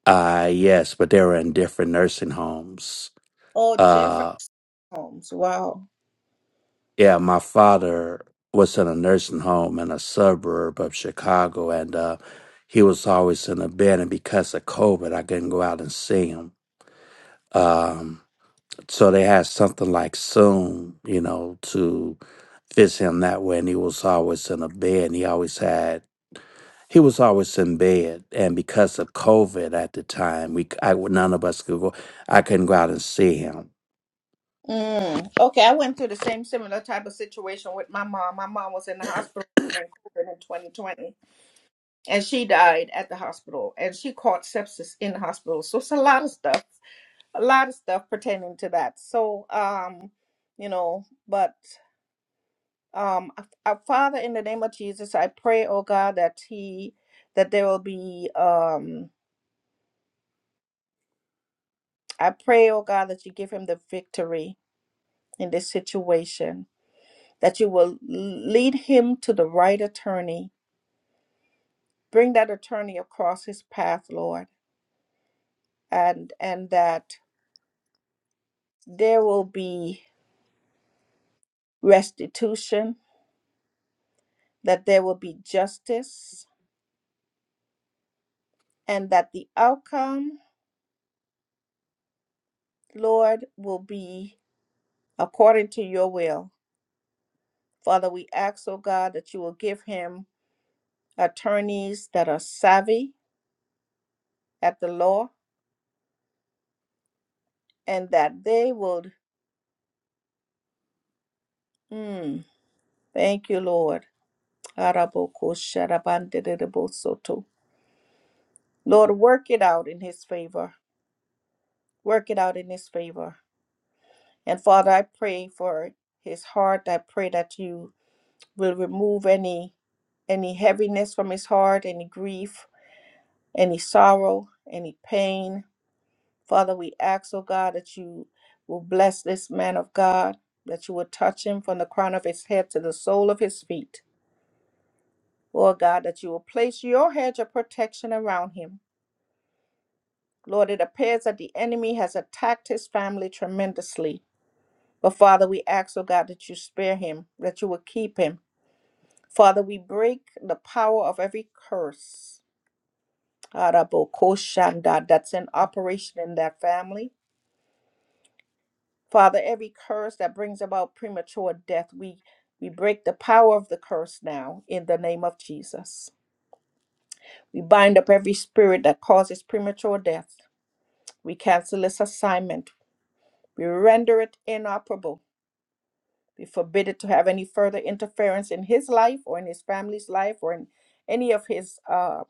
Speaker 2: Uh, yes, but they were in different nursing homes.
Speaker 1: or
Speaker 2: Uh,
Speaker 1: different homes wow
Speaker 2: Yeah, my father was in a nursing home in a suburb of Chicago, and uh, he was always in the bed. And because of COVID, I couldn't go out and see him. Um, so they had something like Zoom, you know, to visit him that way. And he was always in a bed. And he always had he was always in bed. And because of COVID at the time, we c- I none of us could go. I couldn't go out and see him.
Speaker 1: Mm. Okay, I went through the same similar type of situation with my mom. My mom was in the hospital during COVID in 2020, and she died at the hospital, and she caught sepsis in the hospital. So it's a lot of stuff, a lot of stuff pertaining to that. So, um, you know, but um, our Father, in the name of Jesus, I pray, oh God, that he, that there will be, um, I pray, oh God, that you give him the victory in this situation that you will lead him to the right attorney bring that attorney across his path lord and and that there will be restitution that there will be justice and that the outcome lord will be according to your will father we ask oh god that you will give him attorneys that are savvy at the law and that they will mm, thank you lord Araboko sharabanderebo Lord, work it out in his favor. Work it out in his favor. And Father, I pray for his heart. I pray that you will remove any any heaviness from his heart, any grief, any sorrow, any pain. Father, we ask, oh God, that you will bless this man of God, that you will touch him from the crown of his head to the sole of his feet. Lord God, that you will place your hedge of protection around him Lord, it appears that the enemy has attacked his family tremendously. But Father, we ask, oh God, that you spare him, that you will keep him. Father, we break the power of every curse Arabokoshandad, that's in operation in that family. Father, every curse that brings about premature death, we, we break the power of the curse now in the name of Jesus. We bind up every spirit that causes premature death. We cancel this assignment. We render it inoperable be forbidden to have any further interference in his life or in his family's life or in any of his um,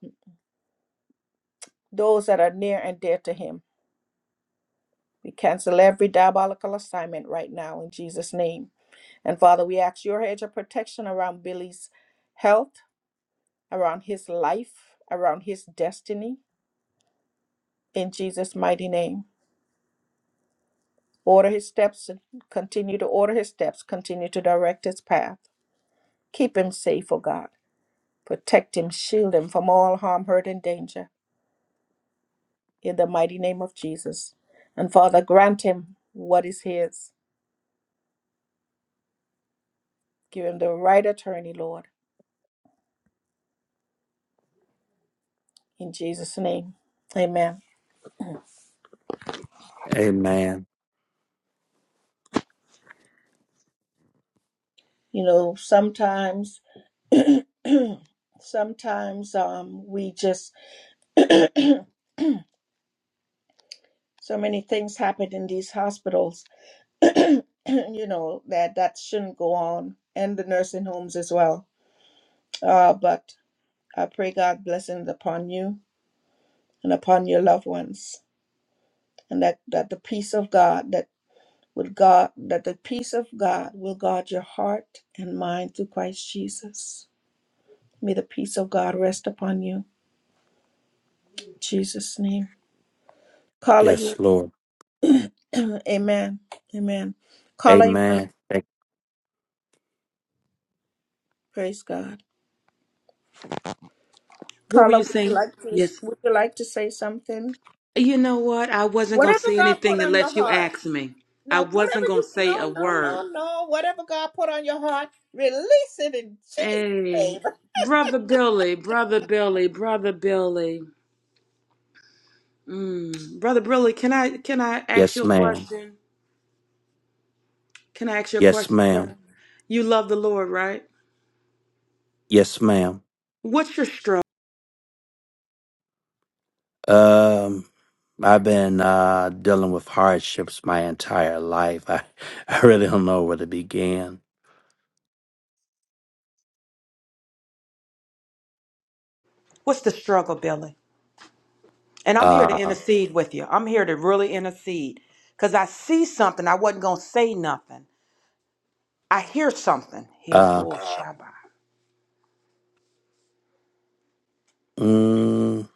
Speaker 1: those that are near and dear to him. We cancel every diabolical assignment right now in Jesus' name. And Father, we ask your hedge of protection around Billy's health, around his life, around his destiny in Jesus' mighty name. Order his steps and continue to order his steps, continue to direct his path. Keep him safe, O God. Protect him, shield him from all harm, hurt, and danger. in the mighty name of Jesus. And Father, grant him what is his. Give him the right attorney, Lord, in Jesus' name. Amen.
Speaker 2: Amen.
Speaker 1: You know, sometimes, sometimes um, we just, so many things happen in these hospitals, you know, that that shouldn't go on, and the nursing homes as well. Uh, but I pray God blessings upon you and upon your loved ones, and that, that the peace of God that with God, that the peace of God will guard your heart and mind through Christ Jesus. May the peace of God rest upon you. In Jesus' name. Carla, you
Speaker 2: Yes, Lord.
Speaker 1: Amen. Amen. Carla, you want to
Speaker 2: Amen. Thank-
Speaker 1: praise God.
Speaker 3: What were
Speaker 1: Carla,
Speaker 3: you
Speaker 1: would you
Speaker 3: saying?
Speaker 1: like to would you like to say something?
Speaker 3: You know what? I wasn't gonna
Speaker 1: Whatever
Speaker 3: say
Speaker 1: God put
Speaker 3: anything
Speaker 1: on your
Speaker 3: unless you
Speaker 1: heart.
Speaker 3: asked me. I
Speaker 1: No, whatever
Speaker 3: wasn't gonna
Speaker 1: you
Speaker 3: say a
Speaker 1: no, no,
Speaker 3: word.
Speaker 1: no, no. Whatever God put on your heart, release it in Jesus'
Speaker 3: Hey,
Speaker 1: name.
Speaker 3: brother Billy, brother Billy, brother Billy. Mm. Brother Billy, can I can I ask
Speaker 2: Yes,
Speaker 3: you a
Speaker 2: ma'am.
Speaker 3: question? Can I ask you a
Speaker 2: Yes,
Speaker 3: question, sir?
Speaker 2: ma'am.
Speaker 3: You love the Lord, right?
Speaker 2: Yes, ma'am.
Speaker 3: What's your struggle?
Speaker 2: Um, I've been uh, dealing with hardships my entire life. I, I really don't know where to begin.
Speaker 3: What's the struggle, Billy? And I'm here to
Speaker 2: Uh,
Speaker 3: intercede with you. I'm here to really intercede because I see something. I wasn't gonna say nothing. I hear something. Hey,
Speaker 2: uh,
Speaker 3: Lord Shabbat.
Speaker 2: mm,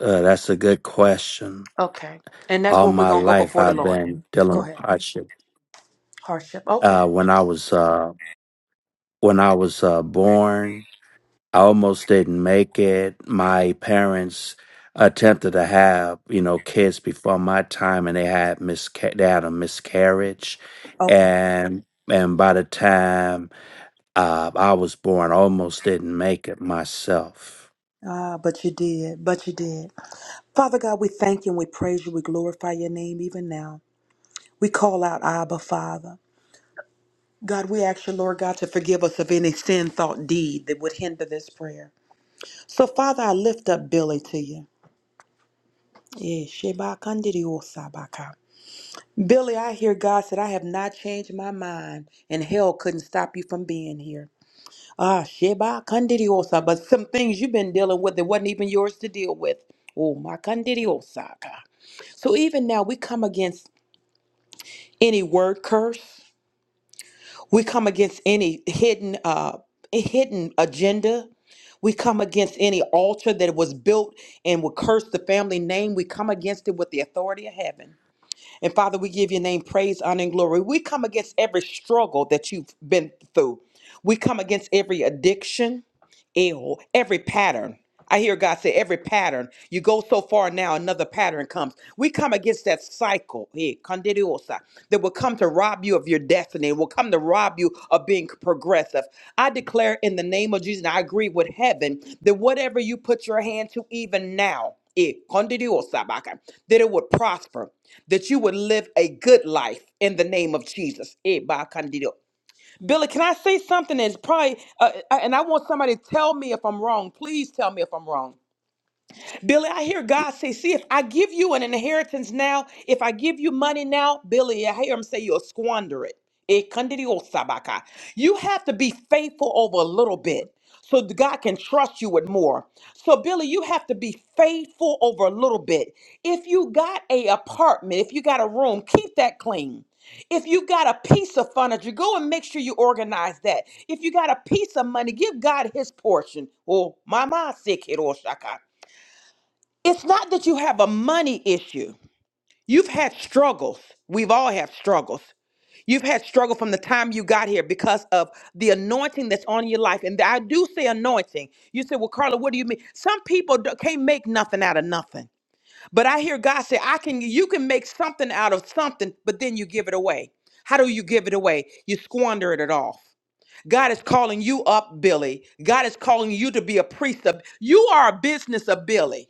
Speaker 2: uh, that's a good question.
Speaker 3: Okay. And that's
Speaker 2: All
Speaker 3: where we're
Speaker 2: my
Speaker 3: going to go
Speaker 2: life,
Speaker 3: before the
Speaker 2: I've
Speaker 3: Lord.
Speaker 2: been dealing
Speaker 3: Go
Speaker 2: with
Speaker 3: ahead.
Speaker 2: hardship.
Speaker 3: Hardship. Okay.
Speaker 2: Uh, when I was uh, when I was uh, born, I almost didn't make it. My parents attempted to have, you know, kids before my time and they had misca- they had a miscarriage.
Speaker 3: Okay.
Speaker 2: And and by the time uh, I was born, I almost didn't make it myself.
Speaker 3: Ah, but you did. But you did. Father God, we thank you and we praise you. We glorify your name even now. We call out Abba, Father. God, we ask you, Lord God, to forgive us of any sin, thought, deed that would hinder this prayer. So, Father, I lift up Billy to you. Yeah, Sheba Kandidi Osabaka. Billy, I hear God said, I have not changed my mind, and hell couldn't stop you from being here. Ah, Sheba Kandidiosa, but some things you've been dealing with that wasn't even yours to deal with. Oh, my Kandidiosa. So even now, we come against any word curse. We come against any hidden, uh, hidden agenda. We come against any altar that was built and would curse the family name. We come against it with the authority of heaven. And Father, we give your name praise, honor, and glory. We come against every struggle that you've been through. We come against every addiction. Ew, every pattern. I hear God say, every pattern. You go so far now, another pattern comes. We come against that cycle eh, kandidiosa, that will come to rob you of your destiny, will come to rob you of being progressive. I declare in the name of Jesus, and I agree with heaven, that whatever you put your hand to, even now, eh, kandidiosa baka, that it would prosper, that you would live a good life in the name of Jesus. Eh? ba, candidio. Billy, can I say something that's probably, uh, and I want somebody to tell me if I'm wrong. Please tell me if I'm wrong. Billy, I hear God say, see, if I give you an inheritance now, if I give you money now, Billy, I hear him say you'll squander it. Ekandiriosabaka. You have to be faithful over a little bit so that God can trust you with more. So, Billy, you have to be faithful over a little bit. If you got a apartment, if you got a room, keep that clean. If you got a piece of furniture, go and make sure you organize that. If you got a piece of money, give God his portion. Oh, mama sick it's not that you have a money issue. You've had struggles. We've all had struggles. You've had struggle from the time you got here because of the anointing that's on your life. And I do say anointing. You say, well, Carla, what do you mean? Some people d- can't make nothing out of nothing. But I hear God say, I can, you can make something out of something, but then you give it away. How do you give it away? You squander it off. God is calling you up, Billy. God is calling you to be a priest of, you are a business of Billy.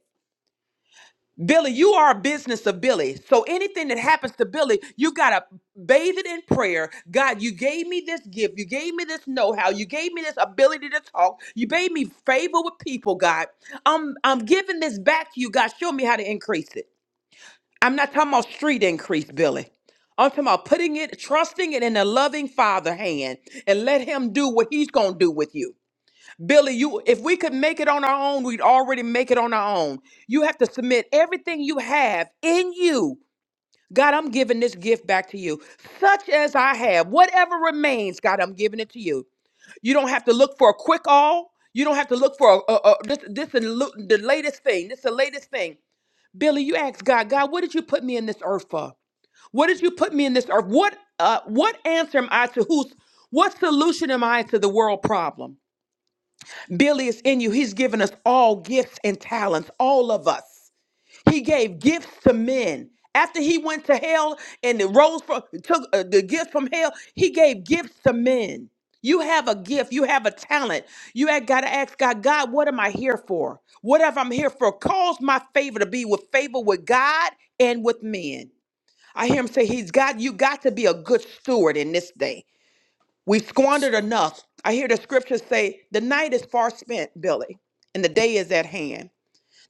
Speaker 3: Billy, you are a business of Billy. So anything that happens to Billy, you got to bathe it in prayer. God, you gave me this gift. You gave me this know how. You gave me this ability to talk. You gave me favor with people, God. I'm, I'm giving this back to you, God. Show me how to increase it. I'm not talking about street increase, Billy. I'm talking about putting it, trusting it in a loving Father hand and let Him do what He's going to do with you. Billy, you if we could make it on our own, we'd already make it on our own. You have to submit everything you have in you. God, I'm giving this gift back to you, such as I have. Whatever remains, God, I'm giving it to you. You don't have to look for a quick all. You don't have to look for a, a, a this this the lo- the latest thing. This the latest thing. Billy, you ask God, God, what did you put me in this earth for? What did you put me in this earth? What uh what answer am I to who's what solution am I to the world problem? Billy is in you. He's given us all gifts and talents, all of us. He gave gifts to men. After he went to hell and it rose from took uh, the gift from hell, he gave gifts to men. You have a gift, you have a talent. You have got to ask God, God, what am I here for? Whatever I'm here for, cause my favor to be with favor with God and with men. I hear him say, He's got you got to be a good steward in this day. We
Speaker 2: Yes,
Speaker 3: squandered enough. I hear the scriptures say, The night is far spent, Billy, and the day is at hand.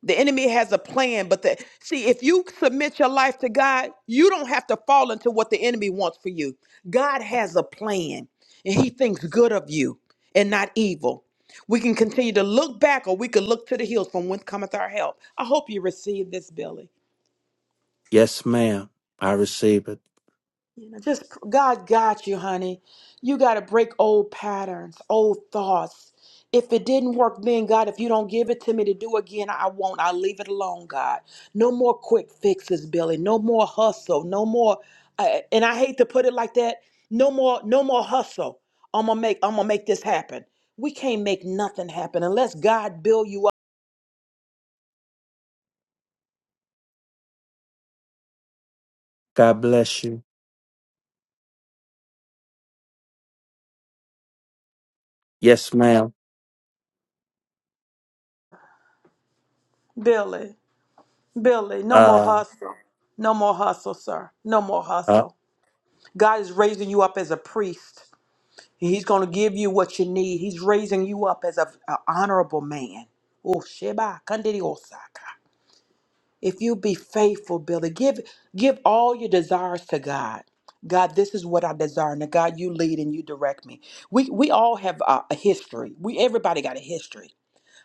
Speaker 3: The enemy has a plan, but the, see, if you submit your life to God, you don't have to fall into what the enemy wants for you. God has a plan, and he thinks good of you and not evil. We can continue to look back, or we can look to the hills from whence cometh our help. I hope you receive this, Billy.
Speaker 2: yes, ma'am. I receive it.
Speaker 3: You know, just p- God got you, honey. You got to break old patterns, old thoughts. If it didn't work then, God, if you don't give it to me to do again, I won't. I'll leave it alone, God. No more quick fixes, Billy. No more hustle. No more. Uh, and I hate to put it like that. No more. No more hustle. I'm gonna make. I'm gonna make this happen. We can't make nothing happen unless God build you up,
Speaker 2: God bless you. Yes, ma'am.
Speaker 3: Billy. Billy. No more
Speaker 2: Uh,
Speaker 3: hustle. No more hustle, sir. No more
Speaker 2: uh
Speaker 3: hustle. God is raising you up as a priest. He's going to give you what you need. He's raising you up as a a honorable man. Oh, Sheba, Kandidi Osaka. If you be faithful, Billy, give give all your desires to God. God, this is what I desire. Now, God, you lead and you direct me. We we all have a, a history. We everybody got a history,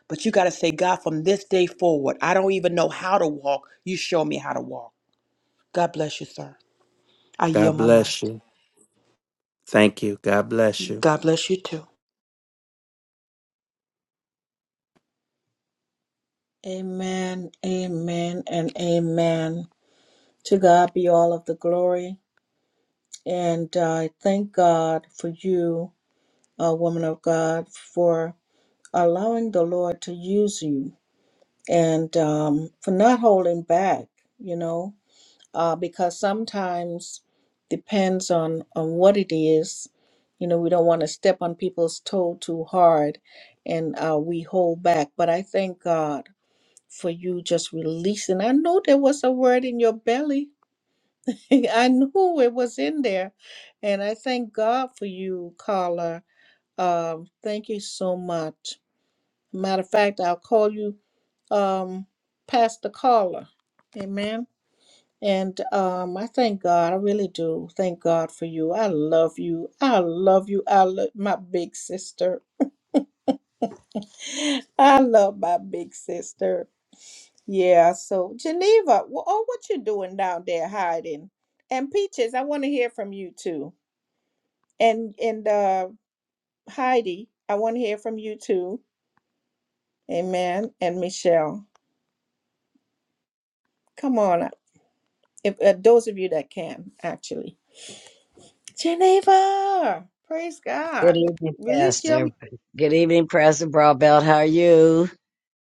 Speaker 3: but you got to say, God, from this day forward, I don't even know how to walk. You show me how to walk. God bless you, sir. I
Speaker 2: God
Speaker 3: yield my mind.
Speaker 2: bless you. Thank you. God bless you.
Speaker 3: God bless you too.
Speaker 1: Amen. Amen and amen. To God be all of the glory. And uh, I thank God for you, uh, woman of God, for allowing the Lord to use you and um, for not holding back, you know, uh, because sometimes depends on, on what it is. You know, we don't want to step on people's toe too hard and uh, we hold back. But I thank God for you just releasing. I know there was a word in your belly I knew it was in there. And I thank God for you, caller. Um, thank you so much. Matter of fact, I'll call you um Pastor Caller. Amen. And um, I thank God. I really do. Thank God for you. I love you. I love you. I love my big sister. I love my big sister. Yeah. So Geneva, wh- oh, what you doing down there hiding? And Peaches, I want to hear from you too. And and uh, Heidi, I want to hear from you too. Amen. And Michelle, come on. If uh, those of you that can actually, Geneva, praise
Speaker 4: Good
Speaker 1: God.
Speaker 4: evening,
Speaker 1: Release your
Speaker 4: Pastor.
Speaker 1: mind.
Speaker 4: Good evening, Pastor Broadbelt. How are you?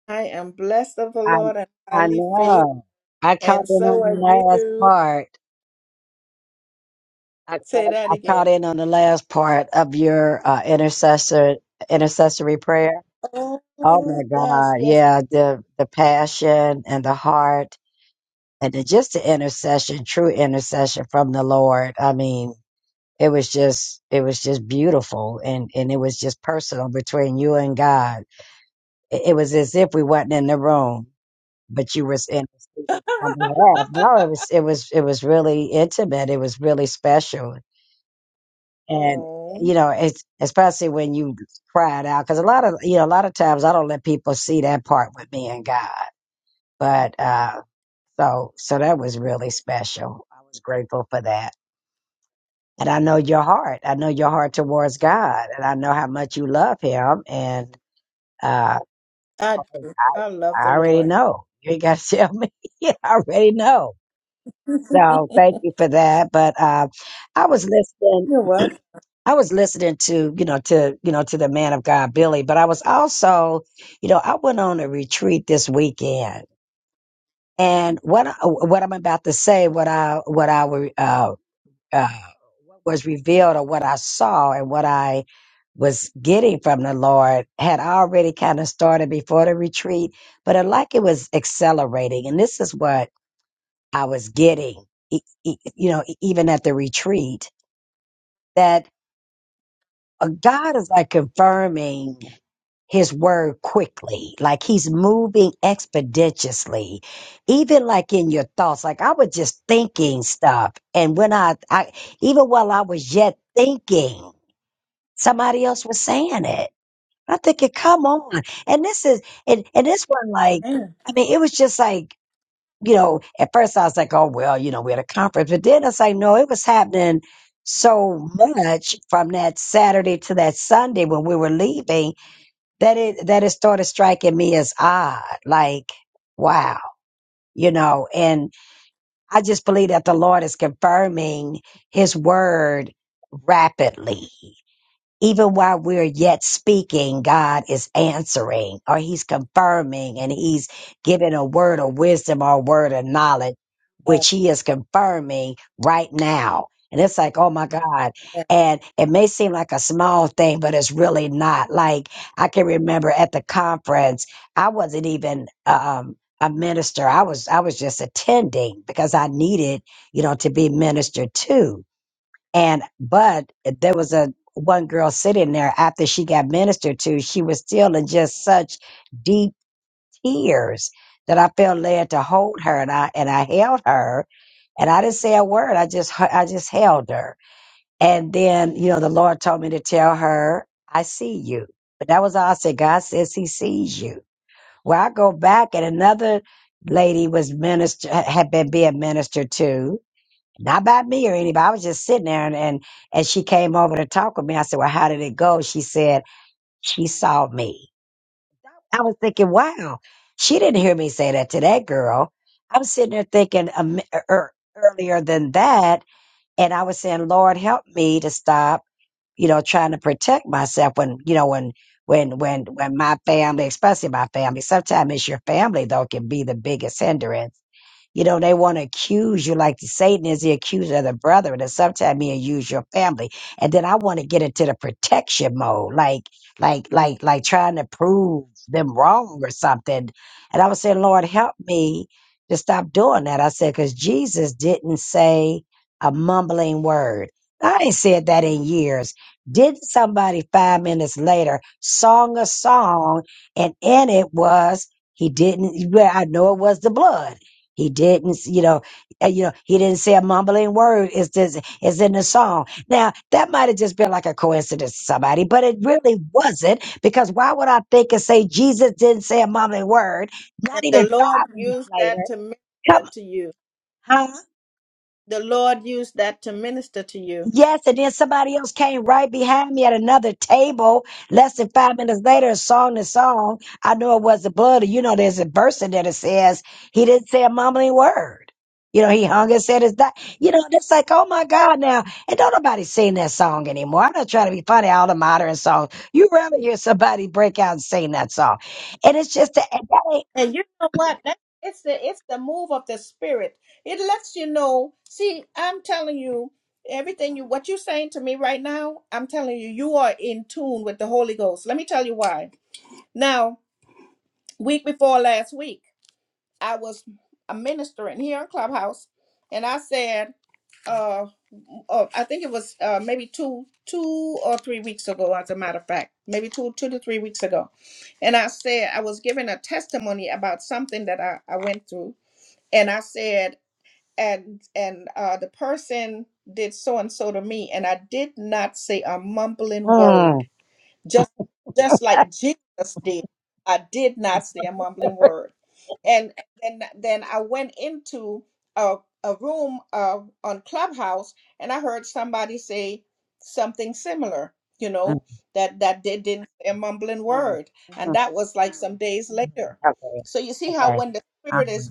Speaker 1: I am blessed of the
Speaker 4: I
Speaker 1: Lord and
Speaker 4: I
Speaker 1: highly favored,
Speaker 4: know. I caught
Speaker 1: and
Speaker 4: in
Speaker 1: so
Speaker 4: on the
Speaker 1: are
Speaker 4: last
Speaker 1: you.
Speaker 4: part. I
Speaker 1: Say
Speaker 4: caught
Speaker 1: that
Speaker 4: I
Speaker 1: again.
Speaker 4: caught in on the last part of your uh, intercessor intercessory prayer.
Speaker 1: Oh
Speaker 4: Oh my
Speaker 1: yes,
Speaker 4: God!
Speaker 1: yes. yes.
Speaker 4: Yeah, the the passion and the heart and the, just the intercession, true intercession from the Lord. I mean, it was just it was just beautiful, and and it was just personal between you and God It, it was as if we wasn't in the room, but you was interceding on behalf. No, it was it was it was really intimate. It was really special, and
Speaker 1: Oh,
Speaker 4: you know, it's especially when you cried out because a lot of you know a lot of times I don't let people see that part with me and God, but uh, so so that was really special. I was grateful for that. And I know your heart. I know your heart towards God, and I know how much you love Him. And uh,
Speaker 1: I do. I love the
Speaker 4: I already
Speaker 1: Lord.
Speaker 4: know. You ain't got to tell me. Yeah, I already know.
Speaker 1: You're
Speaker 4: So thank you for that. But uh, I was listening.
Speaker 1: welcome.
Speaker 4: I was listening to you know to you know to the man of God Billy, but I was also you know I went on a retreat this weekend, and what I, what I'm about to say, what I what I were, uh, uh, was revealed or what I saw and what I was getting from the Lord had already kind of started before the retreat, but it, like it was accelerating, and this is what I was getting, e- e- you know, e- even at the retreat, that uh, God is like confirming his word quickly, like he's moving expeditiously, even like in your thoughts. Like I was just thinking stuff. And when I, I even while I was yet thinking, somebody else was saying it. I am thinking, come on. And this is, and, and this one, like, I mean, it was just like, you know, at first I was like, oh, well, you know, we're at a conference. But then it's like, no, it was happening so much from that Saturday to that Sunday when we were leaving that it that it started striking me as odd. Like, wow, you know, and I just believe that the Lord is confirming his word rapidly even while we're yet speaking, God is answering or He's confirming and He's giving a word of wisdom or a word of knowledge,
Speaker 1: Yes,
Speaker 4: which He is confirming right now. And it's like, oh my God.
Speaker 1: yes.
Speaker 4: And it may seem like a small thing, but it's really not. Like, I can remember at the conference, I wasn't even, um, a minister. I was I was just attending because I needed, you know, to be ministered to. And but eh, there was a one girl sitting there after she got ministered to, she was still in just such deep tears that I felt led to hold her and I and I held her and I didn't say a word. I just hu- I just held her. And then, you know, the Lord told me to tell her, I see you. But that was all I said. God says he sees you. Well, I go back and another lady was minister had been being ministered to not by me or anybody. I was just sitting there and, and and she came over to talk with me. I said, Well, how did it go? She said, She saw me. I was thinking, wow, she didn't hear me say that to that girl. I was sitting there thinking um, er, er, earlier than that, and I was saying, Lord, help me to stop, you know, trying to protect myself when, you know, when when when when my family, especially my family, sometimes it's your family though can be the biggest hindrance you know, they want to accuse you like Satan is the accuser of the brethren, and sometimes he'll use your family. And then I want to get into the protection mode, like, like, like, like trying to prove them wrong or something. And I was saying, Lord, help me to stop doing that. I said, because Jesus didn't say a mumbling word. I ain't said that in years. Didn't somebody five minutes later song a song, and in it was he didn't. Well, I know it was the blood. He didn't, you know, uh, you know, he didn't say a mumbling word. It's just, it's in the song. Now that might have just been like a coincidence to somebody, but it really wasn't because why would I think and say Jesus didn't say a mumbling word?
Speaker 1: And
Speaker 4: Not
Speaker 1: the
Speaker 4: even
Speaker 1: Lord
Speaker 4: five minutes
Speaker 1: used
Speaker 4: later.
Speaker 1: that to minister
Speaker 4: Come,
Speaker 1: to you.
Speaker 4: huh?
Speaker 1: The Lord used that to minister to you.
Speaker 4: Yes, and then somebody else came right behind me at another table. Less than five minutes later, a song to song. I know it was the blood. You know, there's a verse in there that says he didn't say a mumbling word. You know, he hung and said his die. You know, it's like, oh my God, now. And don't nobody sing that song anymore. I'm not trying to be funny, all the modern songs. You rather hear somebody break out and sing that song. And it's just that, and that ain't,
Speaker 1: And you know what? That it's the it's the move of the spirit. It lets you know. See, I'm telling you, everything you what you're saying to me right now, I'm telling you, you are in tune with the Holy Ghost. Let me tell you why. Now, week before last week, I was a ministering here in Clubhouse, and I said uh, uh I think it was uh maybe two two or three weeks ago, as a matter of fact, maybe two two to three weeks ago, and I said I was giving a testimony about something that I I went through, and I said and and uh the person did so and so to me, and I did not say a mumbling word
Speaker 4: mm,
Speaker 1: just just like Jesus did. I did not say a mumbling word, and then then I went into a a room uh, on Clubhouse, and I heard somebody say something similar. You
Speaker 4: mm,
Speaker 1: know that that they didn't say a mumbling
Speaker 4: mm,
Speaker 1: word, and
Speaker 4: mm,
Speaker 1: that was like some days
Speaker 4: mm.
Speaker 1: later.
Speaker 4: okay,
Speaker 1: So you see how
Speaker 4: okay,
Speaker 1: when the spirit is
Speaker 4: uh-huh,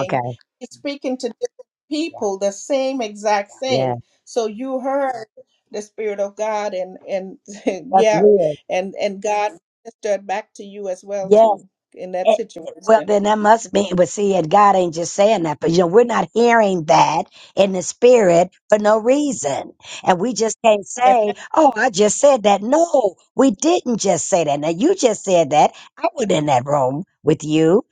Speaker 4: okay,
Speaker 1: he's speaking to different
Speaker 4: yeah,
Speaker 1: people the same exact
Speaker 4: yeah.
Speaker 1: thing. So you heard the spirit of God, and and
Speaker 4: That's
Speaker 1: yeah
Speaker 4: real.
Speaker 1: and and God ministered back to you as well
Speaker 4: Yes.
Speaker 1: too in that
Speaker 4: It, well,
Speaker 1: situation.
Speaker 4: then that must mean, but see, and God ain't just saying that, but you know, we're not hearing that in the spirit for no reason. And we just can't
Speaker 1: Amen.
Speaker 4: say, oh, I just said that. No, we didn't just say that. Now, you just said that. I was in that room with you.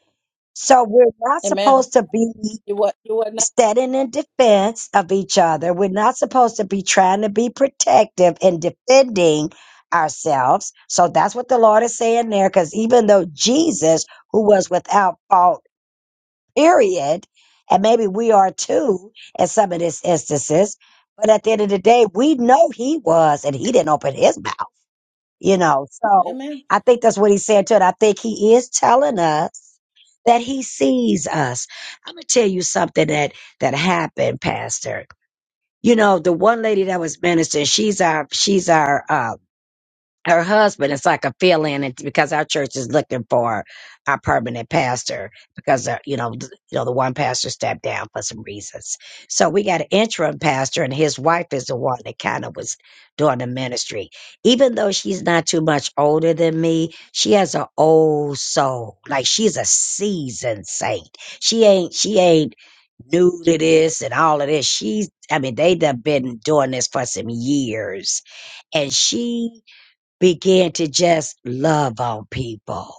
Speaker 4: So we're not
Speaker 1: Amen.
Speaker 4: supposed to be.
Speaker 1: You what you were not.
Speaker 4: standing in defense of each other. We're not supposed to be trying to be protective and defending ourselves. So that's what the Lord is saying there. Because even though Jesus, who was without fault, period, and maybe we are too in some of these instances, but at the end of the day, we know he was, and he didn't open his mouth you know. So
Speaker 1: Amen.
Speaker 4: I think that's what he said to it. I think he is telling us that he sees us. I'm gonna tell you something that that happened, Pastor. You know, the one lady that was ministering, she's our she's our uh, her husband is like a fill-in and- because our church is looking for our permanent pastor because uh, you know th- you know the one pastor stepped down for some reasons so we got an interim pastor and his wife is the one that kind of was doing the ministry even though she's not too much older than me she has an old soul like she's a seasoned saint she ain't she ain't new to this and all of this she's i mean they done been doing this for some years and she began to just love on people.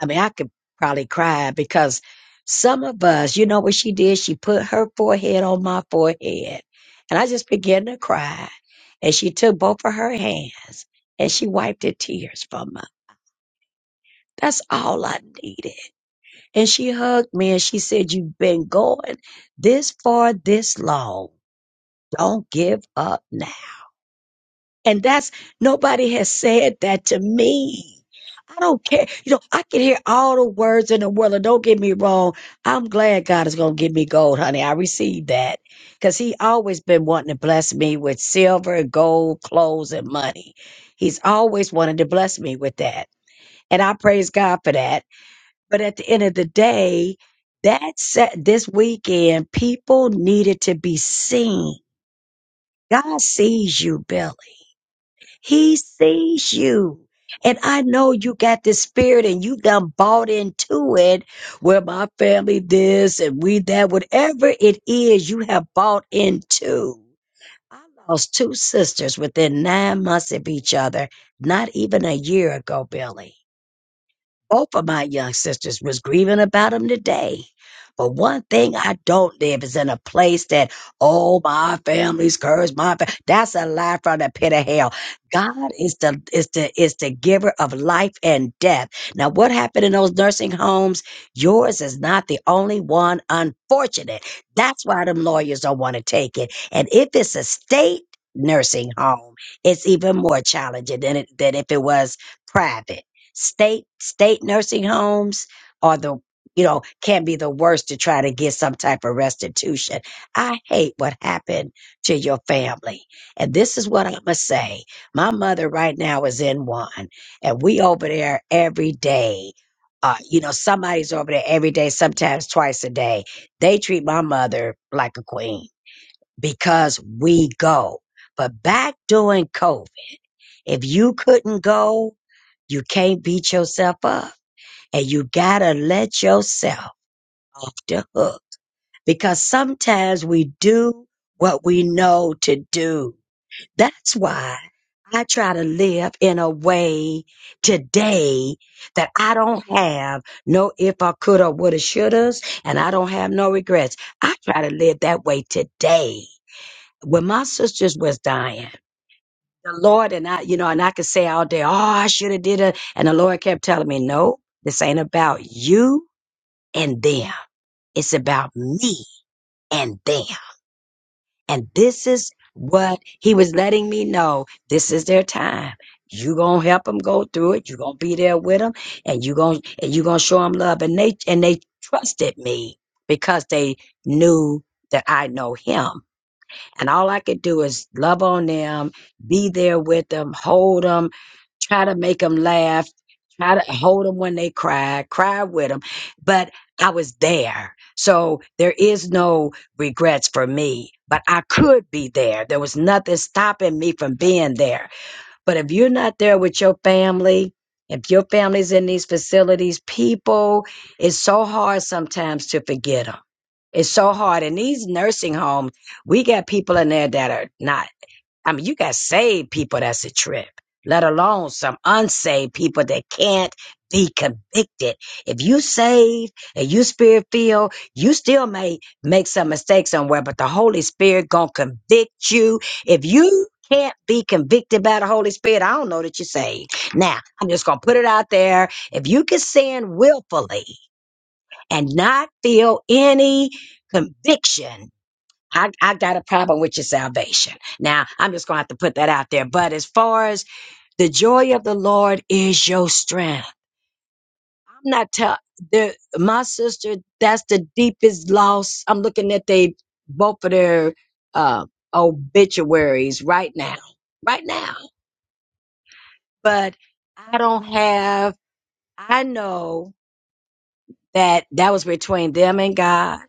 Speaker 4: I mean, I could probably cry because some of us, you know what she did? She put her forehead on my forehead and I just began to cry. And she took both of her hands and she wiped the tears from me. That's all I needed. And she hugged me and she said, you've been going this far, this long. Don't give up now. And that's nobody has said that to me. I don't care. You know, I can hear all the words in the world. And don't get me wrong. I'm glad God is going to give me gold, honey. I received that because he always been wanting to bless me with silver and gold, clothes and money. He's always wanted to bless me with that. And I praise God for that. But at the end of the day, that set this weekend, people needed to be seen. God sees you, Billy. He sees you. And I know you got this spirit and you done bought into it. Well, my family this and we that, whatever it is you have bought into. I lost two sisters within nine months of each other, not even a year ago, Billy. Both of my young sisters was grieving about him today. But one thing I don't live is in a place that, oh, my family's cursed. My fa-. that's a lie from the pit of hell. God is the is the is the giver of life and death. Now, what happened in those nursing homes? Yours is not the only one. Unfortunate. That's why them lawyers don't want to take it. And if it's a state nursing home, it's even more challenging than it, than if it was private state state nursing homes are the you know can be the worst to try to get some type of restitution i hate what happened to your family and this is what i'm gonna say my mother right now is in one and we over there every day uh, you know somebody's over there every day sometimes twice a day they treat my mother like a queen because we go but back during covid if you couldn't go, you can't beat yourself up. And you gotta let yourself off the hook. Because sometimes we do what we know to do. That's why I try to live in a way today that I don't have no if I coulda, woulda, shouldas, and I don't have no regrets. I try to live that way today. When my sisters was dying, the Lord and I, you know, and I could say all day, oh, I should have did it. And the Lord kept telling me, no, this ain't about you and them. It's about me and them. And this is what he was letting me know. This is their time. You gonna help them go through it. You gonna be there with them, and you gonna and you gonna show them love. And they and they trusted me because they knew that I know him. And all I could do is love on them, be there with them, hold them, try to make them laugh, try to hold them when they cry, cry with them. But I was there. So there is no regrets for me, but I could be there. There was nothing stopping me from being there. But if you're not there with your family, if your family's in these facilities, people, it's so hard sometimes to forget them. It's so hard. In these nursing homes, we got people in there that are not I mean, you got saved people that's a trip, let alone some unsaved people that can't be convicted. If you saved and you spirit filled, you still may make some mistakes somewhere, but the Holy Spirit gonna convict you. If you can't be convicted by the Holy Spirit, I don't know that you're saved. Now, I'm just gonna put it out there. If you can sin willfully and not feel any conviction, I, I got a problem with your salvation. Now, I'm just going to have to put that out there. But as far as the joy of the Lord is your strength, I'm not telling my sister, that's the deepest loss. I'm looking at they both of their uh, obituaries right now, right now. But I don't have, I know that that was between them and God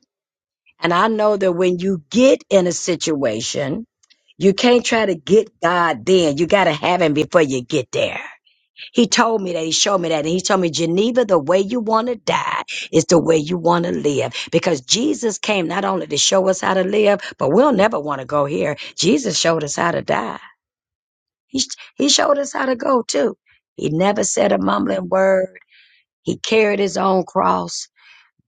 Speaker 4: And I know that when you get in a situation, you can't try to get God then. You got to have him before you get there. He told me that. He showed me that. And he told me, Geneva, the way you want to die is the way you want to live. Because Jesus came not only to show us how to live, but we'll never want to go here. Jesus showed us how to die. He, sh- he showed us how to go too. He never said a mumbling word. He carried his own cross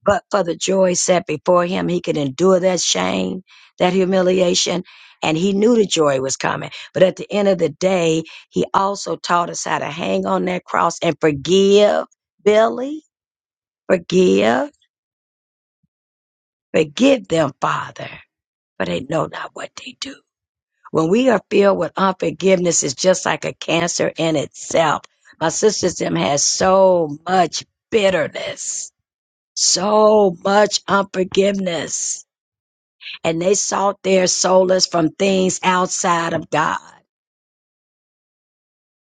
Speaker 4: but for the joy set before him, he could endure that shame, that humiliation, and he knew the joy was coming. But at the end of the day, he also taught us how to hang on that cross and forgive, Billy, forgive, forgive them, Father, for they know not what they do. When we are filled with unforgiveness, it's just like a cancer in itself. My sister's them has so much bitterness, so much unforgiveness and they sought their solace from things outside of God.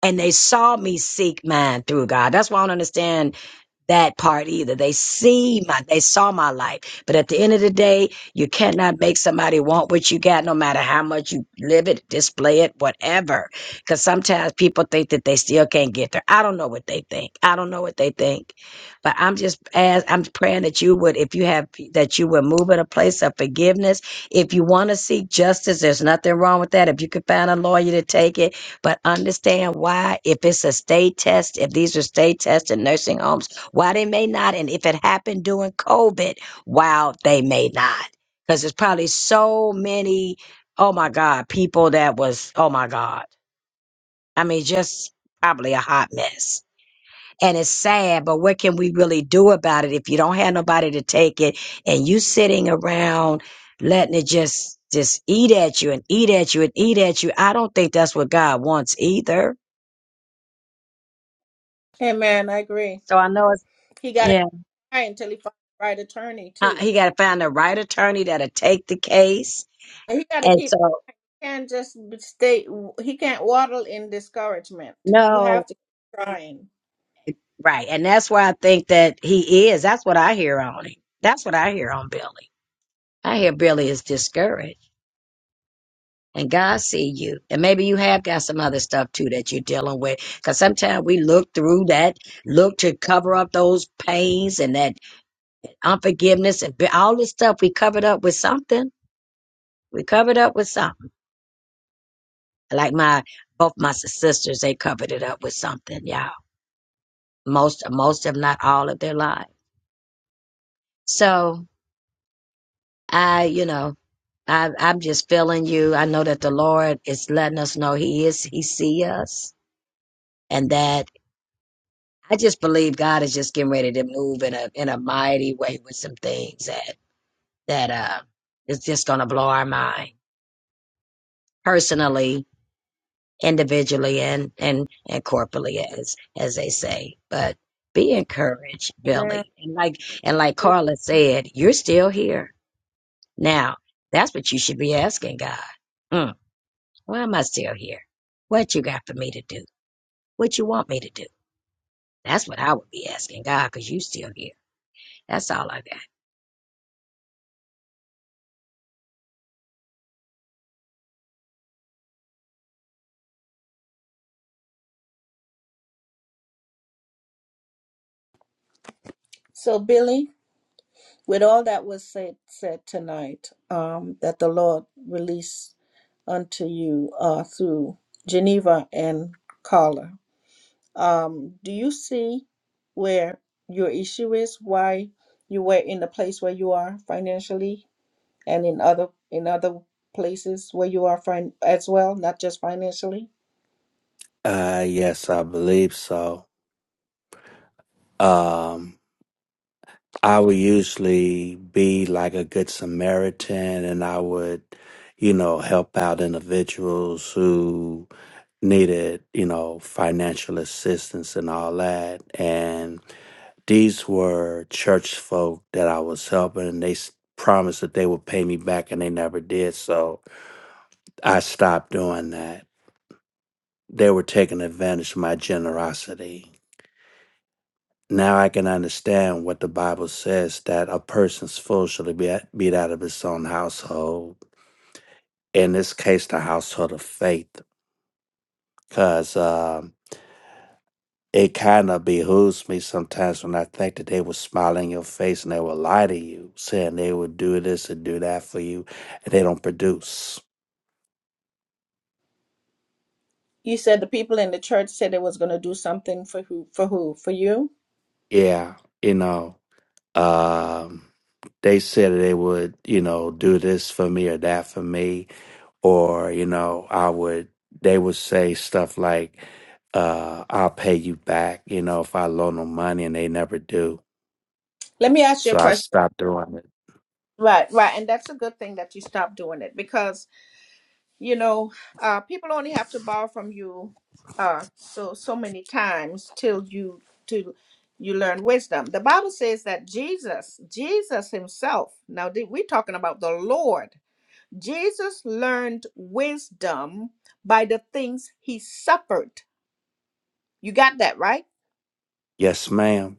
Speaker 4: And they saw me seek mine through God. That's why I don't understand that part either. They see my, they saw my life. But at the end of the day, you cannot make somebody want what you got, no matter how much you live it, display it, whatever. Because sometimes people think that they still can't get there. I don't know what they think. I don't know what they think. But I'm just as I'm praying that you would, if you have, that you would move in a place of forgiveness. If you want to seek justice, there's nothing wrong with that. If you could find a lawyer to take it, but understand why. If it's a state test, if these are state tests in nursing homes why they may not, and if it happened during COVID, wow, they may not. Because there's probably so many, oh my God, people that was, oh my God. I mean, just probably a hot mess. And it's sad, but what can we really do about it if you don't have nobody to take it and you sitting around letting it just just eat at you and eat at you and eat at you? I don't think that's what God wants either.
Speaker 1: Amen. I agree.
Speaker 4: So I know it's
Speaker 1: He got to
Speaker 4: yeah.
Speaker 1: cry until he finds the right attorney
Speaker 4: Uh,
Speaker 1: too.
Speaker 4: He got to find the right attorney that'll take the case
Speaker 1: And he got to
Speaker 4: And
Speaker 1: keep.
Speaker 4: so,
Speaker 1: He can't just be- stay. He can't waddle in discouragement. He have
Speaker 4: no,
Speaker 1: to keep trying.
Speaker 4: right. And that's where I think that he is. That's what I hear on him. That's what I hear on Billy. I hear Billy is discouraged. And God see you. And maybe you have got some other stuff too that you're dealing with. Cause sometimes we look through that, look to cover up those pains and that unforgiveness and bi- all this stuff. We covered up with something. We covered up with something. Like my, both my sisters, they covered it up with something, y'all. Most, most if not all of their lives. So I, you know, I, I'm just feeling you. I know that the Lord is letting us know He is, He see us, and that I just believe God is just getting ready to move in a in a mighty way with some things that that uh is just gonna blow our mind personally, individually, and and and corporately, as as they say. But be encouraged,
Speaker 1: Amen.
Speaker 4: Billy, and like and like Carla said, you're still here now. That's what you should be asking God. Mm. Why am I still here? What you got for me to do? What you want me to do? That's what I would be asking God. Cause you still here. That's all I got.
Speaker 1: So Billy, with all that was said said tonight um, that the Lord release unto you uh, through Geneva and Carla. Um, do you see where your issue is? Why you were in the place where you are financially, and in other in other places where you are fin- as well, not just financially.
Speaker 2: Uh yes, I believe so. Um I would usually be like a good Samaritan and I would, you know, help out individuals who needed, you know, financial assistance and all that. And these were church folk that I was helping and they s- promised that they would pay me back and they never did. So I stopped doing that. They were taking advantage of my generosity. Now I can understand what the Bible says that a person's food should be, be that of his own household. In this case, the household of faith, because um, it kind of behooves me sometimes when I think that they will smile in your face and they will lie to you, saying they will do this and do that for you, and they don't produce.
Speaker 1: You said the people in the church said it was going to do something for who for who for you.
Speaker 2: Yeah, you know, um, they said that they would, you know, do this for me or that for me or you know i would they would say stuff like uh i'll pay you back you know if i loan them money and they never do
Speaker 1: Let me ask you a
Speaker 2: so i
Speaker 1: question.
Speaker 2: stopped doing it
Speaker 1: Right, right, and that's a good thing that you stopped doing it because you know uh people only have to borrow from you uh so so many times till you till you learn wisdom the bible says that jesus jesus himself now th- we're talking about the lord jesus learned wisdom by the things he suffered you got that right
Speaker 2: yes ma'am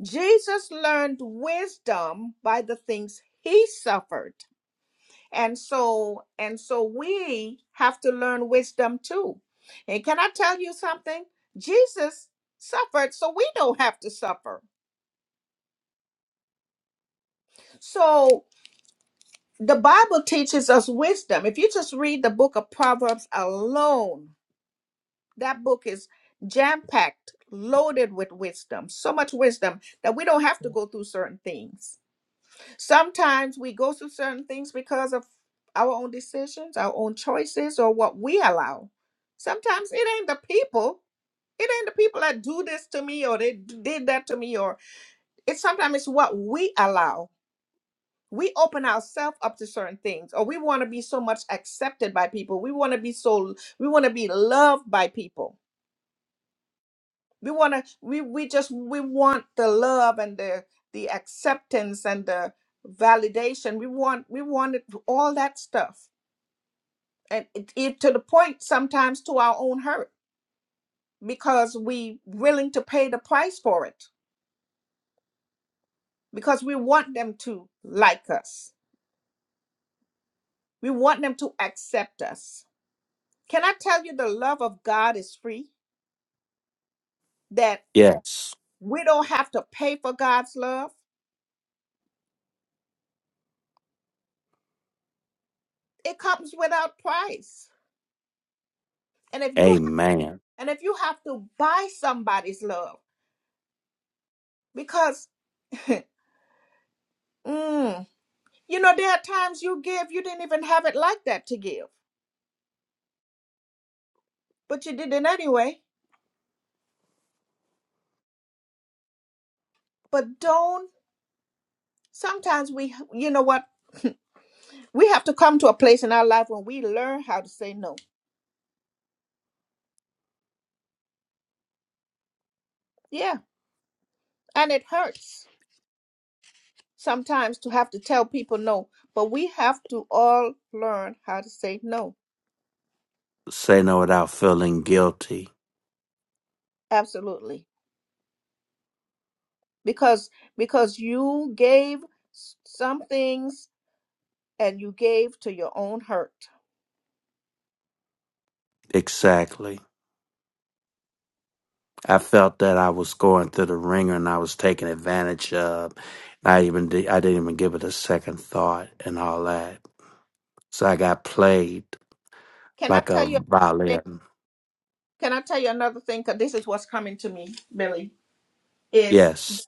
Speaker 1: jesus learned wisdom by the things he suffered and so and so we have to learn wisdom too and can i tell you something jesus suffered so we don't have to suffer so the bible teaches us wisdom if you just read the book of proverbs alone that book is jam packed loaded with wisdom so much wisdom that we don't have to go through certain things Sometimes we go through certain things because of our own decisions, our own choices, or what we allow. Sometimes it ain't the people. It ain't the people that do this to me or they d- did that to me, or it's sometimes it's what we allow. We open ourselves up to certain things, or we want to be so much accepted by people. We want to be so we want to be loved by people we want to we we just we want the love and the the acceptance and the validation we want we wanted all that stuff and it, it to the point sometimes to our own hurt because we willing to pay the price for it because we want them to like us we want them to accept us can i tell you the love of god is free that
Speaker 2: yes
Speaker 1: we don't have to pay for god's love it comes without price and if you
Speaker 2: amen
Speaker 1: And if you have to buy somebody's love, because mm, you know, there are times you give, you didn't even have it like that to give, but you did it anyway. But don't, sometimes we, you know what, we have to come to a place in our life when we learn how to say no. Yeah. And it hurts sometimes to have to tell people no, but we have to all learn how to say no.
Speaker 2: say no without feeling guilty
Speaker 1: Absolutely. Because because you gave s- some things and you gave to your own hurt.
Speaker 2: exactly i felt that i was going through the ringer and i was taken advantage of i even did, i didn't even give it a second thought and all that so i got played
Speaker 1: Can I
Speaker 2: like a
Speaker 1: tell you?
Speaker 2: violin
Speaker 1: Can I tell you another thing? Because this is what's coming to me, Billy. Is
Speaker 2: yes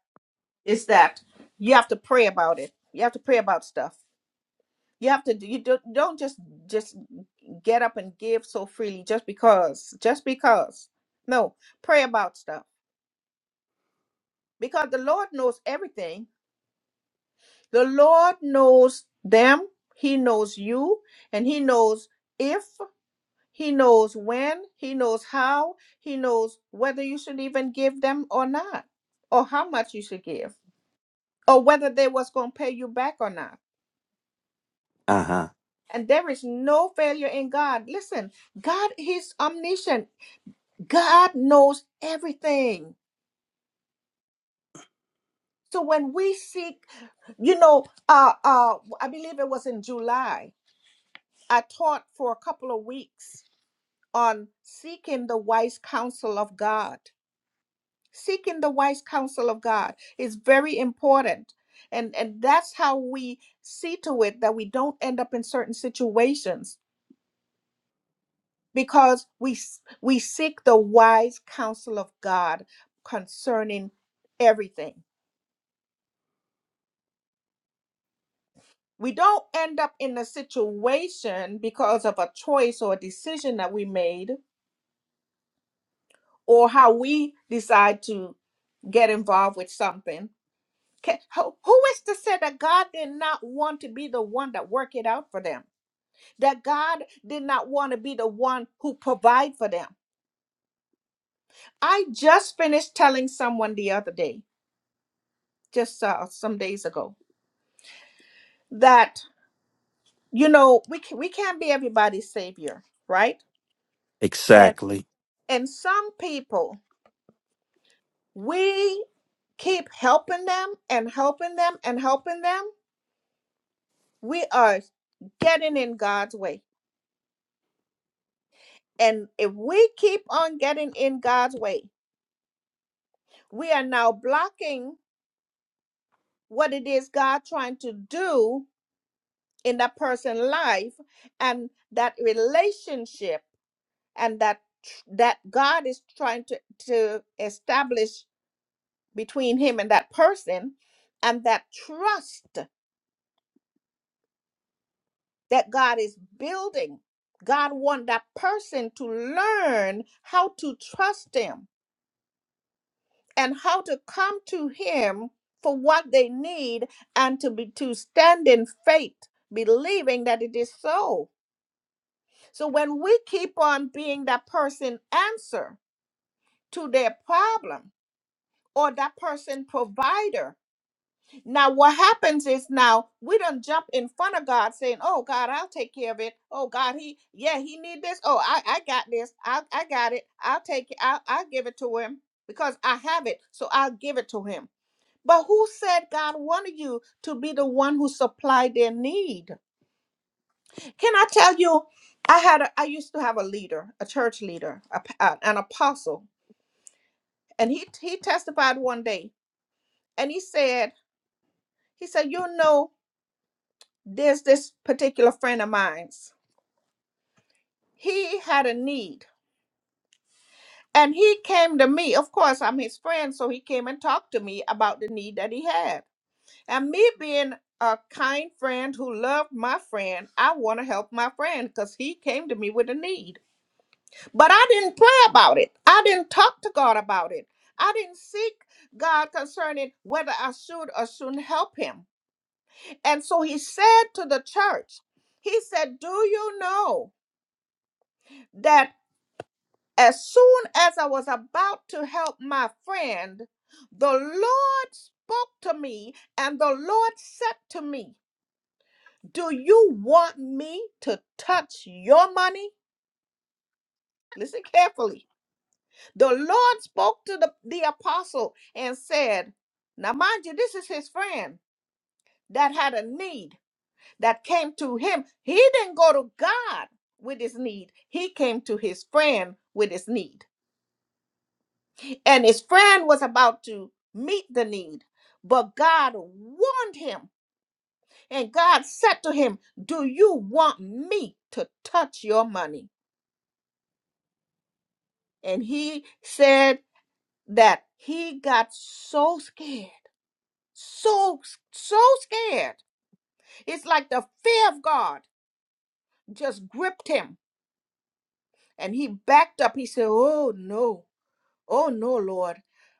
Speaker 1: is that you have to pray about it. You have to pray about stuff. You have to. You don't don't just just get up and give so freely just because. Just because. No, pray about stuff because the Lord knows everything. The Lord knows them. He knows you, and He knows if. He knows when, he knows how, he knows whether you should even give them or not, or how much you should give, or whether they was going to pay you back or not.
Speaker 2: Uh huh.
Speaker 1: And there is no failure in God. Listen, God he's omniscient. God knows everything. So when we seek, you know, uh uh I believe it was in July, I taught for a couple of weeks on seeking the wise counsel of God seeking the wise counsel of God is very important. And, and that's how we see to it that we don't end up in certain situations because we s- we seek the wise counsel of God concerning everything. We don't end up in a situation because of a choice or a decision that we made or how we decide to get involved with something. Ca- Who who is to say that God did not want to be the one that work it out for them? that God did not want to be the one who provide for them. I just finished telling someone the other day, just uh, some days ago, that you know we can, we can't be everybody's savior, right? And
Speaker 2: Exactly.
Speaker 1: and some people we keep helping them and helping them and helping them. We are getting in God's way, and if we keep on getting in God's way, we are now blocking what it is God trying to do in that person's life and that relationship and that that God is trying to to establish between him and that person and that trust that God is building God want that person to learn how to trust him and how to come to him for what they need and to be to stand in faith believing that it is so So when we keep on being that person answer to their problem or that person provider, now what happens is now we don't jump in front of God saying, "Oh God, I'll take care of it. Oh God, he yeah he need this. Oh I I got this. I I got it. I'll take it. I'll I'll give it to him because I have it. So I'll give it to him." But who said God wanted you to be the one who supplied their need? Can I tell you? I had a, I used to have a leader, a church leader, a p- uh, an apostle, and he he testified one day, and he said he said you know there's this particular friend of mine's. He had a need, and he came to me. Of course, I'm his friend, so he came and talked to me about the need that he had, and me being a kind friend who loved my friend, I want to help my friend because he came to me with a need. But I didn't pray about it. I didn't talk to God about it. I didn't seek God concerning whether I should or shouldn't help him. And so he said to the church, He said, Do you know that as soon as I was about to help my friend, the Lord spoke to me and the Lord said to me, 'Do you want me to touch your money? Listen carefully. The Lord spoke to the, the apostle and said, Now, mind you, this is his friend that had a need that came to him. He didn't go to God with his need, he came to his friend with his need. And his friend was about to meet the need, but God warned him. And God said to him, Do you want me to touch your money? And he said that he got so scared so so scared. It's like the fear of God just gripped him, and he backed up. He said, "Oh no, oh no, Lord."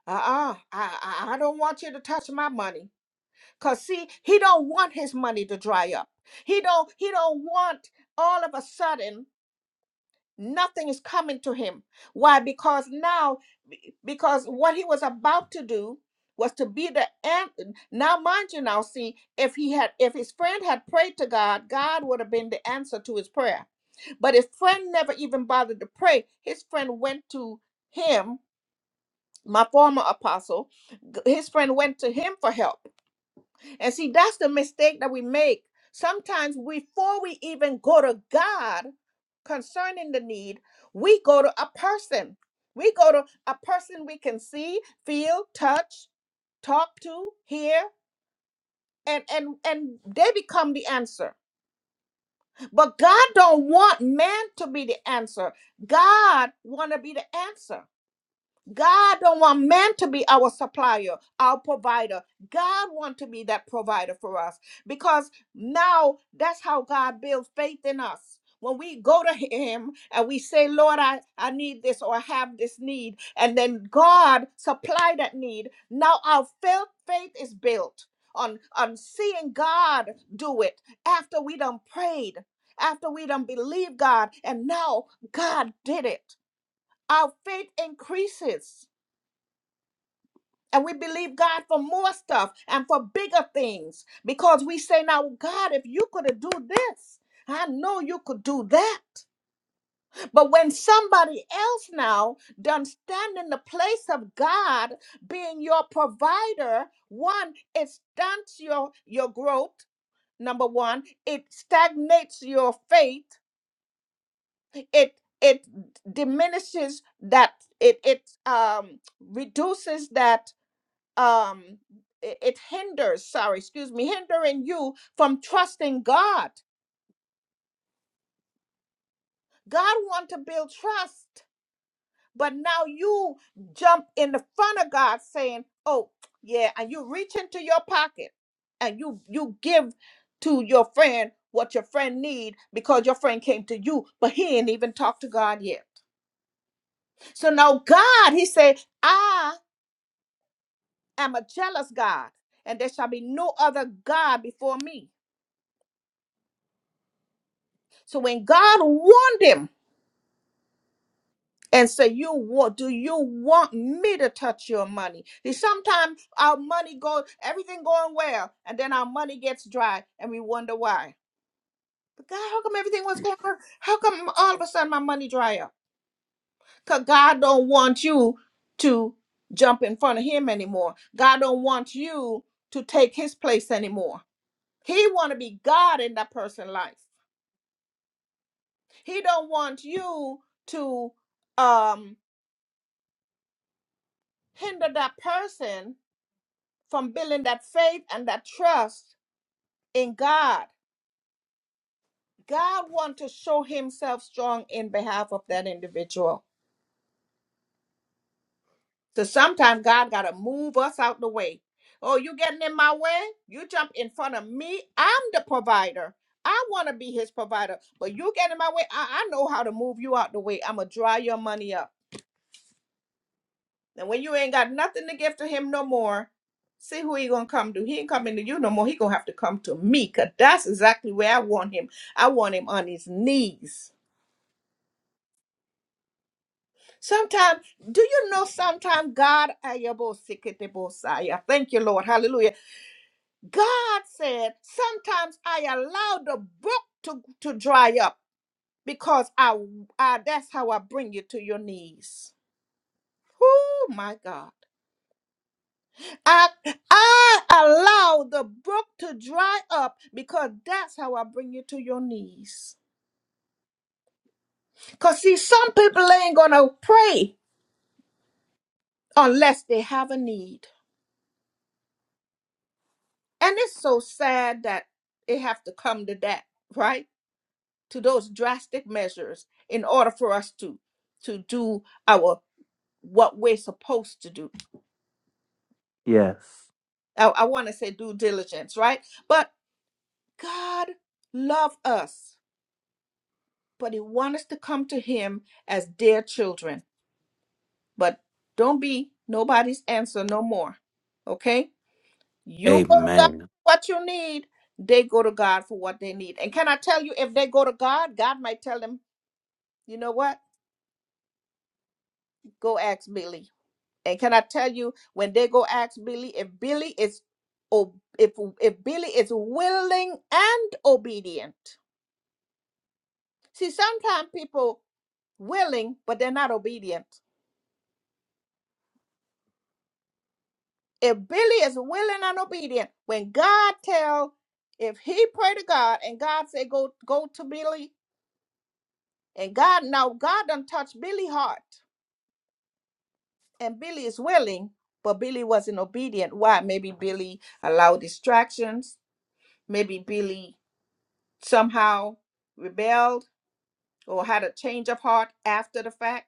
Speaker 1: Uh-uh. I, I I don't want you to touch my money. Cause see, he don't want his money to dry up. He don't he don't want all of a sudden Nothing is coming to him. Why? Because now, because what he was about to do was to be the an- now mind you now see if he had if his friend had prayed to god god would have been the answer to his prayer but his friend never even bothered to pray his friend went to him my former apostle g- his friend went to him for help and see, that's the mistake that we make. Sometimes before we even go to God concerning the need, we go to a person. We go to a person we can see, feel, touch, talk to, hear, and and and they become the answer. But God don't want man to be the answer. God want to be the answer. God don't want man to be our supplier, our provider. God want to be that provider for us because now that's how God builds faith in us. When we go to him and we say, Lord, I, I need this or I have this need, and then God supply that need, now our faith, faith is built on, on seeing God do it after we done prayed, after we done believed God, and now God did it. Our faith increases and we believe God for more stuff and for bigger things because we say, now, God, if you could have do this, I know you could do that. But when somebody else now done stand in the place of God being your provider, one, it stunts your, your growth, number one, it stagnates your faith, it it diminishes that it it um reduces that um it, it hinders sorry excuse me hindering you from trusting god god want to build trust but now you jump in the front of god saying oh yeah and you reach into your pocket and you you give to your friend what your friend need because your friend came to you but he ain't even talked to god yet so now god he said i am a jealous god and there shall be no other god before me so when god warned him and say, "You want? Do you want me to touch your money?" See, sometimes our money goes, everything going well, and then our money gets dry, and we wonder why. But God, how come everything was going well? How come all of a sudden my money dry up? Cause God don't want you to jump in front of Him anymore. God don't want you to take His place anymore. He want to be God in that person's life. He don't want you to um hinder that person from building that faith and that trust in God. God wants to show himself strong in behalf of that individual. So sometimes God got to move us out the way. Oh, you getting in my way? You jump in front of me. I'm the provider. I want to be his provider, but you get in my way. I, I know how to move you out the way. I'm going to dry your money up. And when you ain't got nothing to give to him no more, see who he gonna come to. He ain't coming to you no more. He gonna have to come to me, cause that's exactly where I want him. I want him on his knees. Sometimes, do you know? Sometimes God, Ayabosiketeposaya. thank you, Lord, Hallelujah. God said, sometimes I allow the brook to to dry up because I, I that's how I bring you to your knees. Oh my God. I I allow the brook to dry up because that's how I bring you to your knees. Cause see, some people ain't gonna pray unless they have a need. And it's so sad that it have to come to that, right? To those drastic measures in order for us to to do our what we're supposed to do.
Speaker 2: Yes.
Speaker 1: I, I want to say due diligence, right? But God love us, but He wants us to come to Him as dear children. But don't be nobody's answer no more. Okay? You go to God
Speaker 2: Amen.
Speaker 1: for what you need, they go to God for what they need. And can I tell you, if they go to God, God might tell them, you know what? Go ask Billy. And can I tell you, when they go ask Billy, if Billy is ob- if if Billy is willing and obedient. See, sometimes people willing, but they're not obedient. if Billy is willing and obedient, when God tell, if he pray to God and God say go go to Billy, and God now God done touch Billy heart, and Billy is willing, but Billy wasn't obedient. Why? Maybe Billy allowed distractions. Maybe Billy somehow rebelled or had a change of heart after the fact.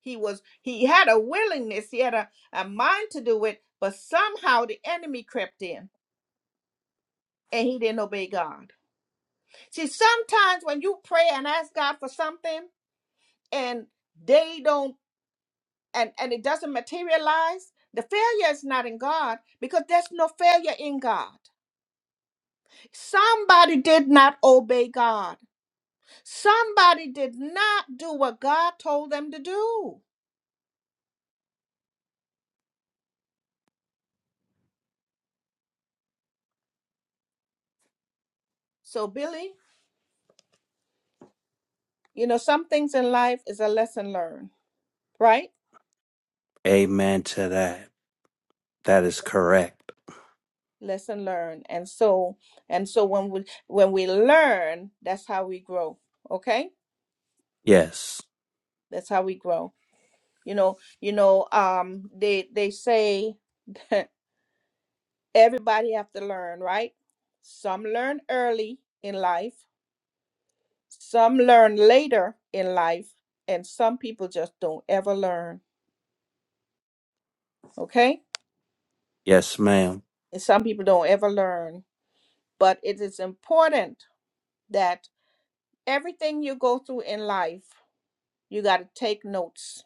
Speaker 1: He was he had a willingness, he had a, a mind to do it, but somehow the enemy crept in and he didn't obey God. See, sometimes when you pray and ask God for something and they don't and, and it doesn't materialize, the failure is not in God because there's no failure in God. Somebody did not obey God. Somebody did not do what God told them to do. So Billy, you know, some things in life is a lesson learned, right?
Speaker 2: Amen to that. That is correct.
Speaker 1: Lesson learned. And so and so when we when we learn, that's how we grow. Okay?
Speaker 2: Yes.
Speaker 1: That's how we grow. You know, you know, um, they they say that everybody have to learn, right? Some learn early in life, some learn later in life, and some people just don't ever learn. Okay,
Speaker 2: Yes, ma'am.
Speaker 1: and some people don't ever learn. But it is important that everything you go through in life, you got to take notes.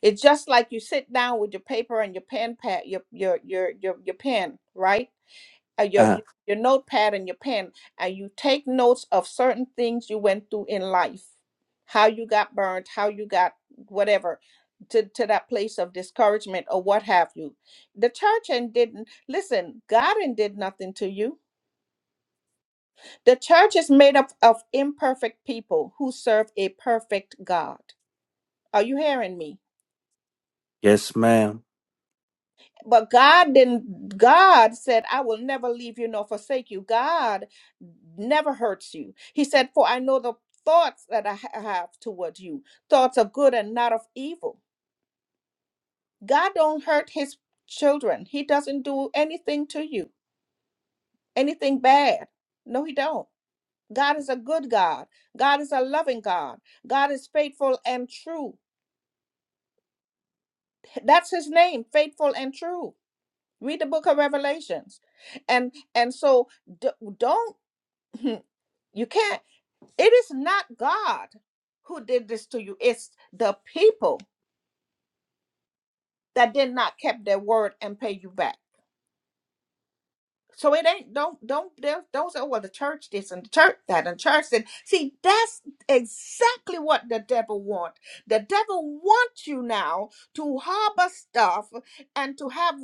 Speaker 1: It's just like you sit down with your paper and your pen, pat your your your your, your pen, right? uh, your
Speaker 2: Uh,
Speaker 1: your your notepad and your pen and you take notes of certain things you went through in life how you got burned how you got whatever to, to that place of discouragement or what have you the church and didn't listen god and did nothing to you the church is made up of imperfect people who serve a perfect god are you hearing me
Speaker 2: yes, ma'am.
Speaker 1: but God didn't God said I will never leave you nor forsake you. God never hurts you. He said for I know the thoughts that I ha- have toward you, thoughts of good and not of evil. God don't hurt his children. He doesn't do anything to you, anything bad. No he don't. God is a good God. God is a loving God. God is faithful and true. That's his name, faithful and true. Read the book of Revelations. And and so d- don't You can't, it is not God who did this to you. It's the people that did not keep their word and pay you back. So it ain't don't don't don't don't say, well, the church this and the church that and church that. See, that's exactly what the devil wants. The devil wants you now to harbor stuff and to have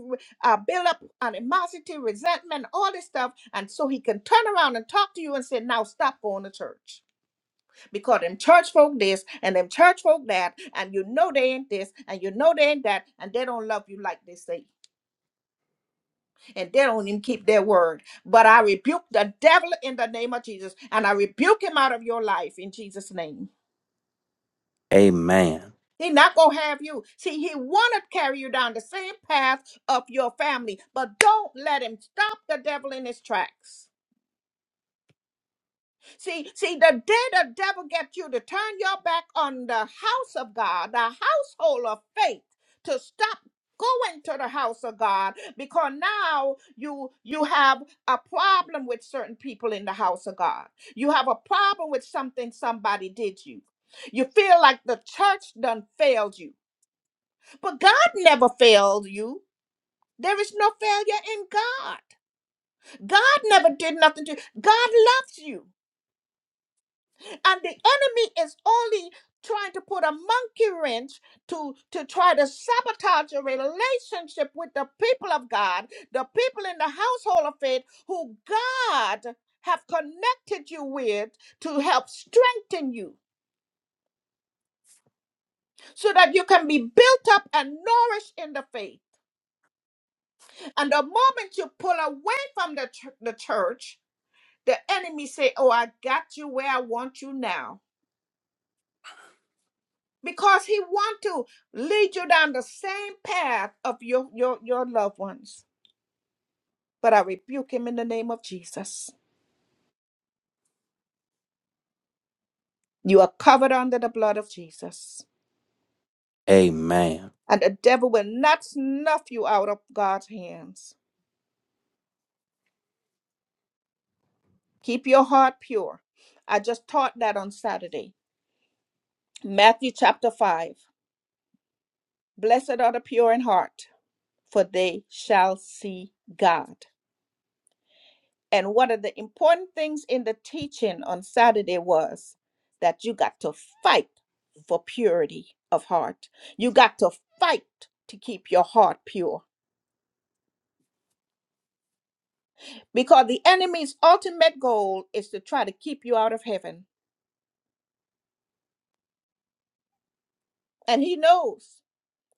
Speaker 1: uh, build up animosity, resentment, all this stuff, and so he can turn around and talk to you and say, now stop going to church because them church folk this and them church folk that, and you know they ain't this and you know they ain't that, and they don't love you like they say, and they don't even keep their word. But I rebuke the devil in the name of Jesus, and I rebuke him out of your life in Jesus' name.
Speaker 2: Amen.
Speaker 1: He not gonna have you. See, he wanna carry you down the same path of your family, but don't let him stop the devil in his tracks. See, see, the day the devil gets you to turn your back on the house of God, the household of faith, to stop going to the house of God, because now you you have a problem with certain people in the house of God. You have a problem with something somebody did you. You feel like the church done failed you. But God never failed you. There is no failure in God. God never did nothing to you. God loves you. and the enemy is only trying to put a monkey wrench to to try to sabotage a relationship with the people of god the people in the household of faith who god have connected you with to help strengthen you so that you can be built up and nourished in the faith and the moment you pull away from the, ch- the church the enemy say oh i got you where i want you now because he want to lead you down the same path of your, your, your loved ones. But I rebuke him in the name of Jesus. You are covered under the blood of Jesus.
Speaker 2: Amen.
Speaker 1: And the devil will not snuff you out of God's hands. Keep your heart pure. I just taught that on Saturday. Matthew chapter 5. Blessed are the pure in heart, for they shall see God. And one of the important things in the teaching on Saturday was that you got to fight for purity of heart. You got to fight to keep your heart pure because the enemy's ultimate goal is to try to keep you out of heaven. And he knows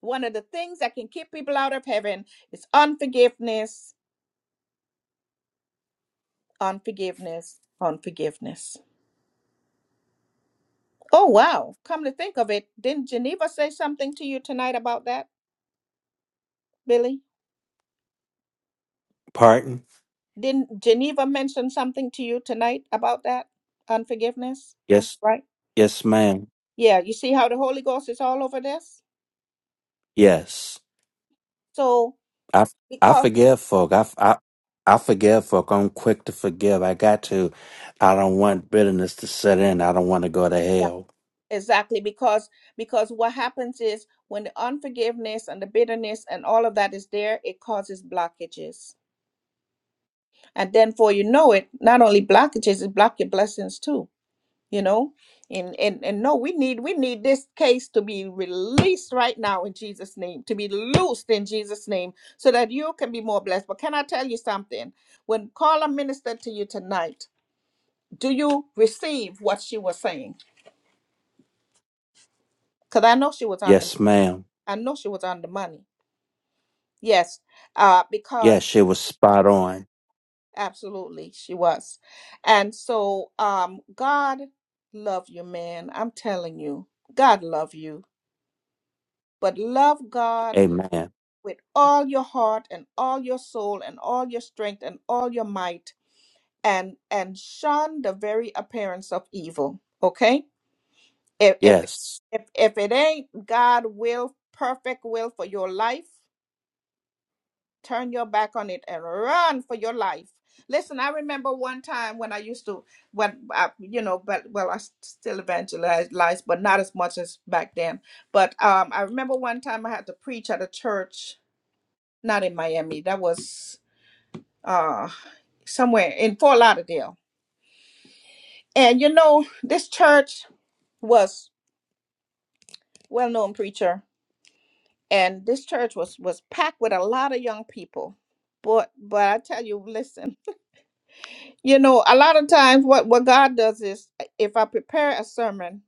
Speaker 1: one of the things that can keep people out of heaven is unforgiveness, unforgiveness, unforgiveness. Oh, wow. Come to think of it, didn't Geneva say something to you tonight about that, Billy?
Speaker 2: Pardon?
Speaker 1: Didn't Geneva mention something to you tonight about that unforgiveness?
Speaker 2: Yes.
Speaker 1: Right?
Speaker 2: Yes, ma'am.
Speaker 1: Yeah, you see how the Holy Ghost is all over this?
Speaker 2: Yes.
Speaker 1: So
Speaker 2: I, I
Speaker 1: because
Speaker 2: forgive folk. I, I, I forgive folk. I'm quick to forgive. I got to. I don't want bitterness to set in. I don't want to go to
Speaker 1: Yeah.
Speaker 2: hell.
Speaker 1: exactly because because what happens is when the unforgiveness and the bitterness and all of that is there, it causes blockages. And then for you know it, not only blockages, it block your blessings too. you know and and and no we need we need this case to be released right now in jesus name to be loosed in jesus name so that you can be more blessed but can i tell you something when carla ministered to you tonight do you receive what she was saying because i know she was on the
Speaker 2: Yes, ma'am.
Speaker 1: i know she was on the money yes uh
Speaker 2: Yes,
Speaker 1: because
Speaker 2: she was spot on.
Speaker 1: absolutely she was and so um god love you man i'm telling you god love you but love God with,
Speaker 2: Amen.
Speaker 1: with all your heart and all your soul and all your strength and all your might and and shun the very appearance of evil. Okay? If if
Speaker 2: Yes.
Speaker 1: if, if it ain't God will perfect will for your life, turn your back on it and run for your life. Listen, I remember one time when I used to when I, you know, but well I s- still evangelize but not as much as back then. But um I remember one time I had to preach at a church not in Miami. That was uh somewhere in Fort Lauderdale. And you know, this church was well-known preacher, and this church was was packed with a lot of young people. But but I tell you, listen, you know, a lot of times what what God does is if I prepare a sermon,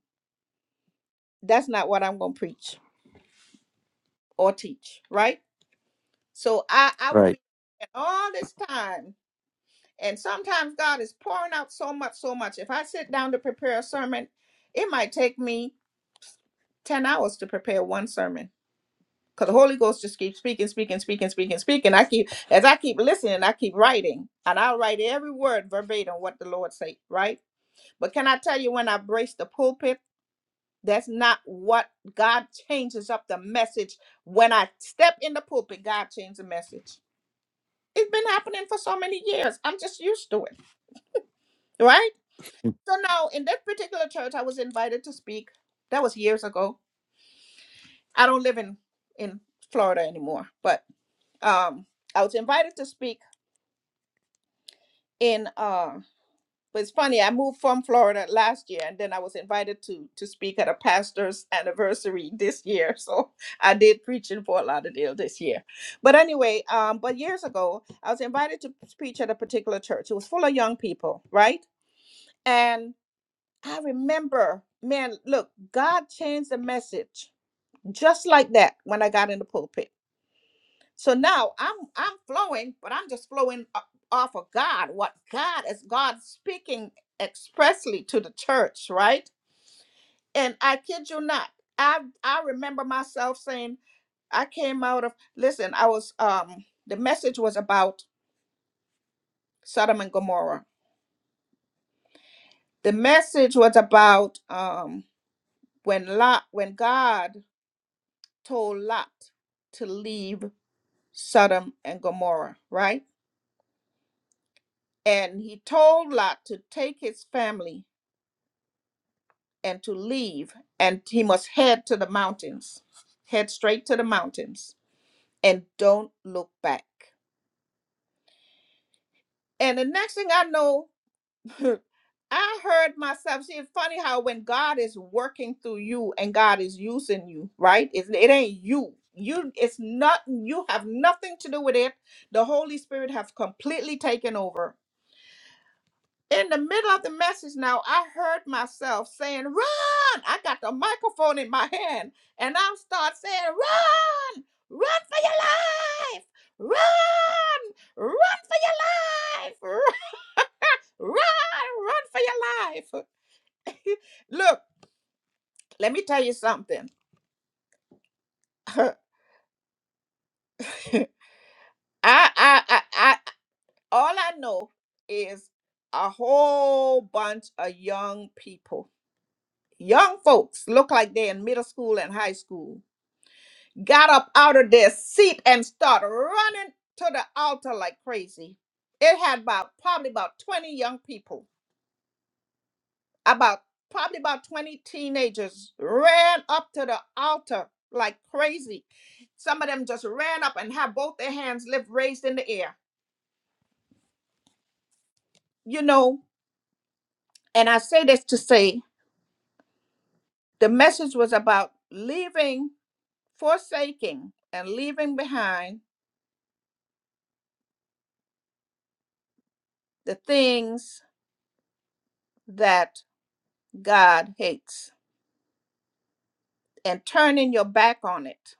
Speaker 1: that's not what I'm going to preach or teach, right? So I I would
Speaker 2: Right.
Speaker 1: be all this time And sometimes God is pouring out so much, so much. If I sit down to prepare a sermon, it might take me 10 hours to prepare one sermon. Because the Holy Ghost just keeps speaking, speaking, speaking, speaking, speaking. I keep as I keep listening, I keep writing. And I'll write every word verbatim what the Lord say, right? But can I tell you when I brace the pulpit? That's not what God changes up the message. When I step in the pulpit, God changes the message. It's been happening for so many years. I'm just used to it, right? So now in that particular church I was invited to speak. That was years ago. I don't live in in Florida anymore, but um I was invited to speak in uh but it's funny, I moved from Florida last year and then I was invited to to speak at a pastor's anniversary this year. So I did preach in Fort Lauderdale this year. But anyway, um but years ago I was invited to preach at a particular church. It was full of young people, right? And I remember, man, look, God changed the message just like that when I got in the pulpit. So now I'm I'm flowing, but I'm just flowing o- off of God. What God is God speaking expressly to the church, right? And I kid you not, I I remember myself saying, I came out of listen, I was um the message was about Sodom and Gomorrah. The message was about um when Lot when God told Lot to leave Sodom and Gomorrah, right? And he told Lot to take his family and to leave, and he must head to the mountains, head straight to the mountains, and don't look back. And the next thing I know, I heard myself. See, it's funny how when God is working through you and God is using you, right? It's, it ain't you. You, it's not. You have nothing to do with it. The Holy Spirit have completely taken over In the middle of the message now, I heard myself saying, Run! I got the microphone in my hand and I start saying, Run! Run for your life! Run! Run for your life! Run! Run for your life! Look, let me tell you something. I, I, I, I, all I know is a whole bunch of young people Young folks look like they're in middle school and high school. Got up out of their seat and started running to the altar like crazy. It had about probably about 20 young people, about probably about 20 teenagers ran up to the altar like crazy. Some of them just ran up and had both their hands lift raised in the air. You know, and I say this to say the message was about leaving, forsaking, and leaving behind the things that God hates and turning your back on it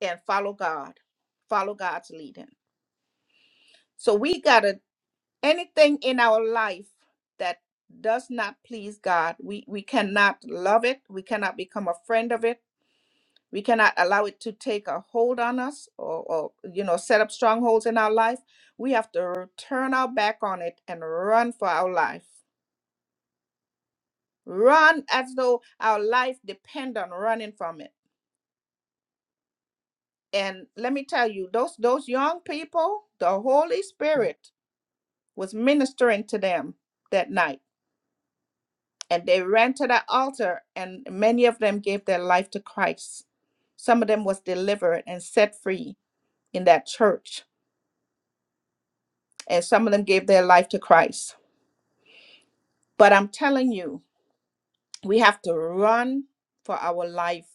Speaker 1: and follow God. Follow God's leading. So we gotta anything in our life that does not please God, we, we cannot love it, we cannot become a friend of it, we cannot allow it to take a hold on us or, or you know set up strongholds in our life. We have to turn our back on it and run for our life. Run as though our life depend on running from it And let me tell you, those those young people, the Holy Spirit was ministering to them that night. And they ran to the altar and many of them gave their life to Christ. Some of them was delivered and set free in that church. And some of them gave their life to Christ. But I'm telling you, we have to run for our life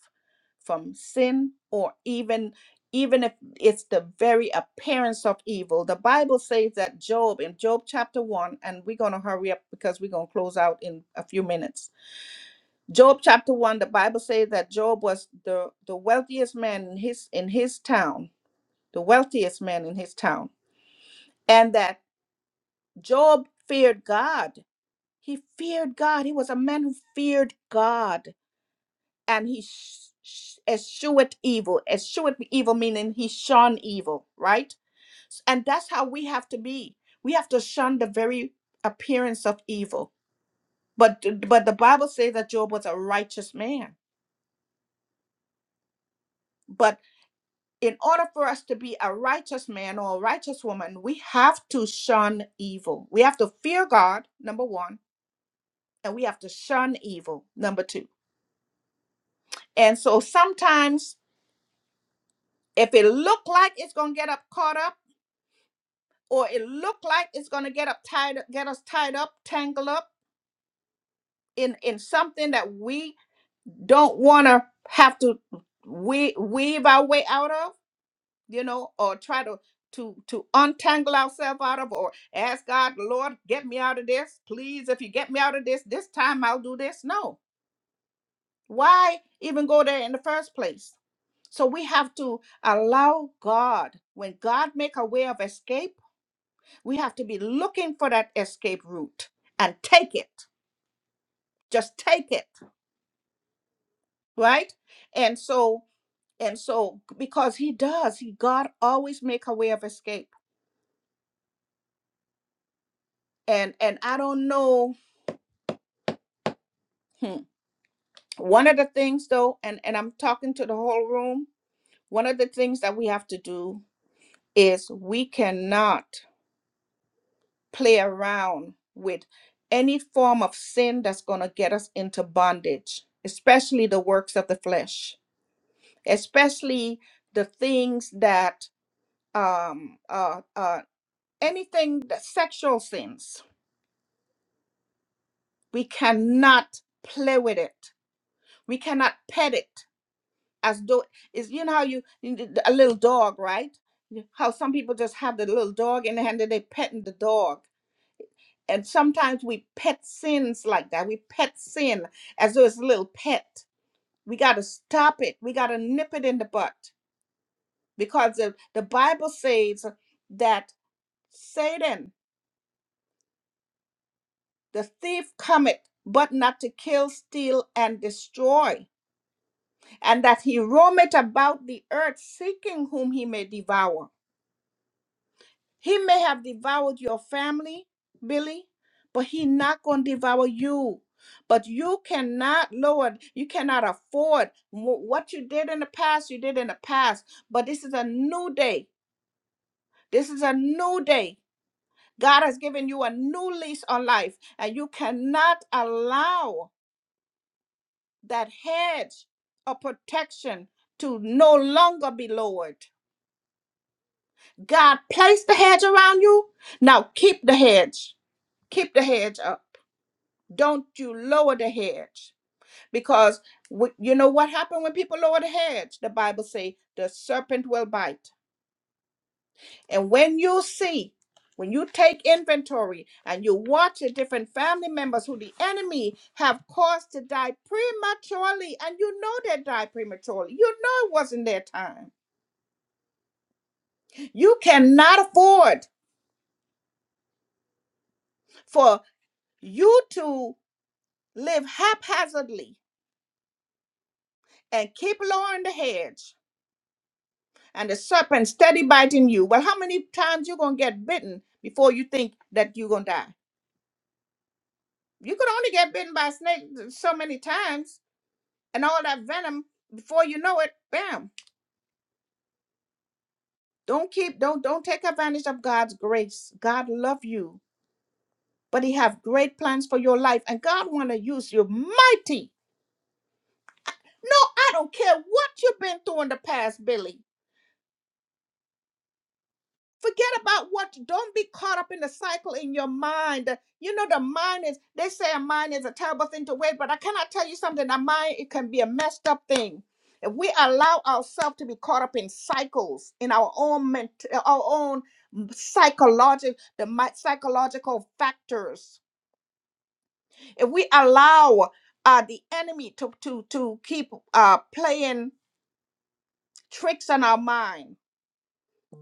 Speaker 1: from sin or even even if it's the very appearance of evil the bible says that job in job chapter 1 and we're going to hurry up because we're going to close out in a few minutes job chapter 1 the bible says that job was the the wealthiest man in his in his town the wealthiest man in his town and that job feared god he feared god he was a man who feared god and he sh- sh- eschewed evil. Eschewed evil meaning he shunned evil, right? S- And that's how we have to be. We have to shun the very appearance of evil. But but the Bible says that Job was a righteous man. But in order for us to be a righteous man or a righteous woman, we have to shun evil. We have to fear God, number one, and we have to shun evil, number two. And so sometimes if it look like it's gonna get up caught up or it look like it's going to get up tied get us tied up tangled up in in something that we don't want to have to we weave our way out of you know or try to to to untangle ourselves out of or ask god lord get me out of this please if you get me out of this this time i'll do this no why even go there in the first place so we have to allow god when god make a way of escape We have to be looking for that escape route and take it. Just take it, right? And so and so because he does, he God always make a way of escape. And and I don't know. hmm, One of the things though, and and I'm talking to the whole room, one of the things that we have to do is we cannot play around with any form of sin that's going to get us into bondage, especially the works of the flesh especially the things that um uh uh anything that sexual sins we cannot play with it we cannot pet it as though is you know how you a little dog right how some people just have the little dog in the hand and they petting the dog and sometimes we pet sins like that we pet sin as though it's a little pet we got to stop it we got to nip it in the butt because the, the bible says that. Satan, the thief cometh, but not to kill, steal, and destroy, and that he roameth about the earth seeking whom he may devour. He may have devoured your family, Billy, but he not gonna devour you. But you cannot, Lord, you cannot afford wh- what you did in the past, you did in the past. But this is a new day. This is a new day. God has given you a new lease on life, and you cannot allow that hedge of protection to no longer be lowered. God placed the hedge around you. Now keep the hedge. Keep the hedge up. Don't you lower the hedge. Because wh- you know what happened when people lower the hedge? The Bible say the serpent will bite. And when you see, when you take inventory and you watch the different family members who the enemy have caused to die prematurely, and you know they died prematurely, you know it wasn't their time. You cannot afford for you to live haphazardly and keep lowering the hedge and the serpent steady biting you. Well, how many times you gonna get bitten before you think that you're gonna die? You could only get bitten by a snake so many times and all that venom before you know it bam don't keep don't don't take advantage of god's grace god love you but he have great plans for your life and god want to use you mighty no i don't care what you've been through in the past billy Forget about what, don't be caught up in the cycle in your mind. You know, the mind is, they say a mind is a terrible thing to wait, but I cannot tell you something. A mind, it can be a messed up thing. If we allow ourselves to be caught up in cycles, in our own ment- our own psychological, the mi- psychological factors, if we allow uh, the enemy to, to, to keep uh, playing tricks on our mind,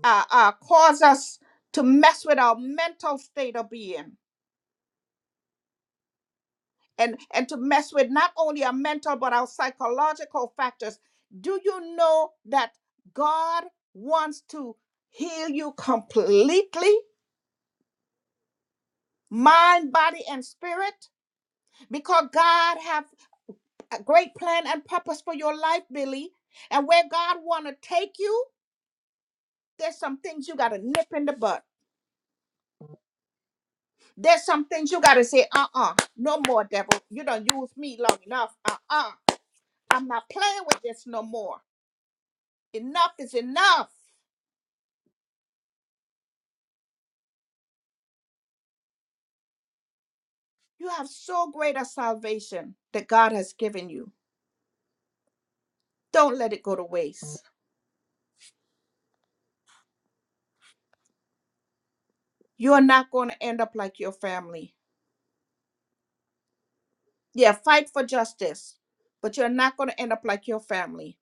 Speaker 1: uh, uh, cause us to mess with our mental state of being and, and to mess with not only our mental but our psychological factors. Do you know that God wants to heal you completely, mind, body, and spirit? Because God have a great plan and purpose for your life, Billy. And where God want to take you, there's some things you got to nip in the bud There's some things you gotta say, uh-uh, no more, devil. You don't use me long enough. Uh-uh. I'm not playing with this no more. Enough is enough. You have so great a salvation that God has given you. Don't let it go to waste. You're not going to end up like your family. Yeah, fight for justice, but you're not going to end up like your family.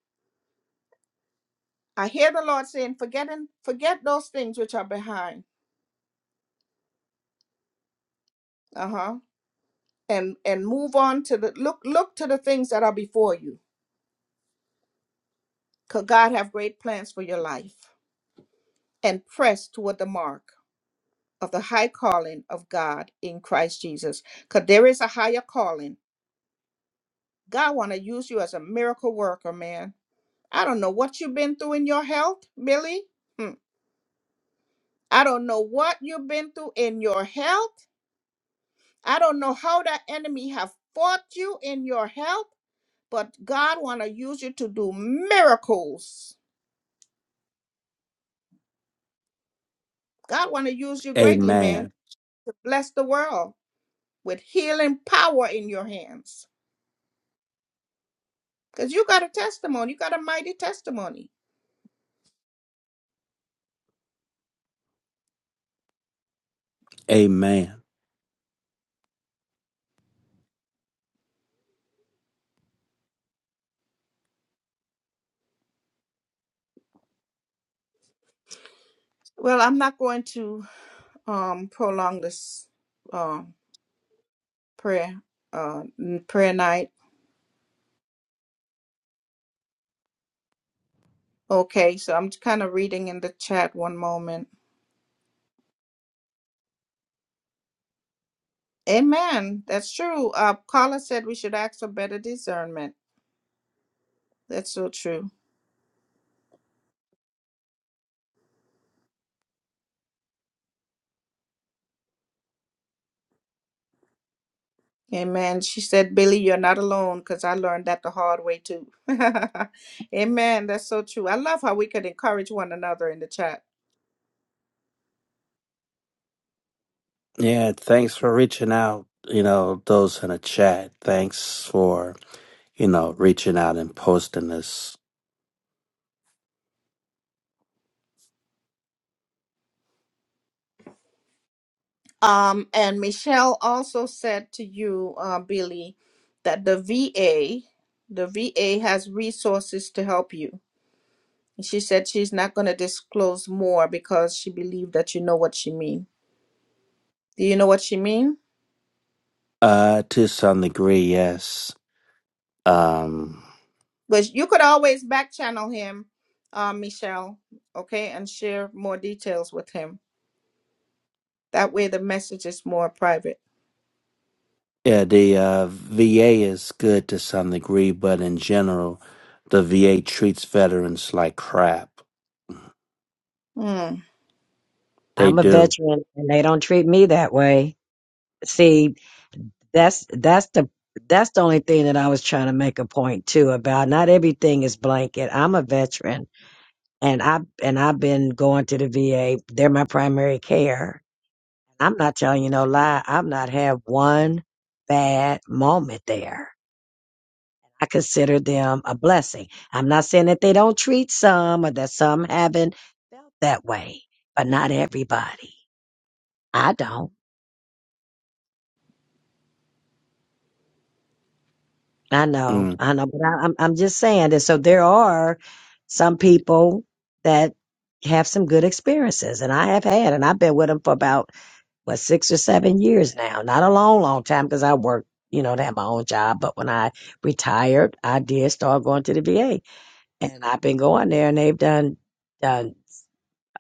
Speaker 1: I hear the Lord saying, forgetting, forget those things which are behind. Uh-huh. And and move on to the look look to the things that are before you Could God have great plans for your life and press toward the mark of the high calling of God in Christ Jesus? Because there is a higher calling. God want to use you as a miracle worker, man. I don't know what you've been through in your health, Billy. Hmm. I don't know what you've been through in your health. I don't know how that enemy have fought you in your health, but God want to use you to do miracles. God want to use you greatly, man,
Speaker 2: Amen.
Speaker 1: to bless the world. with healing power in your hands because you got a testimony you got a mighty testimony
Speaker 2: Amen.
Speaker 1: well i'm not going to um prolong this um prayer uh n- prayer night okay so i'm kind of reading in the chat one moment amen that's true uh carla said we should ask for better discernment that's so true amen she said billy you're not alone because i learned that the hard way too amen that's so true i love how we could encourage one another in the chat
Speaker 2: Yeah, thanks for reaching out. You know, those in the chat, thanks for, you know, reaching out and posting this.
Speaker 1: Um, and Michelle also said to you, uh, Billy, that the VA, the VA has resources to help you. She said she's not going to disclose more because she believed that you know what she mean. Do you know what she mean?
Speaker 2: Uh, to some degree, yes. Um,
Speaker 1: But you could always back channel him, uh, Michelle, okay, and share more details with him. That way, the message is more private.
Speaker 2: yeah, the uh, VA is good to some degree, but in general, the VA treats veterans like crap.
Speaker 1: Hmm.
Speaker 2: They
Speaker 4: I'm a
Speaker 2: do.
Speaker 4: veteran and they don't treat me that way. See, that's that's the that's the only thing that I was trying to make a point too about. Not everything is blanket. I'm a veteran and I and I've been going to the VA. They're my primary care. I'm not telling you no lie. I've not had one bad moment there. I consider them a blessing. I'm not saying that they don't treat some or that some haven't felt that way, but not everybody. I don't. I know.
Speaker 2: Mm.
Speaker 4: I know. But I, I'm I'm just saying that. So there are some people that have some good experiences, and I have had, and I've been with them for about what six or seven years now. Not a long, long time because I worked. You know, to have my own job, but when I retired, I did start going to the VA, and I've been going there, and they've done done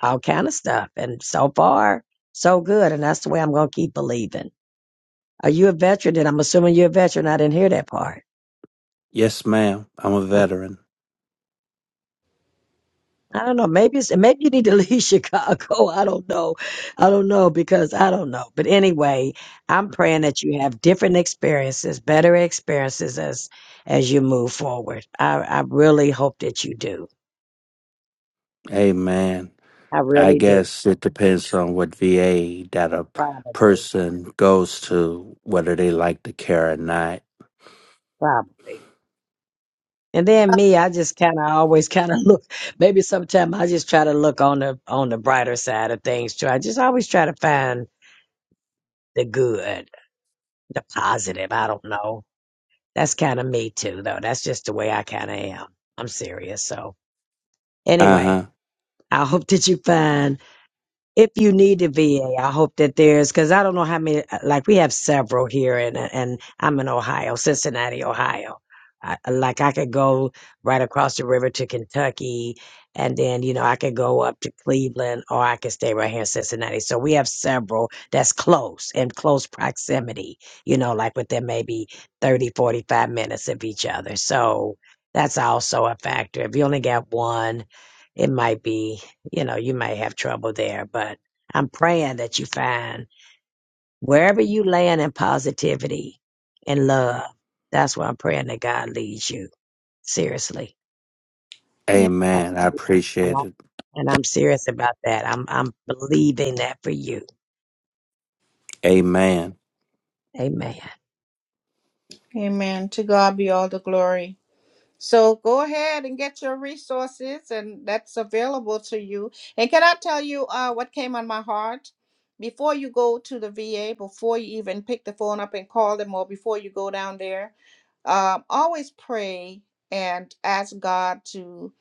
Speaker 4: all kind of stuff. And so far, so good. And that's the way I'm going to keep believing. Are you a veteran? And I'm assuming you're a veteran. I didn't hear that part.
Speaker 2: Yes, ma'am. I'm a
Speaker 4: Okay.
Speaker 2: veteran.
Speaker 4: I don't know. Maybe it's, maybe you need to leave Chicago. I don't know. I don't know because I don't know. But anyway, I'm praying that you have different experiences, better experiences as as you move forward. I, I really hope that you do.
Speaker 2: Amen.
Speaker 4: I
Speaker 2: I
Speaker 4: really do.
Speaker 2: guess it depends on what VA that a
Speaker 4: Probably.
Speaker 2: person goes to, whether they like the care or not.
Speaker 4: Probably. And then me, I just kind of always kind of look. Maybe sometimes I just try to look on the on the brighter side of things too. I just always try to find the good, the positive. I don't know. That's kind of me too, though. That's just the way I kind of am. I'm serious. So
Speaker 2: Uh
Speaker 4: anyway,
Speaker 2: huh.
Speaker 4: I hope that you find if you need a VA, I hope that there's because I don't know how many. uh, Like we have several here, and and I'm in Ohio, Cincinnati, Ohio. I, uh, like I could go right across the river to Kentucky, and then you know I could go up to Cleveland, or I could stay right here in Cincinnati. So we have several that's close in close proximity. You know, like within maybe 30, 45 minutes of each other. So that's also a factor. If you only got one, it might be you know, you may have trouble there, but I'm praying that you find wherever you land in positivity and love. That's where I'm praying that God leads you. Seriously. I
Speaker 2: Amen. I
Speaker 4: believe that. And, I,
Speaker 2: appreciate it.
Speaker 4: and I'm serious about that. I'm, I'm believing that for you.
Speaker 2: Amen.
Speaker 4: Amen.
Speaker 1: Amen. To God be all the glory. So go ahead and get your resources, and that's available to you. And can I tell you uh, what came on my heart? Before you go to the VA, before you even pick the phone up and call them, or before you go down there, um, always pray and ask God to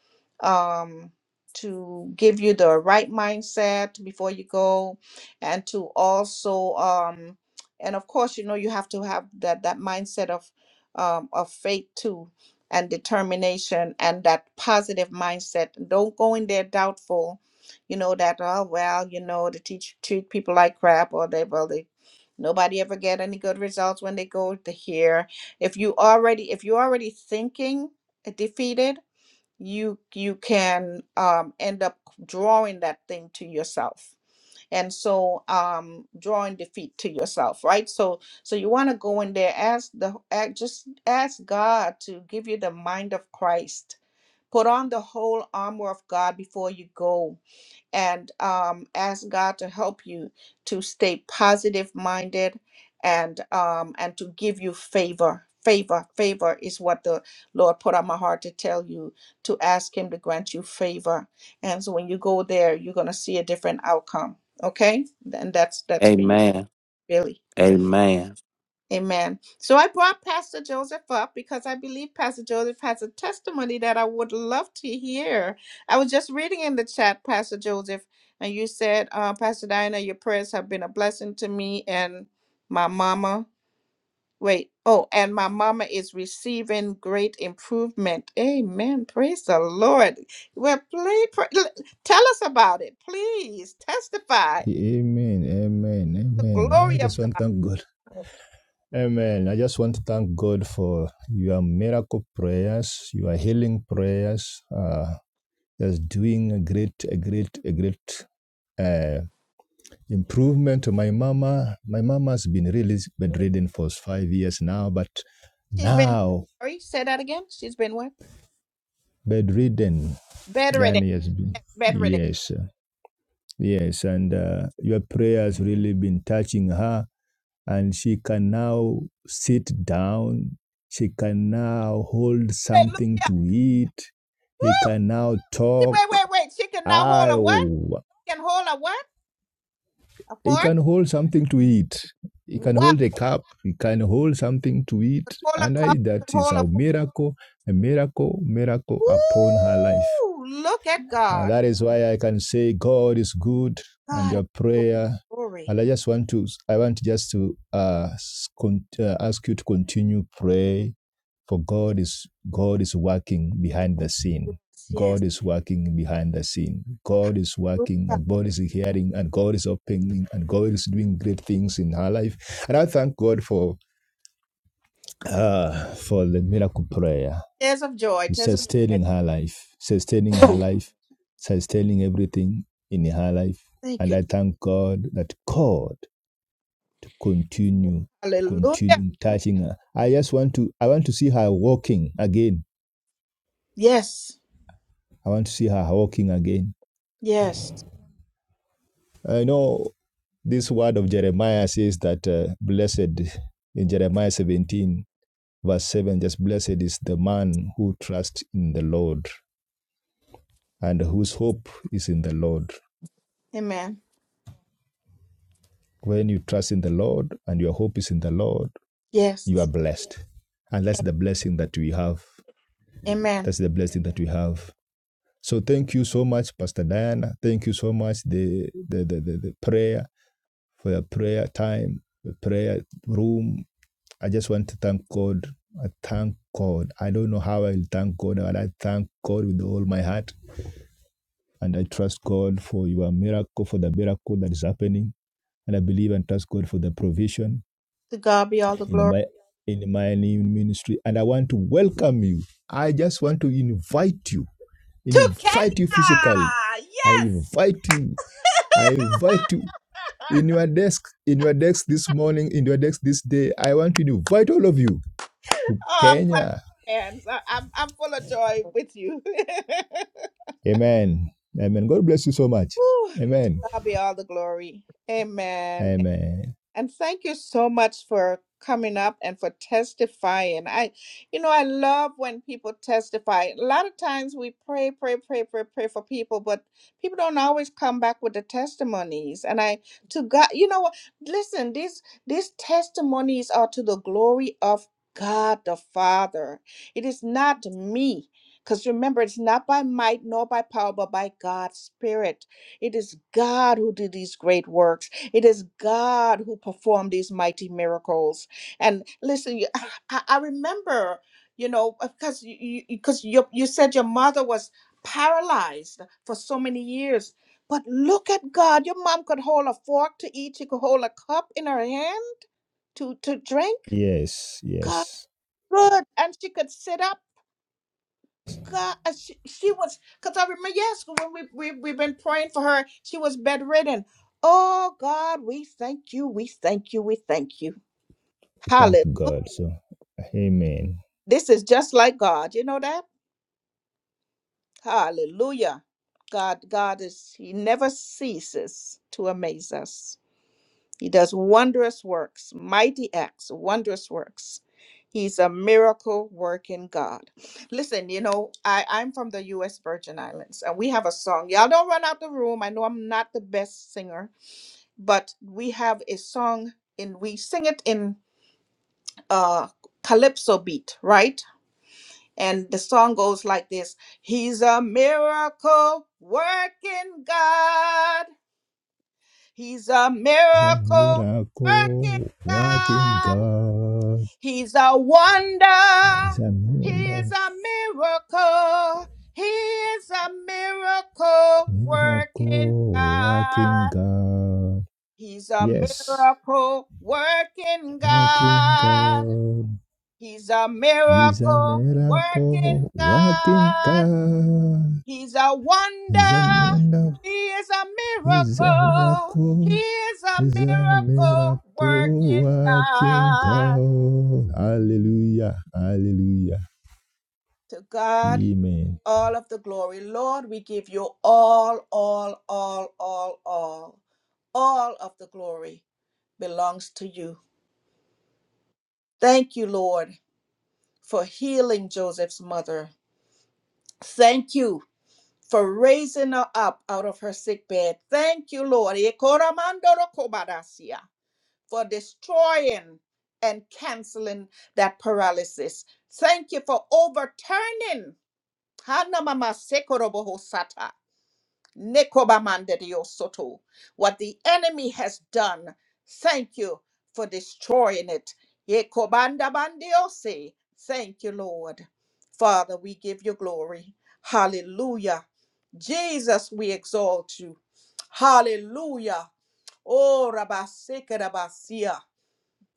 Speaker 1: um, to give you the right mindset before you go, and to also um, and of course, you know you have to have that that mindset of um, of faith too and determination and that positive mindset. Don't go in there doubtful, you know, that oh well, you know, the teach treat people like crap or they well they nobody ever get any good results when they go to here. If you already if you're already thinking defeated, you you can um end up drawing that thing to yourself and so um drawing defeat to yourself right so so you want to go in there ask the ask, just ask god to give you the mind of christ put on the whole armor of god before you go and um, ask God to help you to stay positive minded and um, and to give you favor. Favor, favor is what the Lord put on my heart to tell you to ask Him to grant you favor. And so when you go there, you're gonna see a different outcome. Okay, and that's that's for you,
Speaker 2: Amen.
Speaker 1: Billy.
Speaker 2: Amen.
Speaker 1: Amen. So I brought Pastor Joseph up because I believe Pastor Joseph has a testimony that I would love to hear. I was just reading in the chat, Pastor Joseph, and you said, uh, Pastor Diana, your prayers have been a blessing to me and my mama. Wait, oh, and my mama is receiving great improvement. Amen. Praise the Lord. Well, please pray, tell us about it. Please testify
Speaker 5: Amen. Amen.
Speaker 1: the
Speaker 5: Amen. I
Speaker 1: glory of
Speaker 5: just
Speaker 1: God.
Speaker 5: want to thank God. Amen. I just want to thank God for your miracle prayers, your healing prayers. Uh, that's doing a great, a great, a great uh, improvement to my mama. My mama has been really bedridden for five years now, but
Speaker 1: She's been,
Speaker 5: now
Speaker 1: sorry, say that again. She's been what?
Speaker 5: bedridden,
Speaker 1: Bedridden
Speaker 5: yani has been
Speaker 1: bedridden.
Speaker 5: yes, yes, and uh, your prayer has really been touching her and she can now sit down. She can now hold
Speaker 1: Hallelujah.
Speaker 5: something to eat. He can now
Speaker 1: She-
Speaker 5: talk.
Speaker 1: Wait, wait, wait. She can now hold a what?
Speaker 5: Ow.
Speaker 1: She can hold a what? A
Speaker 5: He
Speaker 1: fork?
Speaker 5: can hold something to eat. He can
Speaker 1: Wow.
Speaker 5: hold a cup. He can hold something to
Speaker 1: Could
Speaker 5: eat.
Speaker 1: hold a
Speaker 5: And I,
Speaker 1: cup, could
Speaker 5: that is
Speaker 1: hold a
Speaker 5: a
Speaker 1: fork.
Speaker 5: miracle, a miracle, miracle upon her life.
Speaker 1: Woo! Look at
Speaker 5: And
Speaker 1: God.
Speaker 5: that is why I can say God is good and
Speaker 1: God is
Speaker 5: your
Speaker 1: your
Speaker 5: prayer.
Speaker 1: glory.
Speaker 5: And I just want to, I want just to uh, con- uh, ask you to continue pray for God
Speaker 1: Yes,
Speaker 5: is, God is working behind the scene.
Speaker 1: yes.
Speaker 5: God
Speaker 1: yes.
Speaker 5: is working behind the scene. God is working
Speaker 1: Hallelujah.
Speaker 5: and God is hearing and God is opening and God is doing great things in her life. And I thank God for, uh, for the miracle prayer.
Speaker 1: Tears of joy,
Speaker 5: It's
Speaker 1: tears of joy.
Speaker 5: sustaining her life, sustaining her life, sustaining everything in her life.
Speaker 1: Thank
Speaker 5: And
Speaker 1: you.
Speaker 5: I thank God that God continue to
Speaker 1: Hallelujah.
Speaker 5: continue touching her. I just want to I want to see her walking again.
Speaker 1: Yes,
Speaker 5: I want to see her walking again.
Speaker 1: yes.
Speaker 5: I know this word of Jeremiah says that uh, blessed in Jeremiah 17 verse 7 just blessed is the man who trusts in the Lord and whose hope is in the Lord.
Speaker 1: Amen.
Speaker 5: When you trust in the Lord and your hope is in the Lord, you are
Speaker 1: Yes.
Speaker 5: blessed. And that's the blessing that we have.
Speaker 1: Amen.
Speaker 5: That's the blessing that we have. So thank you so much, Pastor Diana. Thank you so much, the the the, the, the prayer for your prayer time, the prayer room. I just want to thank God. I thank God. I don't know how I'll thank God, but I thank God with all my heart. And I trust God for your miracle, for the miracle that is happening. And I believe and trust God for the provision
Speaker 1: To God be all the
Speaker 5: in
Speaker 1: glory.
Speaker 5: my in my ministry and I want to welcome you. I just want to invite you.
Speaker 1: To
Speaker 5: Invite you physically.
Speaker 1: Kenya!
Speaker 5: I
Speaker 1: Yes!
Speaker 5: invite you. I invite you in your desk, in your desk this morning, in your desk this day. I want to invite all of you to
Speaker 1: Oh, I'm clapping
Speaker 5: Kenya.
Speaker 1: hands. I, I'm I'm full of joy with you.
Speaker 5: Amen. Amen. God bless you so much.
Speaker 1: Woo, to
Speaker 5: Amen.
Speaker 1: God be all the glory. Amen.
Speaker 5: Amen.
Speaker 1: And thank you so much for coming up and for testifying. I, you know, I love when people testify. A lot of times we pray, pray, pray, pray, pray for people, but people don't always come back with the testimonies. And I, to God, you know what? Listen, these these testimonies are to the glory of God the Father. It is not me. Because remember, it's not by might nor by power, but by God's Spirit. It is God who did these great works it is God who performed these mighty miracles. And listen, you- ah, I, I remember, you know, because you because you, 'cause you you said your mother was paralyzed for so many years. But look at God. Your mom could hold a fork to eat. She could hold a cup in her hand to to drink.
Speaker 5: Yes,
Speaker 1: God,
Speaker 5: yes.
Speaker 1: good, and she could sit up. God, and she, she was because I remember yes when we we we've been praying for her. She was bedridden. Oh God, we thank you, we thank you, we thank you.
Speaker 5: Thank
Speaker 1: Hallelujah.
Speaker 5: God. So, amen.
Speaker 1: This is just like God. You know that? Hallelujah. God, God is, He never ceases to amaze us. He does wondrous works, mighty acts, wondrous works. He's a miracle working God. Listen, you know, I, I'm from the U.S. Virgin Islands and we have a song. Y'all don't run out the room. I know I'm not the best singer, but we have a song and we sing it in uh, calypso beat, right? And the song goes like this He's a miracle working God. He's a
Speaker 5: He's a
Speaker 1: miracle working
Speaker 5: miracle working
Speaker 1: God.
Speaker 5: God.
Speaker 1: He's a
Speaker 5: He's
Speaker 1: wonder.
Speaker 5: a
Speaker 1: He is
Speaker 5: miracle,
Speaker 1: a miracle. He is a miracle working
Speaker 5: miracle working
Speaker 1: God.
Speaker 5: God.
Speaker 1: He's a
Speaker 5: Yes,
Speaker 1: miracle working
Speaker 5: working
Speaker 1: God.
Speaker 5: God.
Speaker 1: He's a
Speaker 5: He's a
Speaker 1: miracle
Speaker 5: miracle
Speaker 1: working
Speaker 5: working
Speaker 1: God.
Speaker 5: God.
Speaker 1: He's a
Speaker 5: He's a
Speaker 1: wonder.
Speaker 5: miracle.
Speaker 1: He is a
Speaker 5: He's a
Speaker 1: miracle. He
Speaker 5: miracle.
Speaker 1: is a
Speaker 5: He's a
Speaker 1: miracle
Speaker 5: miracle
Speaker 1: working
Speaker 5: working
Speaker 1: God.
Speaker 5: God. Hallelujah. Hallelujah.
Speaker 1: To God,
Speaker 5: Amen.
Speaker 1: all of the glory. Lord, we give you all, all, all, all, all. All of the glory belongs to you. Thank you, Lord, for healing Joseph's mother. Thank you for raising her up out of her sick bed. Thank you, Lord. Ekoramandorokobadasia. for destroying and canceling that paralysis. Thank you for overturning. Hanamama sekoroboho sata, nekobamande diosoto. What the enemy has done, thank you for destroying it. Yekobanda bandiose. Thank you, Lord. Father, we give you glory. Hallelujah. Jesus, we exalt you. Hallelujah. Oh, Rabasika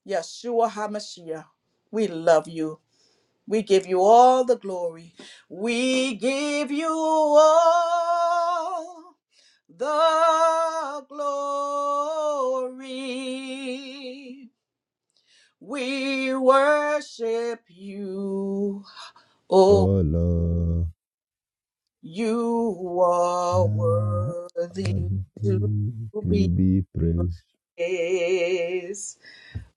Speaker 1: Yeshua HaMashiach, we love you. We give you all the glory. We give you all the glory. We worship you. Oh,
Speaker 5: Oh Lord,
Speaker 1: you are worthy
Speaker 5: God,
Speaker 1: to
Speaker 5: you
Speaker 1: be
Speaker 5: be praised.
Speaker 1: praised.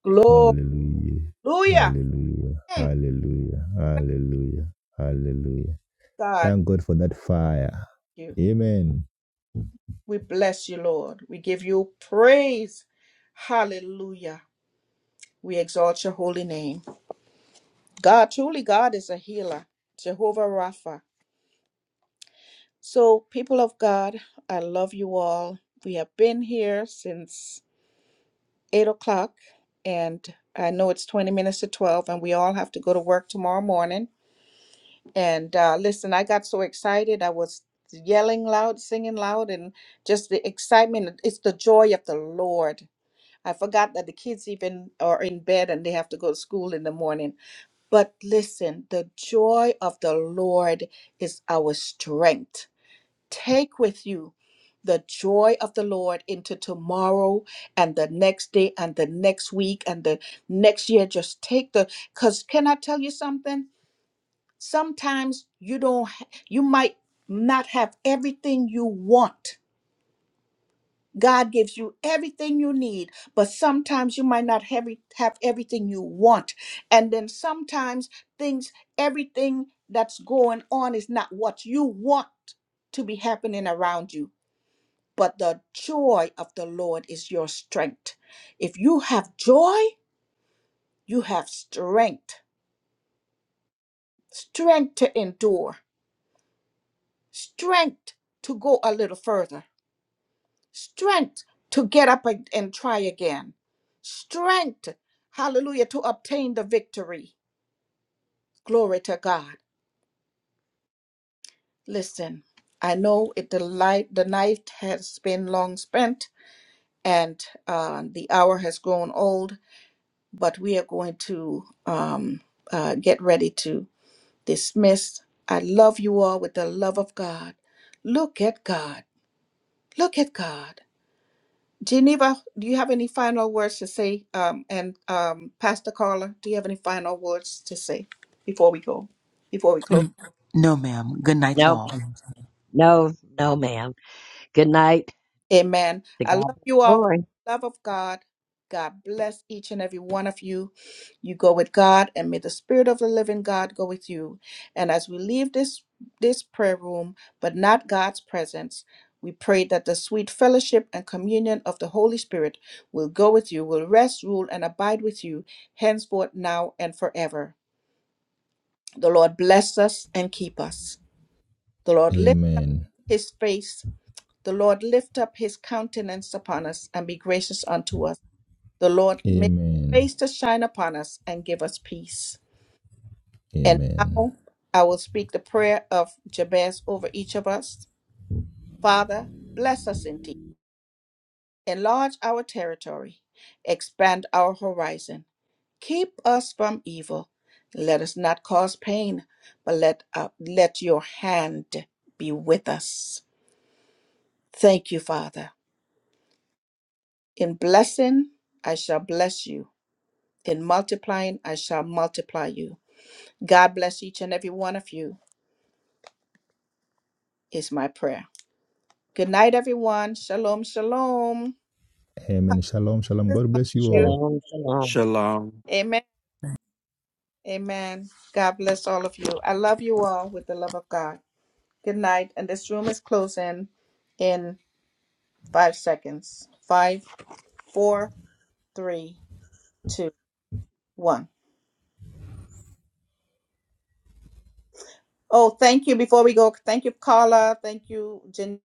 Speaker 1: Glory.
Speaker 5: Hallelujah.
Speaker 1: Hallelujah.
Speaker 5: Hallelujah.
Speaker 1: Mm,
Speaker 5: Hallelujah. Hallelujah. Hallelujah.
Speaker 1: God.
Speaker 5: Thank God for that fire. Amen.
Speaker 1: We bless you, Lord. We give you praise. Hallelujah. We exalt your holy name. God, truly, God is a healer, Jehovah Rapha. So, people of God, I love you all. We have been here since 8 o'clock, and I know it's 20 minutes to 12, and we all have to go to work tomorrow morning. And uh, listen, I got so excited. I was yelling loud, singing loud, and just the excitement. It's the joy of the Lord I forgot that the kids even are in bed and they have to go to school in the morning. But listen, the joy of the Lord is our strength. Take with you the joy of the Lord into tomorrow and the next day and the next week and the next year. Just take the, because can I tell you something? Sometimes you don't, ha- you might not have everything you want God gives you everything you need, but sometimes you might not have, e, have everything you want. And then sometimes things, everything that's going on is not what you want to be happening around you. But the joy of the Lord is your strength. If you have joy, you have strength, strength to endure, strength to go a little further strength to get up ag- and try again, strength, hallelujah, to obtain the victory. Glory to God. Listen, I know it, the light, the night has been long spent, and uh, the hour has grown old. But we are going to um, uh, get ready to dismiss. I love you all with the love of God. Look at God. Look at God. Geneva, do you have any final words to say? Um, and um, Pastor Carla, do you have any final words to say before we go, before we close?
Speaker 3: N- No, ma'am. Good night to
Speaker 4: No,
Speaker 3: all.
Speaker 4: ma'am. No, no, ma'am. Good night.
Speaker 1: Amen.
Speaker 4: To
Speaker 1: I
Speaker 4: God
Speaker 1: love
Speaker 4: be the
Speaker 1: you all with
Speaker 4: glory.
Speaker 1: the love of God. God bless each and every one of you. You go with God, and may the Spirit of the Living God go with you. And as we leave this this prayer room, but not God's presence, we pray that the sweet fellowship and communion of the Holy Spirit will go with you, will rest, rule, and abide with you henceforth, now, and forever. The Lord bless us and keep us. The Lord lift
Speaker 5: Amen.
Speaker 1: His face the Lord lift up his countenance upon us and be gracious unto us. The Lord make his
Speaker 5: Amen.
Speaker 1: face to shine upon us and give us peace. And
Speaker 5: Amen.
Speaker 1: now I will speak the prayer of Jabez over each of us. Father, bless us indeed. Enlarge our territory. Expand our horizon. Keep us from evil. Let us not cause pain, but let, uh, let your hand be with us. Thank you, Father. In blessing, I shall bless you. In multiplying, I shall multiply you. God bless each and every one of you, is my prayer. Good night, everyone. Shalom, shalom.
Speaker 5: Amen. Shalom. Shalom.
Speaker 1: Bless
Speaker 5: God
Speaker 1: all
Speaker 5: bless
Speaker 1: of
Speaker 5: you
Speaker 1: you.
Speaker 5: all.
Speaker 4: Shalom, shalom.
Speaker 2: Shalom.
Speaker 1: Amen. Amen. God bless all of you. I love you all with the love of God. Good night. And this room is closing in five seconds. Five, four, three, two, one. Oh, thank you. Before we go, thank you, Carla. Thank you, Janine.